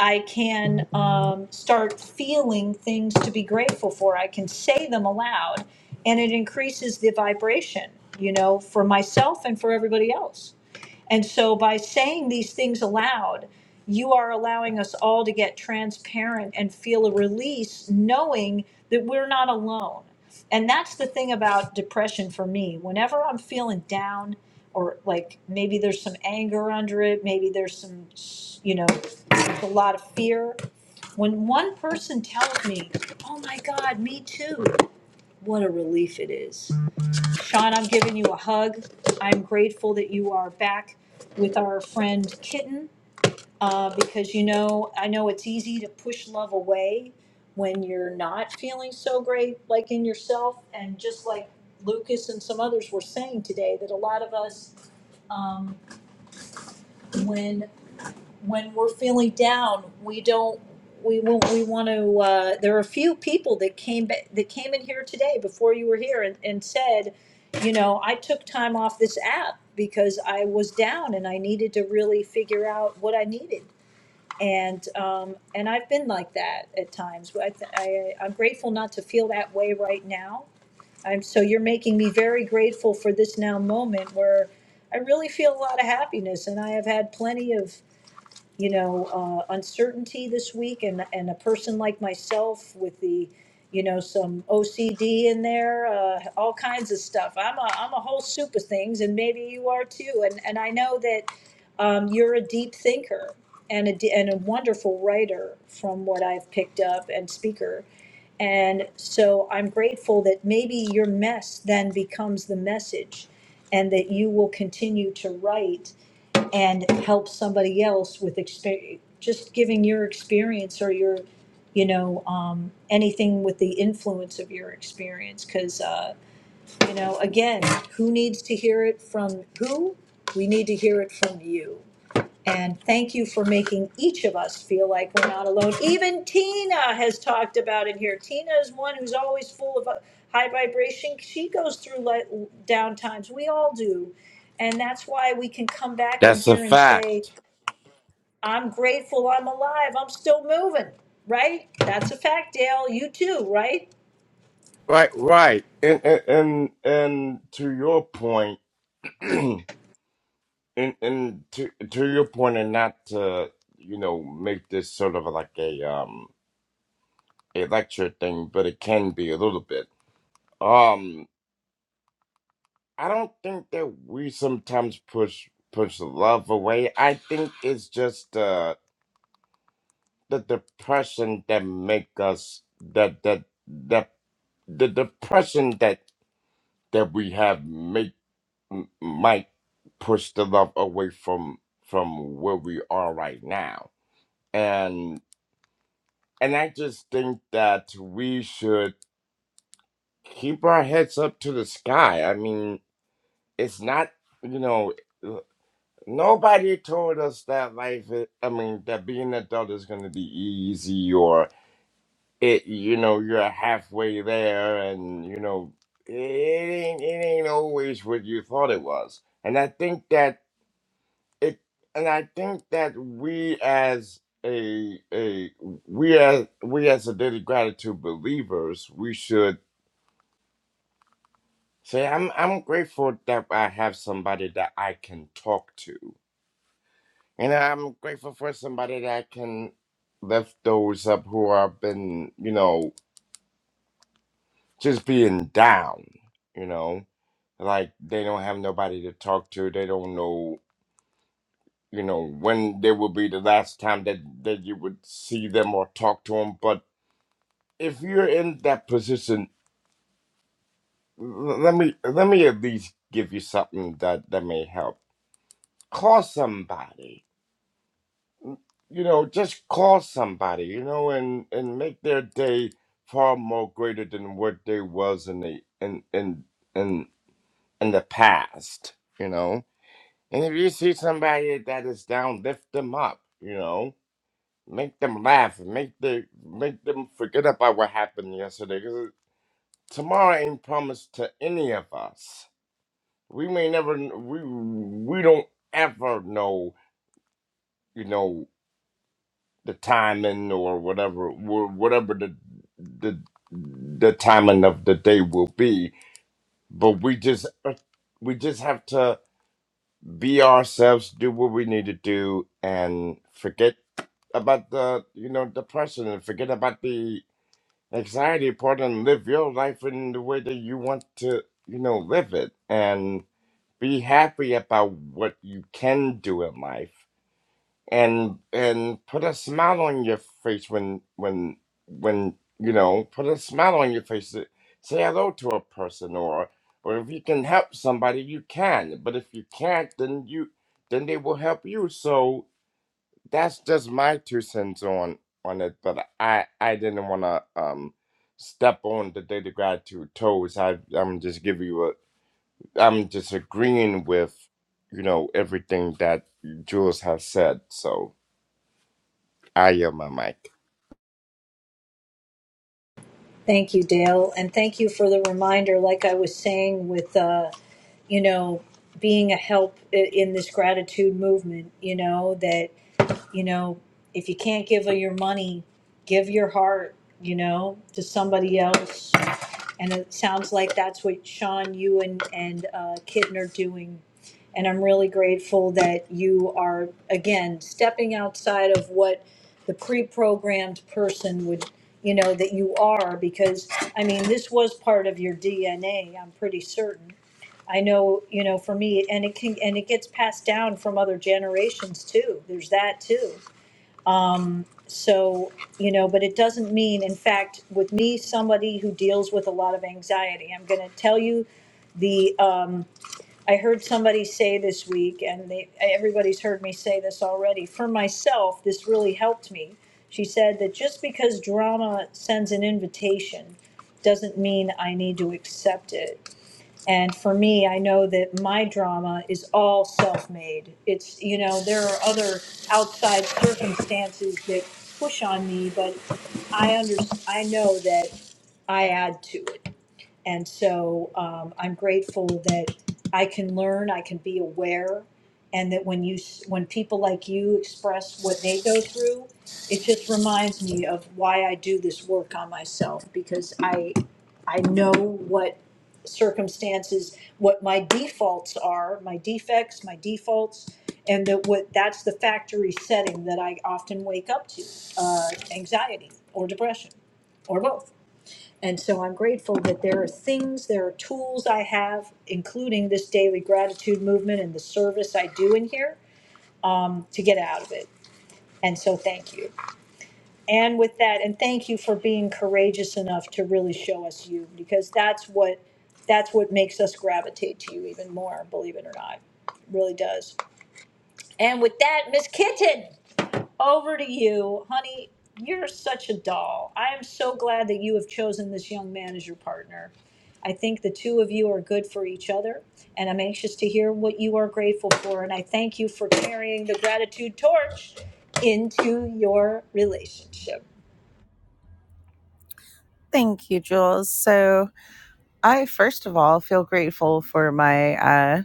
[SPEAKER 1] I can um, start feeling things to be grateful for. I can say them aloud, and it increases the vibration, you know, for myself and for everybody else. And so by saying these things aloud, you are allowing us all to get transparent and feel a release, knowing that we're not alone. And that's the thing about depression for me. Whenever I'm feeling down, or like maybe there's some anger under it, maybe there's some, you know, a lot of fear. When one person tells me, oh my God, me too, what a relief it is. Sean, I'm giving you a hug. I'm grateful that you are back with our friend Kitten uh, because you know, I know it's easy to push love away when you're not feeling so great, like in yourself. And just like Lucas and some others were saying today, that a lot of us, um, when when we're feeling down, we don't, we won't, we want to, uh, there are a few people that came, ba- that came in here today before you were here and, and said, you know, I took time off this app because I was down and I needed to really figure out what I needed. And, um, and I've been like that at times. I, th- I, I'm grateful not to feel that way right now. I'm, so you're making me very grateful for this now moment where I really feel a lot of happiness and I have had plenty of you know, uh, uncertainty this week and, and a person like myself with the, you know, some OCD in there, uh, all kinds of stuff. I'm a, I'm a whole soup of things and maybe you are too. And, and I know that, um, you're a deep thinker and a, d- and a wonderful writer from what I've picked up and speaker. And so I'm grateful that maybe your mess then becomes the message and that you will continue to write and help somebody else with experience. just giving your experience or your you know um, anything with the influence of your experience because uh, you know again who needs to hear it from who we need to hear it from you and thank you for making each of us feel like we're not alone. Even Tina has talked about it here. Tina is one who's always full of uh, high vibration. She goes through like down times. We all do. And that's why we can come back in
[SPEAKER 16] That's a
[SPEAKER 1] here and say,
[SPEAKER 16] fact.
[SPEAKER 1] I'm grateful I'm alive. I'm still moving, right? That's a fact, Dale. You too, right?
[SPEAKER 16] Right, right. And and and, and to your point, and and to to your point, and not to you know make this sort of like a um a lecture thing, but it can be a little bit. Um, I don't think that we sometimes push push love away. I think it's just uh the depression that make us that that that the depression that that we have m- might push the love away from from where we are right now and and i just think that we should keep our heads up to the sky i mean it's not you know l- nobody told us that life is, i mean that being an adult is going to be easy or it you know you're halfway there and you know it ain't, it ain't always what you thought it was and i think that it and I think that we as a a we as we as a daily gratitude believers, we should say I'm I'm grateful that I have somebody that I can talk to. And I'm grateful for somebody that I can lift those up who have been, you know, just being down, you know. Like they don't have nobody to talk to. They don't know you know when there will be the last time that that you would see them or talk to them but if you're in that position, l- let me let me at least give you something that that may help. Call somebody. Mm, You know, just call somebody. You know, and and make their day far more greater than what they was in the in in in in the past. You know, and if you see somebody that is down, lift them up. You know, make them laugh. Make the make them forget about what happened yesterday. Because tomorrow ain't promised to any of us We may never we we don't ever know, you know, the timing or whatever wh- whatever the the the timing of the day will be, but we just uh, we just have to be ourselves, do what we need to do, and forget about the you know depression and forget about the anxiety part and live your life in the way that you want to you know live it and be happy about what you can do in life and and put a smile on your face when when when you know put a smile on your face say say hello to a person or or if you can help somebody you can but if you can't then you then they will help you so that's just my two cents on on it but i i didn't want to um step on the data gratitude toes i i'm just giving you a i'm just agreeing with you know everything that jules has said so I am my mic.
[SPEAKER 1] Thank you, Dale. And thank you for the reminder, like I was saying with. Uh, you know, being a help i- in this gratitude movement, you know, that, you know, if you can't give of your money, give your heart, you know, to somebody else, and it sounds like that's what Sean, you and, and uh, Kitten are doing. And I'm really grateful that you are, again, stepping outside of what the pre-programmed person would, you know, that you are, because, I mean, this was part of your DNA, I'm pretty certain. I know, you know, for me, and it can, and it gets passed down from other generations too. There's that too. So, you know, but it doesn't mean, in fact, with me, somebody who deals with a lot of anxiety, I'm going to tell you the, um, I heard somebody say this week, and they, everybody's heard me say this already. For myself, this really helped me. She said that just because drama sends an invitation doesn't mean I need to accept it. And for me, I know that my drama is all self-made. It's, you know, there are other outside circumstances that push on me, but I under, I know that I add to it. And so um, I'm grateful that I can learn, I can be aware, and that when you when people like you express what they go through, it just reminds me of why I do this work on myself because I I know what circumstances, what my defaults are, my defects, my defaults, and that what that's the factory setting that I often wake up to, uh, anxiety or depression or both. And so I'm grateful that there are things, there are tools I have, including this daily gratitude movement and the service I do in here um, to get out of it. And so thank you. And with that, and thank you for being courageous enough to really show us you because that's what that's what makes us gravitate to you even more, believe it or not. It really does. And with that, Miss Kitten. over to you, honey. You're such a doll. I am so glad that you have chosen this young man as your partner. I think the two of you are good for each other, and I'm anxious to hear what you are grateful for. And I thank you for carrying the gratitude torch into your relationship.
[SPEAKER 17] Thank you, Jules. So, I first of all feel grateful for my uh,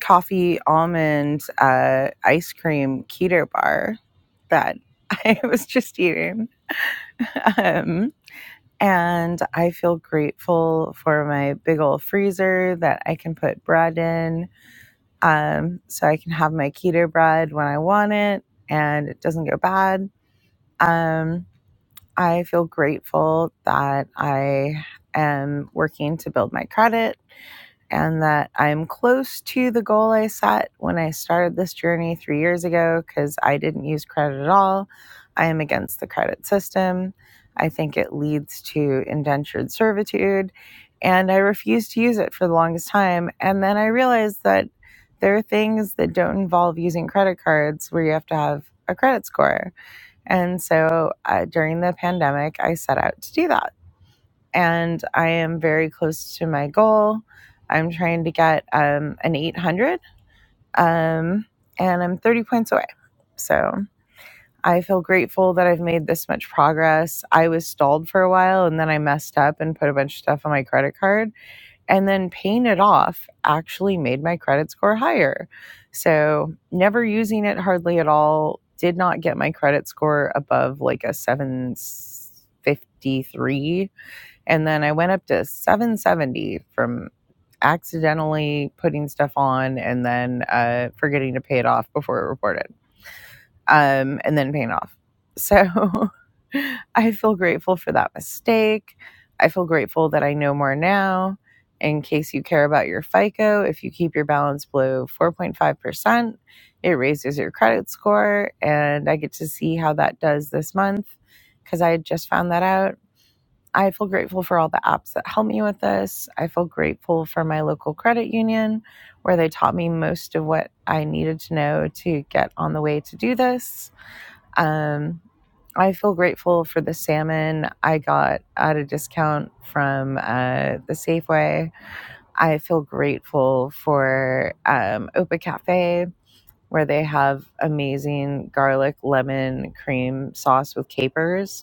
[SPEAKER 17] coffee almond uh, ice cream keto bar that I was just eating. Um, and I feel grateful for my big old freezer that I can put bread in um, so I can have my keto bread when I want it and it doesn't go bad. Um, I feel grateful that I am working to build my credit and that I'm close to the goal I set when I started this journey three years ago because I didn't use credit at all. I am against the credit system. I think it leads to indentured servitude, and I refused to use it for the longest time. And then I realized that there are things that don't involve using credit cards where you have to have a credit score. And so uh, during the pandemic, I set out to do that and I am very close to my goal. I'm trying to get um, an 800, um, and I'm 30 points away. So I feel grateful that I've made this much progress. I was stalled for a while, and then I messed up and put a bunch of stuff on my credit card, and then paying it off actually made my credit score higher. So never using it hardly at all. Did not get my credit score above like a 753 and then I went up to 770 from accidentally putting stuff on and then uh, forgetting to pay it off before it reported um, and then paying off. So I feel grateful for that mistake. I feel grateful that I know more now. In case you care about your FICO, if you keep your balance below 4.5%, it raises your credit score. And I get to see how that does this month because I just found that out I feel grateful for all the apps that helped me with this. I feel grateful for my local credit union where they taught me most of what I needed to know to get on the way to do this. Um, I feel grateful for the salmon I got at a discount from uh, the Safeway. I feel grateful for um, Opa Cafe, where they have amazing garlic lemon cream sauce with capers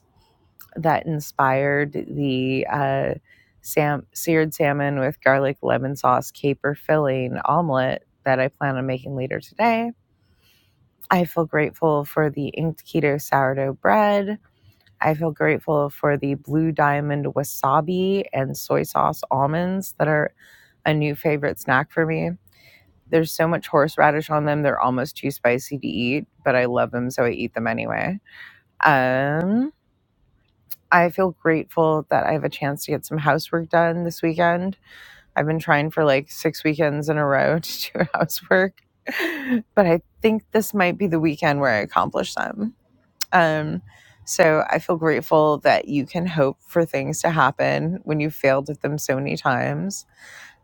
[SPEAKER 17] that inspired the uh, sam- seared salmon with garlic, lemon sauce, caper filling omelet that I plan on making later today. I feel grateful for the inked keto sourdough bread. I feel grateful for the blue diamond wasabi and soy sauce almonds that are a new favorite snack for me. There's so much horseradish on them, they're almost too spicy to eat, but I love them, so I eat them anyway. Um, I feel grateful that I have a chance to get some housework done this weekend. I've been trying for like six weekends in a row to do housework, but I think this might be the weekend where I accomplish them. Um, so I feel grateful that you can hope for things to happen when you've failed at them so many times.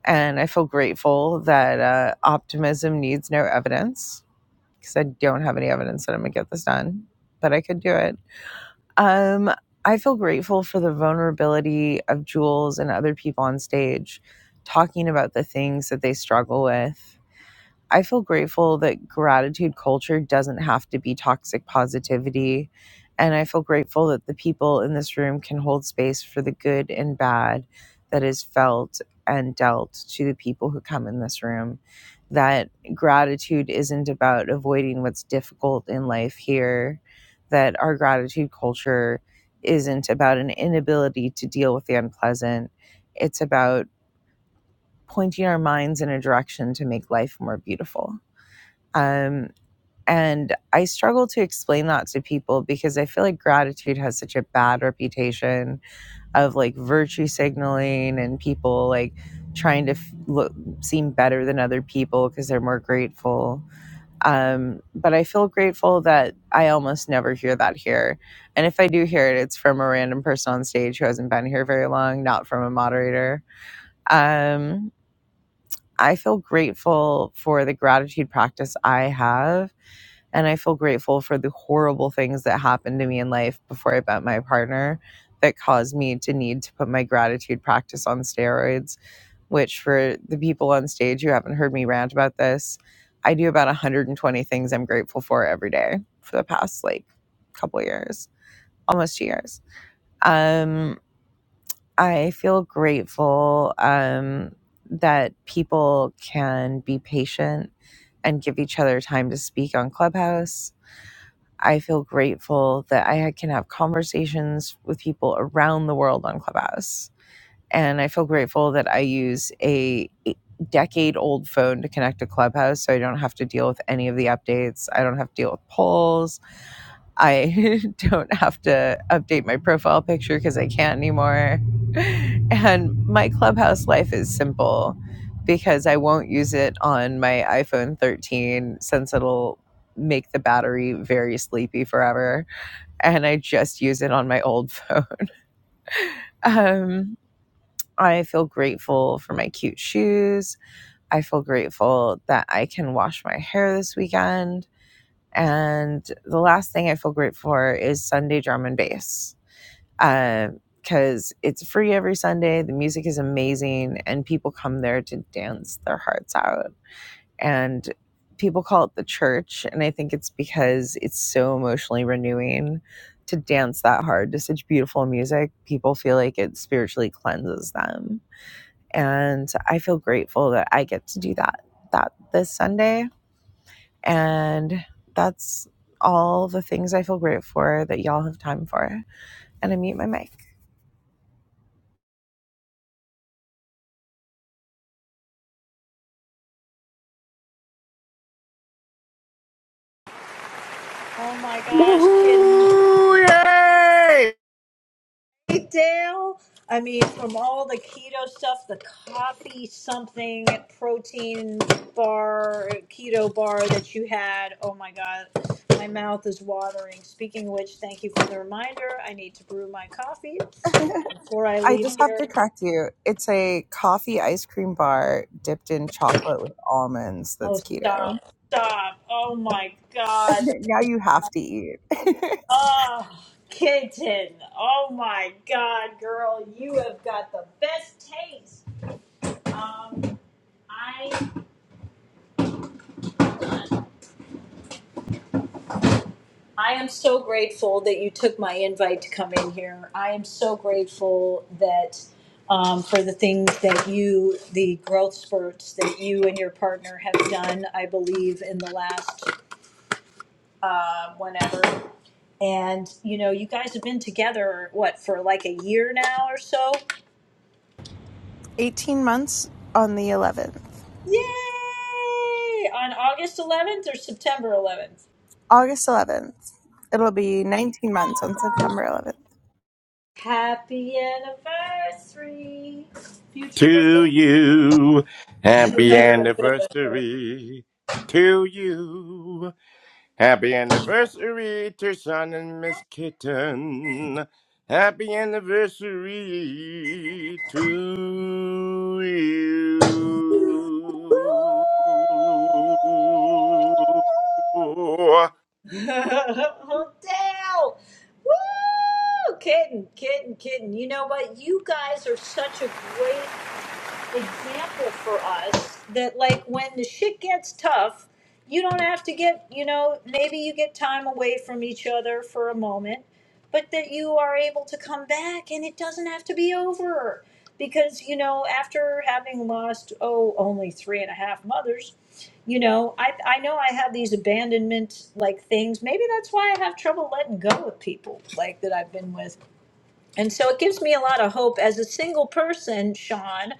[SPEAKER 17] And I feel grateful that uh, optimism needs no evidence because I don't have any evidence that I'm going to get this done, but I could do it. Um, I feel grateful for the vulnerability of Jules and other people on stage talking about the things that they struggle with I feel grateful that gratitude culture doesn't have to be toxic positivity. And I feel grateful that the people in this room can hold space for the good and bad that is felt and dealt to the people who come in this room. That gratitude isn't about avoiding what's difficult in life here, that our gratitude culture isn't about an inability to deal with the unpleasant. It's about pointing our minds in a direction to make life more beautiful. Um, and I struggle to explain that to people because I feel like gratitude has such a bad reputation of like virtue signaling and people like trying to f- look, seem better than other people because they're more grateful. Um, but I feel grateful that I almost never hear that here. And if I do hear it, it's from a random person on stage who hasn't been here very long, not from a moderator. Um, I feel grateful for the gratitude practice I have and I feel grateful for the horrible things that happened to me in life before I met my partner that caused me to need to put my gratitude practice on steroids, which for the people on stage who haven't heard me rant about this, I do about 120 things I'm grateful for every day for the past like couple years, almost two years. Um, I feel grateful um, that people can be patient and give each other time to speak on Clubhouse I feel grateful that I can have conversations with people around the world on Clubhouse. And I feel grateful that I use a decade old phone to connect to Clubhouse so I don't have to deal with any of the updates. I don't have to deal with polls. I don't have to update my profile picture because I can't anymore. And my clubhouse life is simple because I won't use it on my iPhone 13 since it'll make the battery very sleepy forever. And I just use it on my old phone. Um, I feel grateful for my cute shoes. I feel grateful that I can wash my hair this weekend. And the last thing I feel grateful for is Sunday drum and bass because uh, it's free every Sunday. The music is amazing, and people come there to dance their hearts out. And people call it the church, and I think it's because it's so emotionally renewing to dance that hard to such beautiful music. People feel like it spiritually cleanses them, and I feel grateful that I get to do that that this Sunday. And that's all the things I feel grateful for that y'all have time for. And I mute my mic.
[SPEAKER 1] Oh my gosh, kitten.
[SPEAKER 16] Woohoo! Yay!
[SPEAKER 1] Hey, Dale. I mean, from all the keto stuff, the coffee something protein bar, keto bar that you had. Oh my God, my mouth is watering. Speaking of which, thank you for the reminder. I need to brew my coffee before I
[SPEAKER 17] I
[SPEAKER 1] leave
[SPEAKER 17] just have
[SPEAKER 1] here.
[SPEAKER 17] to correct you. It's a coffee ice cream bar dipped in chocolate with almonds that's
[SPEAKER 1] Oh,
[SPEAKER 17] keto.
[SPEAKER 1] stop, stop. Oh my God.
[SPEAKER 17] now you have to eat.
[SPEAKER 1] Oh, kitten. Oh my God, girl, you have got the best taste. Um, I. I am so grateful that you took my invite to come in here. I am so grateful that um, for the things that you, the growth spurts that you and your partner have done, I believe, in the last uh, whenever. And, you know, you guys have been together, what, for like a year now or so?
[SPEAKER 17] 18 months on the 11th,
[SPEAKER 1] Yay! On August 11th or September 11th?
[SPEAKER 17] August 11th. It'll be 19 months on September 11th.
[SPEAKER 1] Happy anniversary, future girl.
[SPEAKER 16] To you, happy anniversary. To you, happy anniversary to Sean and Miss Kitten. Happy anniversary to you.
[SPEAKER 1] Hotel. Woo! Kidding, kidding, kidding. You know what? You guys are such a great example for us that like when the shit gets tough, you don't have to get, you know, maybe you get time away from each other for a moment, but that you are able to come back and it doesn't have to be over. Because, you know, after having lost, oh, only three and a half mothers, you know, I, I know I have these abandonment like things. Maybe that's why I have trouble letting go of people like that I've been with. And so it gives me a lot of hope as a single person, Sean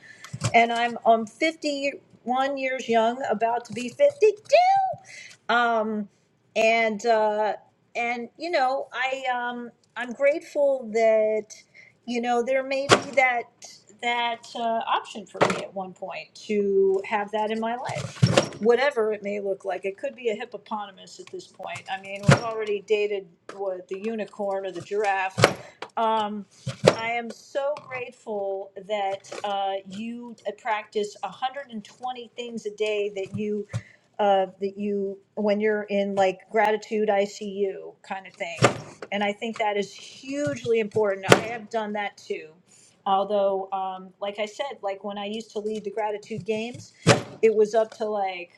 [SPEAKER 1] and I'm I'm 51 years young, about to be 52 um, and uh, and you know I um, I'm grateful that you know there may be that that uh, option for me at one point to have that in my life, whatever it may look like. It could be a hippopotamus at this point. I mean, we've already dated what the unicorn or the giraffe. Um, I am so grateful that uh, you uh, practice 120 things a day that you uh, that you, when you're in like gratitude ICU kind of thing. And I think that is hugely important. I have done that too. Although, um, like I said, like when I used to lead the gratitude games, it was up to like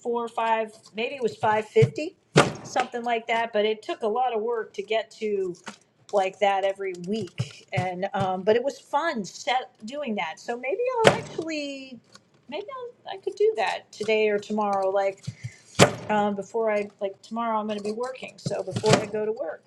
[SPEAKER 1] four or five, maybe it was five fifty, something like that. But it took a lot of work to get to like that every week, and um, but it was fun set doing that. So maybe I'll actually, maybe I'll, I could do that today or tomorrow. Like um, before I like tomorrow, I'm going to be working, so before I go to work.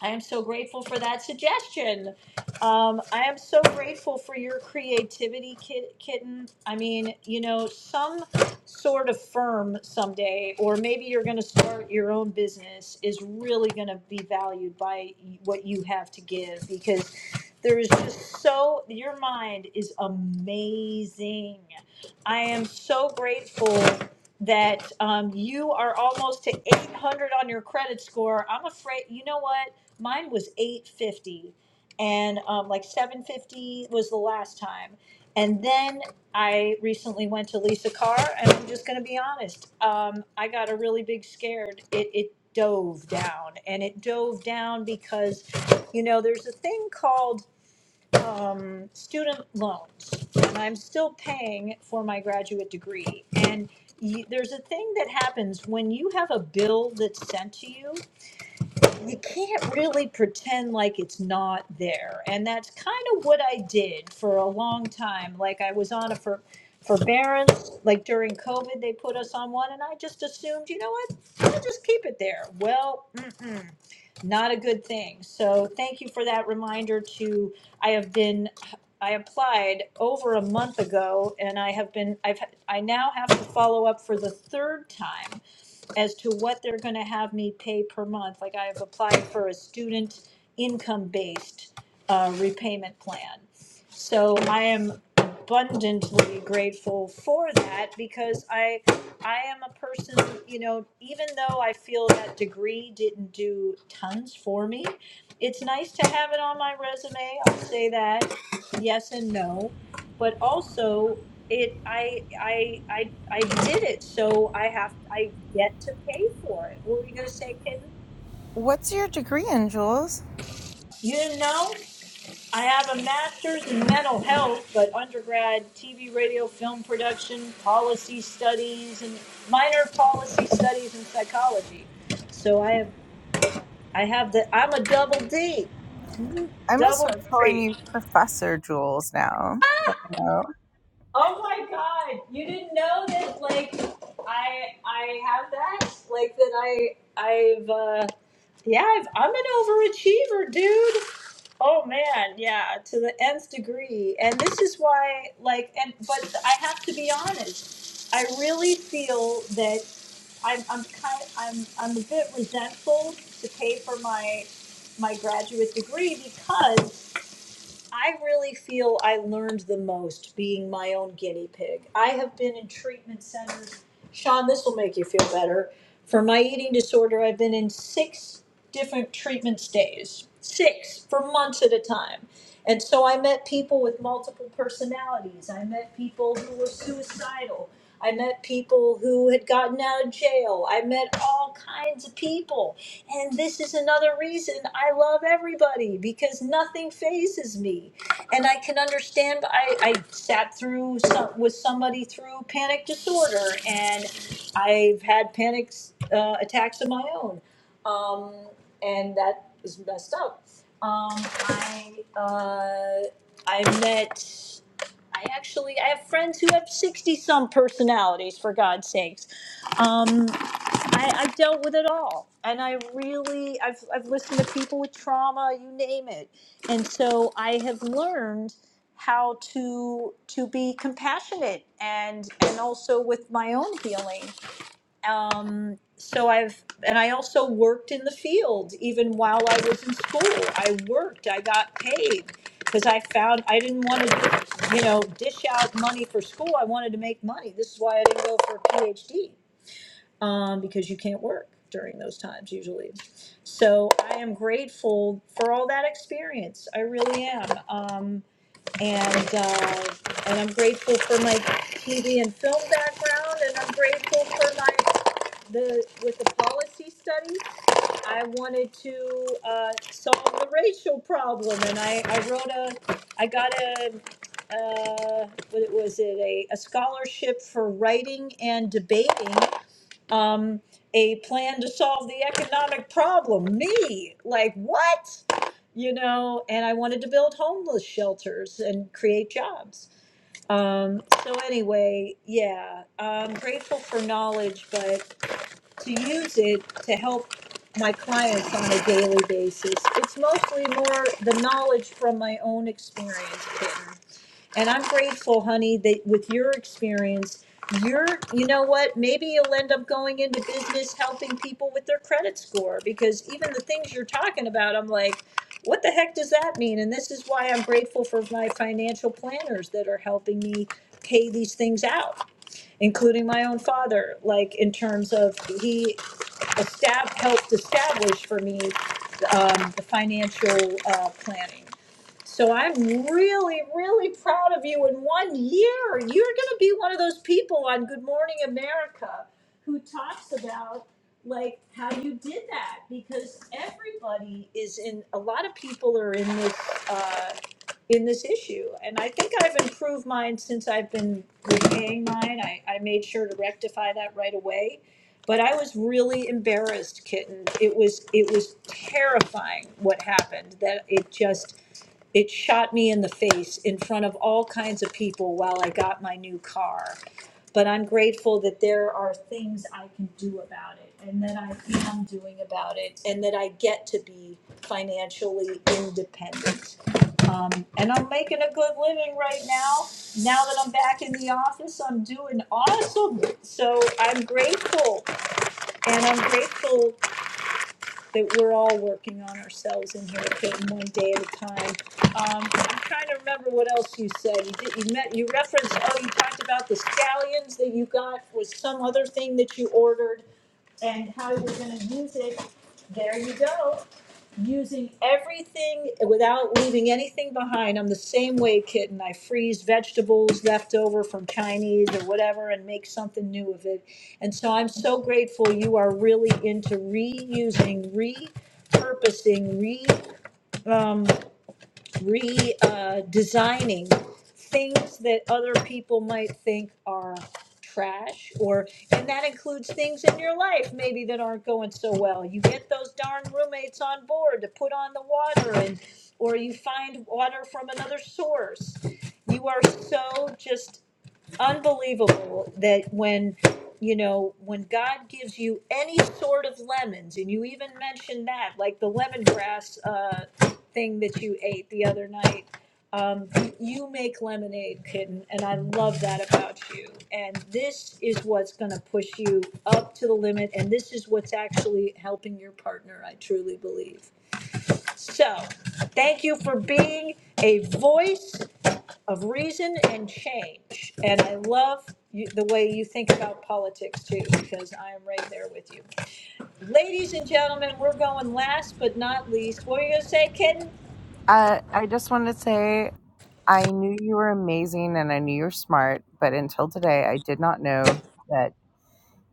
[SPEAKER 1] I am so grateful for that suggestion. Um, I am so grateful for your creativity, kit- kitten. I mean, you know, some sort of firm someday, or maybe you're going to start your own business, is really going to be valued by what you have to give because there is just so, your mind is amazing. I am so grateful that um, you are almost to 800 on your credit score. I'm afraid, you know what? mine was 850 and um, like 750 was the last time and then i recently went to lisa carr and i'm just going to be honest um, i got a really big scared it, it dove down and it dove down because you know there's a thing called um, student loans and i'm still paying for my graduate degree and you, there's a thing that happens when you have a bill that's sent to you you can't really pretend like it's not there. And that's kind of what I did for a long time. Like I was on a for forbearance, like during COVID, they put us on one and I just assumed, you know what, I'm gonna just keep it there. Well, not a good thing. So thank you for that reminder to, I have been, I applied over a month ago and I have been, I've, I now have to follow up for the third time as to what they're gonna have me pay per month. Like I have applied for a student income-based uh, repayment plan. So I am abundantly grateful for that because I, I am a person, you know, even though I feel that degree didn't do tons for me, it's nice to have it on my resume. I'll say that, yes and no. But also, it I I I I did it, so I have I get to pay for it. What were you gonna say, kitten?
[SPEAKER 17] What's your degree in, Jules?
[SPEAKER 1] You know I have a master's in mental health, but undergrad TV, radio, film production, policy studies, and minor policy studies in psychology. So I have I have the I'm a double D, Mm-hmm.
[SPEAKER 17] I'm going to
[SPEAKER 1] double
[SPEAKER 17] start calling
[SPEAKER 1] degree.
[SPEAKER 17] you Professor Jules now. that I know.
[SPEAKER 1] Oh my god! You didn't know that like I I have that? Like that I I've uh yeah, I've, I'm an overachiever, dude. Oh man, yeah, to the nth degree. And this is why like and but I have to be honest. I really feel that I'm I'm kind I'm I'm a bit resentful to pay for my my graduate degree because I really feel I learned the most being my own guinea pig. I have been in treatment centers. Sean, this will make you feel better. For my eating disorder, I've been in six different treatment stays, six for months at a time. And so I met people with multiple personalities. I met people who were suicidal. I met people who had gotten out of jail. I met all kinds of people. And this is another reason I love everybody because nothing phases me. And I can understand, I, I sat through some, with somebody through panic disorder, and I've had panic uh, attacks of my own. Um, and that is messed up. Um, I, uh, I met. I actually I have friends who have sixty some personalities for God's sakes. Um, I, I've dealt with it all, and I really I've I've listened to people with trauma, you name it, and so I have learned how to to be compassionate and and also with my own healing um, so I've, and I also worked in the field even while I was in school. I worked, I got paid because I found I didn't want to, you know, dish out money for school. I wanted to make money. This is why I didn't go for a PhD um, because you can't work during those times usually. So I am grateful for all that experience. I really am. Um, and, uh, and I'm grateful for my TV and film background, and I'm grateful for my the, with the policy study, I wanted to, uh, solve the racial problem, and I, I wrote a, I got a, uh, what was it, a, a scholarship for writing and debating, um, a plan to solve the economic problem, me, like, what? You know, and I wanted to build homeless shelters and create jobs. Um, so anyway, yeah, I'm grateful for knowledge, but to use it to help my clients on a daily basis. It's mostly more the knowledge from my own experience, Kitten. And I'm grateful, honey, that with your experience, you're, you know what, maybe you'll end up going into business helping people with their credit score because even the things you're talking about, I'm like, what the heck does that mean? And this is why I'm grateful for my financial planners that are helping me pay these things out including my own father like in terms of he estab, helped establish for me, um, the financial, uh, planning. So I'm really, really proud of you. In one year, you're going to be one of those people on Good Morning America who talks about like how you did that because everybody is in. A lot of people are in this uh, in this issue, and I think I've improved mine since I've been repaying mine. I, I made sure to rectify that right away but I was really embarrassed, kitten. It was it was terrifying what happened. That it just it shot me in the face in front of all kinds of people while I got my new car. But I'm grateful that there are things I can do about it and that I am doing about it and that I get to be financially independent. Um, and I'm making a good living right now. Now that I'm back in the office, I'm doing awesome. So I'm grateful and I'm grateful that we're all working on ourselves in here, Peyton, one day at a time. Um, I'm trying to remember what else you said. You did, you met, you referenced, oh, you talked about the scallions that you got was some other thing that you ordered and how you were gonna use it. There you go using everything without leaving anything behind. I'm the same way, kitten. I freeze vegetables left over from Chinese or whatever and make something new of it. And so I'm so grateful you are really into reusing, repurposing, re. um, re uh, designing things that other people might think are trash or and that includes things in your life maybe that aren't going so well you get those darn roommates on board to put on the water and or you find water from another source you are so just unbelievable that when you know when god gives you any sort of lemons and you even mentioned that like the lemongrass uh, thing that you ate the other night um, you make lemonade kitten and i love that about you and this is what's going to push you up to the limit and this is what's actually helping your partner i truly believe so thank you for being a voice of reason and change. And I love you, the way you think about politics too, because I am right there with you. Ladies and gentlemen, we're going last but not least. What were you gonna say, Kitten?
[SPEAKER 17] Uh, I just wanted to say I knew you were amazing and I knew you were smart, but until today, I did not know. that.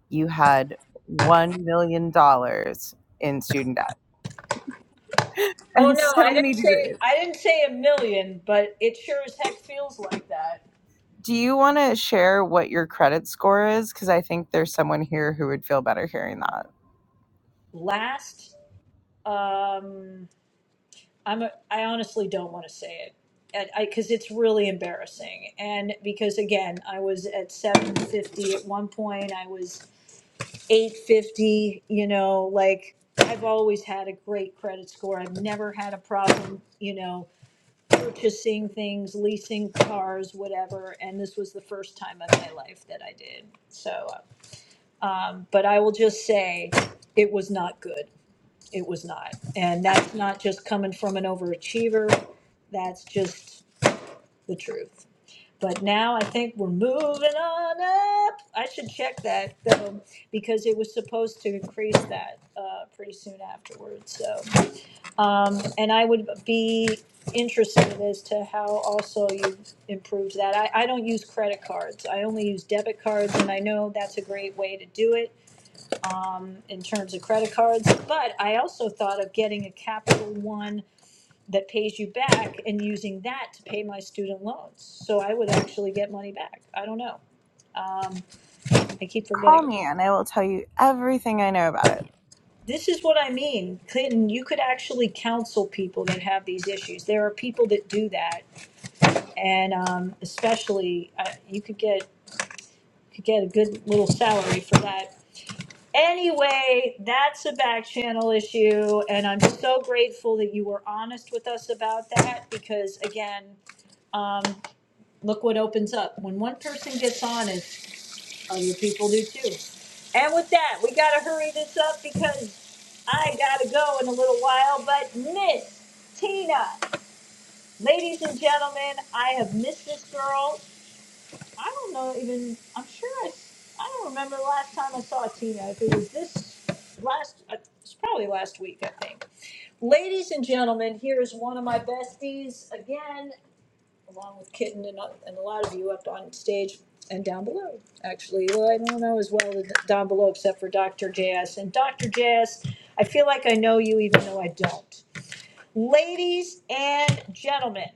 [SPEAKER 17] you had $1 million dollars in student debt
[SPEAKER 1] Oh
[SPEAKER 17] and
[SPEAKER 1] no,
[SPEAKER 17] so
[SPEAKER 1] I
[SPEAKER 17] many
[SPEAKER 1] didn't say
[SPEAKER 17] degrees.
[SPEAKER 1] I didn't say a million, but it sure as heck feels like that.
[SPEAKER 17] Do you want to share what your credit score is? Because I think there's someone here who would feel better hearing that.
[SPEAKER 1] Last, um, I'm a, I honestly don't want to say it and I because it's really embarrassing. And because again, I was at 750 at one point. I was 850, you know, like I've always had a great credit score. I've never had a problem, you know, purchasing things, leasing cars, whatever. And this was the first time in my life that I did. So, um, but I will just say it was not good. It was not. And that's not just coming from an overachiever. That's just the truth. But now I think we're moving on up. I should check that though, because it was supposed to increase that uh, pretty soon afterwards. So, um, and I would be interested as to how also you improved that. I, I don't use credit cards. I only use debit cards, and I know that's a great way to do it in terms of credit cards. But I also thought of getting a Capital One that pays you back and using that to pay my student loans. So I would actually get money back. I don't know. Um, I keep forgetting.
[SPEAKER 17] Call me and I will tell you everything I know about it.
[SPEAKER 1] This is what I mean, Clinton. You could actually counsel people that have these issues. There are people that do that, and um, especially uh, you could get could get a good little salary for that. Anyway, that's a back channel issue, and I'm so grateful that you were honest with us about that because, again, um, look what opens up when one person gets honest. Other people do too. And with that, we gotta hurry this up because I gotta go in a little while. But Miss Tina, ladies and gentlemen, I have missed this girl. I don't know even. I'm sure I. s- I don't remember the last time I saw Tina. If it was this last, uh, it's probably last week, I think. Ladies and gentlemen, here is one of my besties again along with Kitten and, oth- and a lot of you up on stage and down below, actually. Well, I don't know as well the- down below except for Dr. JS. And Dr. JS, I feel like I know you even though I don't. Ladies and gentlemen,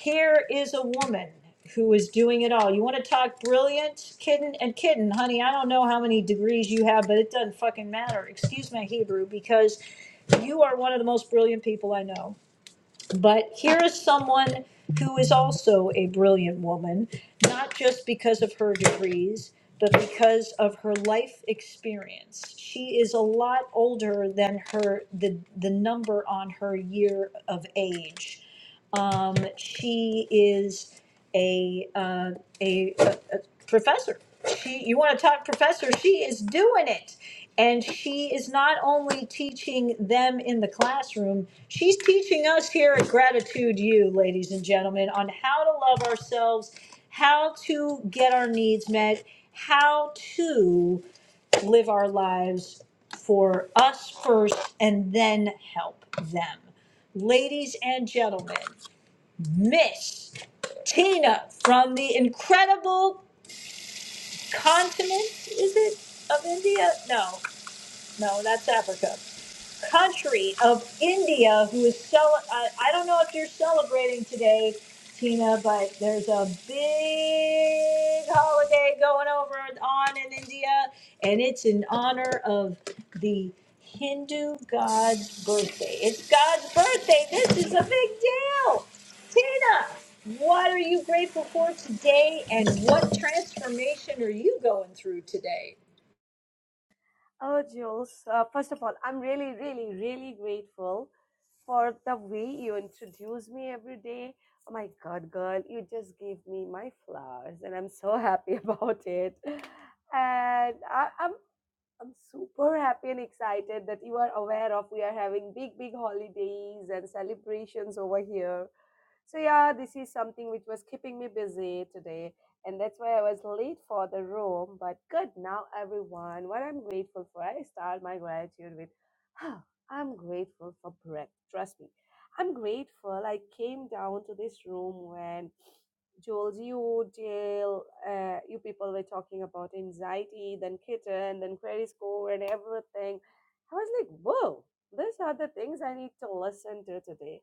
[SPEAKER 1] here is a woman who is doing it all. You want to talk brilliant, Kitten? And Kitten, honey, I don't know how many degrees you have, but it doesn't fucking matter. Excuse my Hebrew because you are one of the most brilliant people I know but here is someone who is also a brilliant woman, not just because of her degrees, but because of her life experience. She is a lot older than her the the number on her year of age. Um, she is a, uh, a, a professor. She, you want to talk professor? She is doing it, and she is not only teaching them in the classroom. She's teaching us here at Gratitude U, ladies and gentlemen, on how to love ourselves, how to get our needs met, how to live our lives for us first, and then help them. Ladies and gentlemen, Miss Tina from the incredible continent, is it, of India? No, no, that's Africa country of India who is cel- uh, I don't know if you are celebrating today, Tina, but there's a big holiday going over on in India, and it's in honor of the Hindu God's birthday. It's God's birthday. This is a big deal. Tina, what are you grateful for today, and what transformation are you going through today?
[SPEAKER 18] Oh, Jules, uh, first of all, I'm really, really, really grateful for the way you introduce me every day. Oh my God, girl, you just gave me my flowers, and I'm so happy about it. And I, I'm I'm super happy and excited that you are aware of we are having big, big holidays and celebrations over here. So yeah, this is something which was keeping me busy today, and that's why I was late for the room. But good now, everyone. What I'm grateful for, I start my gratitude with, "Ah, I'm grateful for breath. Trust me, I'm grateful. I came down to this room when Jules, you, Jill, uh, you people were talking about anxiety, then kitten, then credit score, and everything. I was like, whoa, these are the things I need to listen to today.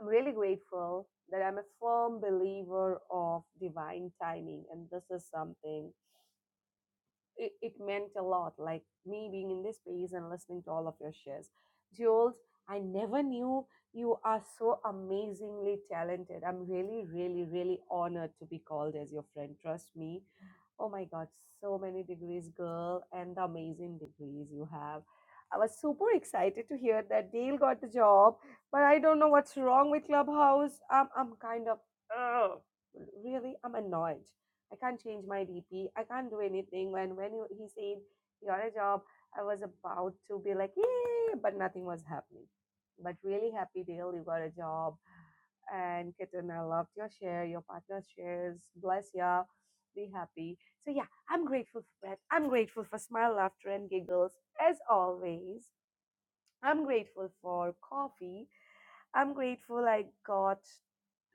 [SPEAKER 18] I'm really grateful that I'm a firm believer of divine timing. And this is something, it, it meant a lot, like me being in this space and listening to all of your shares. Jules, I never knew you are so amazingly talented. I'm really, really, really honored to be called as your friend. Trust me, Oh my God, so many degrees, girl, and the amazing degrees you have. I was super excited to hear that Dale got the job, but I don't know what's wrong with Clubhouse. I'm, I'm kind of, ugh, really, I'm annoyed. I can't change my DP. I can't do anything. When when you, he said he got a job, I was about to be like, yay, but nothing was happening. But really happy, Dale, you got a job and Kitten, I loved your share, your partner's shares. Bless ya. Be happy. So, yeah, I'm grateful for breath. I'm grateful for smile, laughter, and giggles, as always. I'm grateful for coffee. I'm grateful I got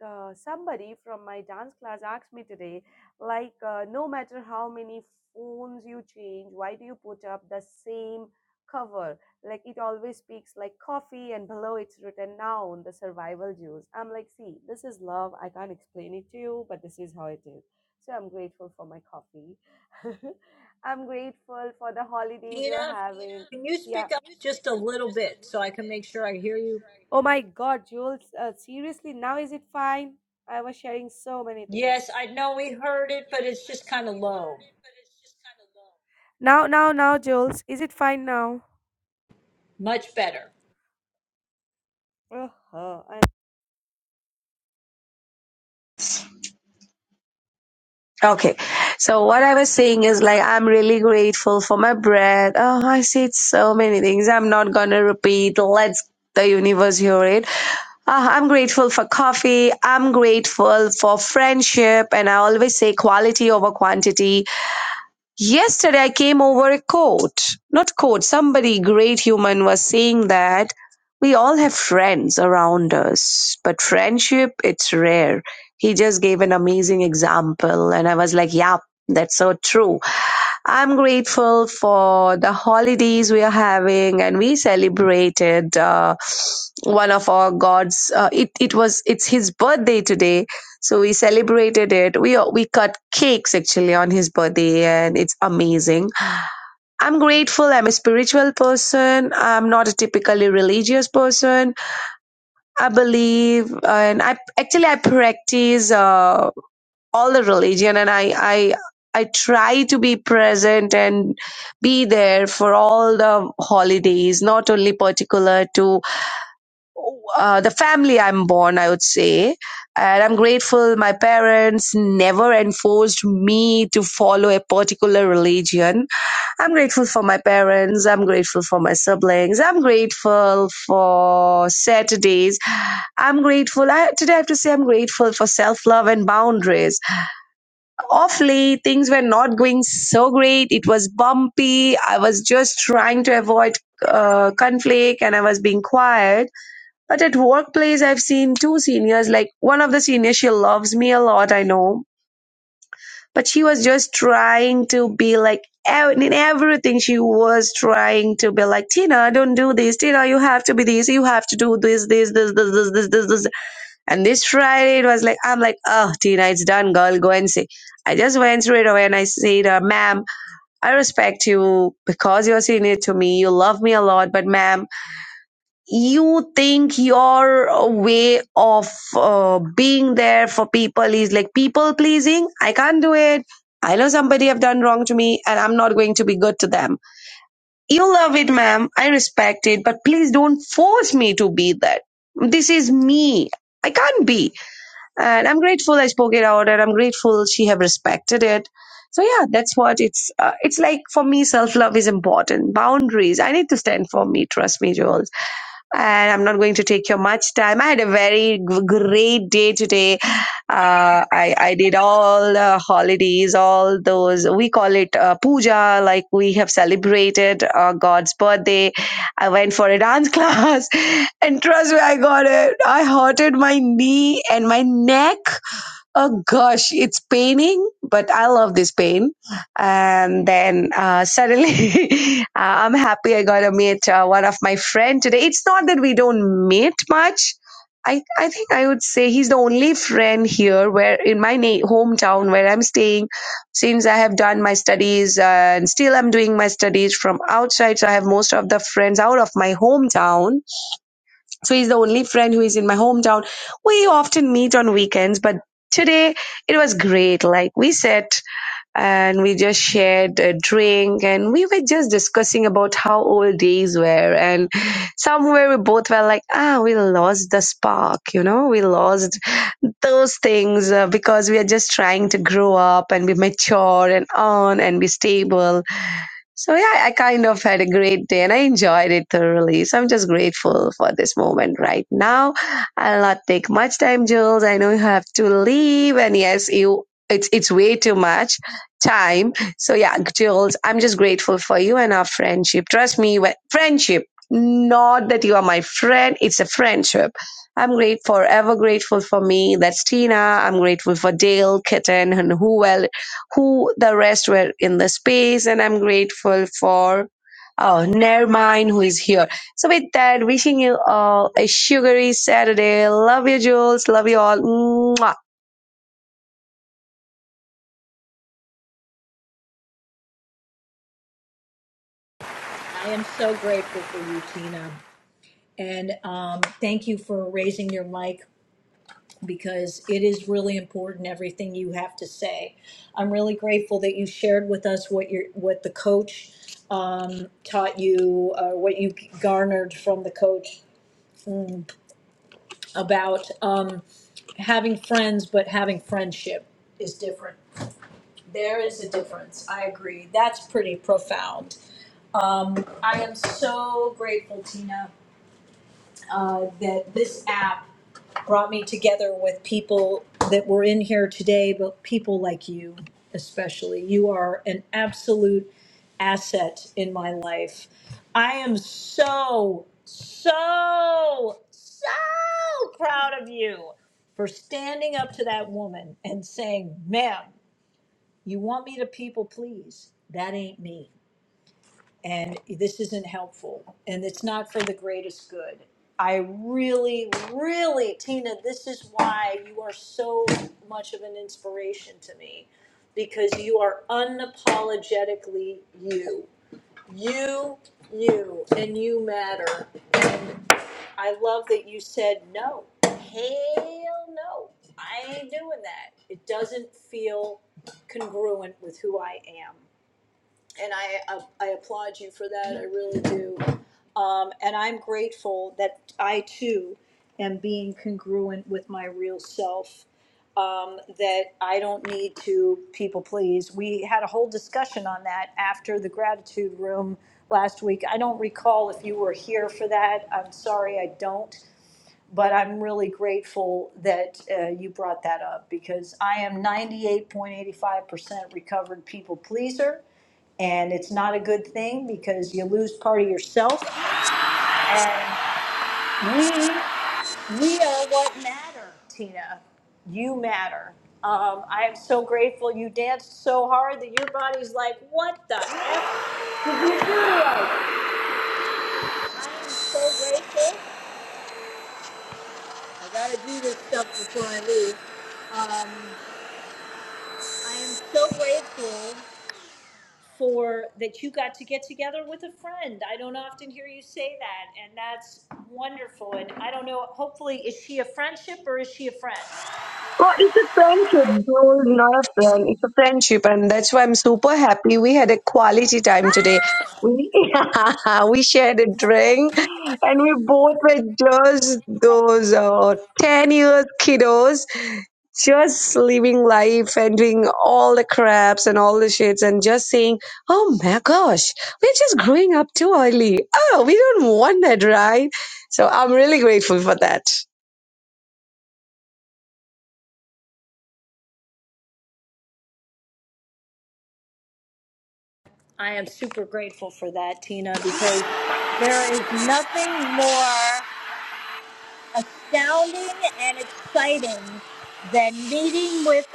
[SPEAKER 18] uh, somebody from my dance class asked me today, like, uh, no matter how many phones you change, why do you put up the same cover? Like, it always speaks like coffee, and below it's written noun, the survival juice. I'm like, see, this is love. I can't explain it to you, but this is how it is. So I'm grateful for my coffee. I'm grateful for the holidays we're
[SPEAKER 1] Tina,
[SPEAKER 18] having.
[SPEAKER 1] can you
[SPEAKER 18] Yeah.
[SPEAKER 1] speak up just a little bit so I can make sure I hear you?
[SPEAKER 18] Oh my God, Jules. Uh, seriously, now is it fine? I was sharing so many things.
[SPEAKER 1] Yes, I know we heard it, but it's just kind of low.
[SPEAKER 18] Now, now, now, Jules. Is it fine now?
[SPEAKER 1] Much better.
[SPEAKER 18] Uh-huh. I Okay. So what I was saying is like I'm really grateful for my breath. Oh, I said so many things. I'm not gonna repeat. Let's the universe hear it. Uh, I'm grateful for coffee. I'm grateful for friendship. And I always say quality over quantity. Yesterday I came over a quote, not quote, somebody great human was saying that we all have friends around us, but friendship, it's rare. He just gave an amazing example, and I was like, yeah, that's so true. I'm grateful for the holidays we are having, and we celebrated uh, one of our gods. Uh, it it was it's his birthday today, so we celebrated it. We uh, we cut cakes actually on his birthday, and it's amazing. I'm grateful. I'm a spiritual person. I'm not a typically religious person. I believe, and I actually I practice uh, all the religion, and I I I try to be present and be there for all the holidays, not only particular to uh, the family I'm born, I would say. And I'm grateful my parents never enforced me to follow a particular religion. I'm grateful for my parents. I'm grateful for my siblings. I'm grateful for Saturdays. I'm grateful. I, today I have to say I'm grateful for self love and boundaries. Off late, things were not going so great. It was bumpy. I was just trying to avoid uh, conflict and I was being quiet but at workplace, I've seen two seniors, like one of the seniors, she loves me a lot, I know. But she was just trying to be like, in everything, she was trying to be like, Tina, don't do this. Tina, you have to be this. You have to do this, this, this, this, this, this, this, this. And this Friday, it was like, I'm like, oh, Tina, it's done, girl. Go and say. I just went straight away and I said, uh, ma'am, I respect you because you're senior to me. You love me a lot, but ma'am, you think your way of uh, being there for people is like people pleasing i can't do it i know somebody have done wrong to me and i'm not going to be good to them you love it ma'am i respect it but please don't force me to be that this is me i can't be and i'm grateful i spoke it out and i'm grateful she have respected it so yeah that's what it's uh, it's like for me self love is important boundaries i need to stand for me trust me jules and I'm not going to take your much time. I had a very g- great day today. Uh, I, I did all the holidays, all those, we call it uh, puja, like we have celebrated uh, God's birthday I went for a dance class, and trust me, I got it. I hurted my knee and my neck Oh gosh, it's paining, but I love this pain. And then uh, suddenly, uh, I'm happy I got to meet uh, one of my friend today. It's not that we don't meet much. I I think I would say he's the only friend here where in my na- hometown where I'm staying since I have done my studies uh, and still I'm doing my studies from outside. So I have most of the friends out of my hometown so he's the only friend who is in my hometown. We often meet on weekends, but today it was great. Like we sat and we just shared a drink and we were just discussing about how old days were. And somewhere we both were like, ah, we lost the spark, you know, we lost those things uh, because we are just trying to grow up and be mature and on and be stable so yeah, I kind of had a great day and I enjoyed it thoroughly. So I'm just grateful for this moment right now. I'll not take much time, Jules. I know you have to leave and yes, you it's it's way too much time. So yeah, Jules, I'm just grateful for you and our friendship. Trust me, when, friendship. Not that you are my friend, it's a friendship. I'm great forever grateful for me. That's Tina. I'm grateful for Dale, Kitten, and who else who the rest were in the space and i'm grateful for oh Nermine who is here so with that wishing you all a sugary saturday love you jules love you all Mwah.
[SPEAKER 1] I am so grateful for you, Tina. And um, thank you for raising your mic because it is really important everything you have to say. I'm really grateful that you shared with us what your what the coach um, taught you, uh, what you garnered from the coach about. Um, having friends but having friendship is different. There is a difference. I agree. That's pretty profound. Um, I am so grateful, Tina, uh, that this app brought me together with people that were in here today, but people like you especially. You are an absolute asset in my life. I am so, so, so proud of you for standing up to that woman and saying, ma'am, you want me to people please. That ain't me and this isn't helpful and it's not for the greatest good. I really, really, Tina, this is why you are so much of an inspiration to me because you are unapologetically you. You, you, and you matter. I love that you said no. Hell no. I ain't doing that. It doesn't feel congruent with who I am and I uh, I applaud you for that. I really do. Um, and I'm grateful that I too am being congruent with my real self. Um, that I don't need to people please. We had a whole discussion on that after the gratitude room last week. I don't recall if you were here for that. I'm sorry, I don't. But I'm really grateful that uh, you brought that up because I am 98.85% recovered people pleaser and it's not a good thing because you lose part of yourself. And we are what matter, Tina. You matter. Um, I am so grateful you danced so hard that your body's like, what the F did you do? I am so grateful. I gotta do this stuff before I leave. Um, I am so grateful for that you got to get together with a friend. I don't often hear you say that, and that's wonderful. And I don't know, hopefully, is she a friendship or is she a friend?
[SPEAKER 18] Oh, it's a friendship, Jules, not a friend. It's a friendship, and that's why I'm super happy. We had a quality time today. We, we shared a drink, and we both were just those uh, ten years kiddos just living life and doing all the craps and all the shits and just saying, oh my gosh, we're just growing up too early. Oh, we don't want that, right? So I'm really grateful for that.
[SPEAKER 1] I am super grateful for that, Tina, because there is nothing that with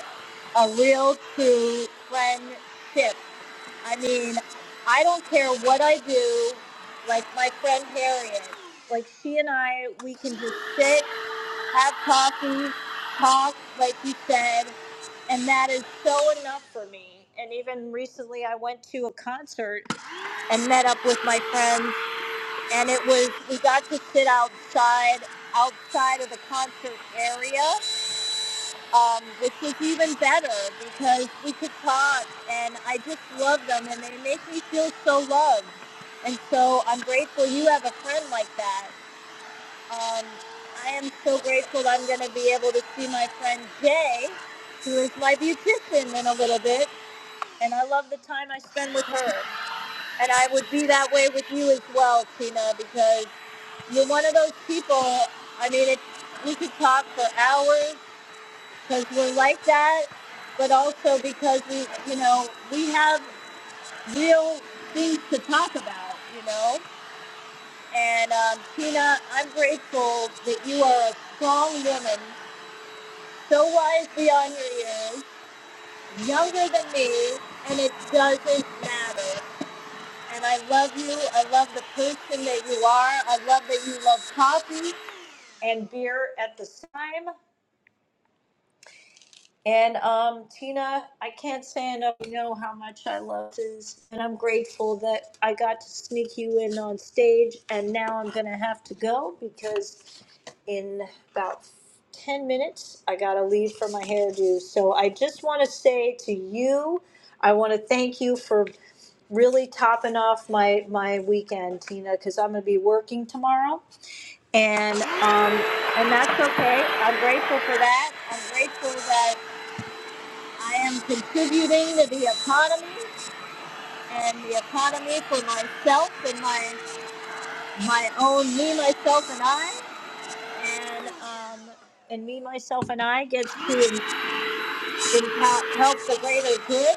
[SPEAKER 1] a real true friendship. I mean, I don't care what I do, like my friend Harriet. Like she and I, we can just sit. have coffee, talk, like you said, and that is so enough for me. And even recently, I went to a concert and met up with my friends, and it was we got to sit outside outside of the concert area, um, which is even better because we could talk, and I just love them, and they make me feel so loved. And so I'm grateful you have a friend like that. And I am so grateful that I'm going to be able to see my friend Jay She was my beautician in a little bit, and I love the time I spend with her. And I would be that way with you as well, Tina, because you're one of those people. I mean, it's, You could tell you are a strong, so beyond years, younger than me, and it doesn't. I love you. I love the person. You love coffee and beer at the same time. And um, Tina, I can't say enough. You know how much I love this, and I'm grateful that I got to sneak you in on stage. And now I'm gonna have to go because in about ten minutes I gotta leave for my hairdo. So I just want to say to you, I want to thank you for really topping off my my weekend, Tina, because I'm gonna be working tomorrow, and um, and that's okay. I'm grateful for that. I'm grateful that. I am contributing to the economy and the economy for myself and my my own me, myself, and I. And um, and me, myself, and I gets to em- empower, help the greater good.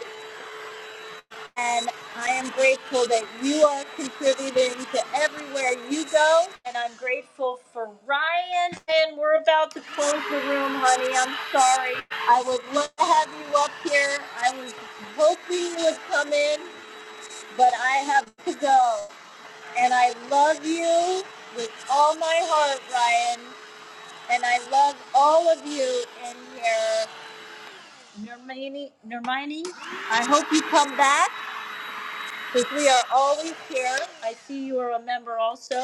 [SPEAKER 1] And I am grateful that you are contributing to everywhere you go. And I'm grateful for Ryan. And we're about to close the room, honey. I'm sorry. I would love to have you up here. I was hoping you would come in. but I have to go. And I love you with all my heart, Ryan. And I love all of you in here. Hermione, Hermione, I hope you come back because we are always here. I see you are a member also.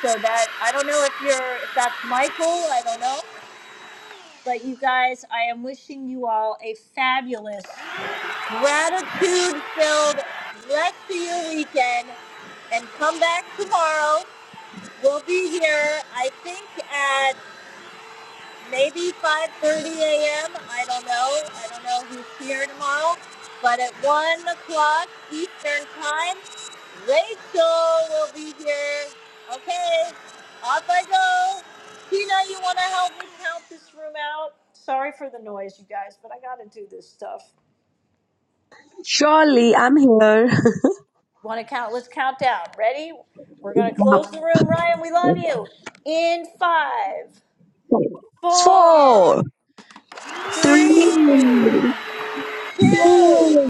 [SPEAKER 1] So that I don't know if you're if that's Michael, I don't know. But you guys, I am wishing you all a fabulous, gratitude-filled rest of your weekend and come back tomorrow We'll be here, I think, at maybe 5.30 a.m. I don't know. I don't know who's here tomorrow. But at 1 o'clock Eastern Time, Rachel will be here. Okay, off I go. Tina, you want to help me count this room out? Sorry for the noise, you guys, but I got to do this stuff.
[SPEAKER 18] Surely I'm here.
[SPEAKER 1] Want to count? Let's count down. Ready? We're going to close the room. Ryan, we love you. In five, four,
[SPEAKER 18] Four,
[SPEAKER 1] three,
[SPEAKER 18] three, Wow.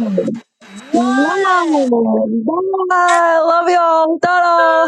[SPEAKER 18] Wow. Bye. Love y'all. Ta-da.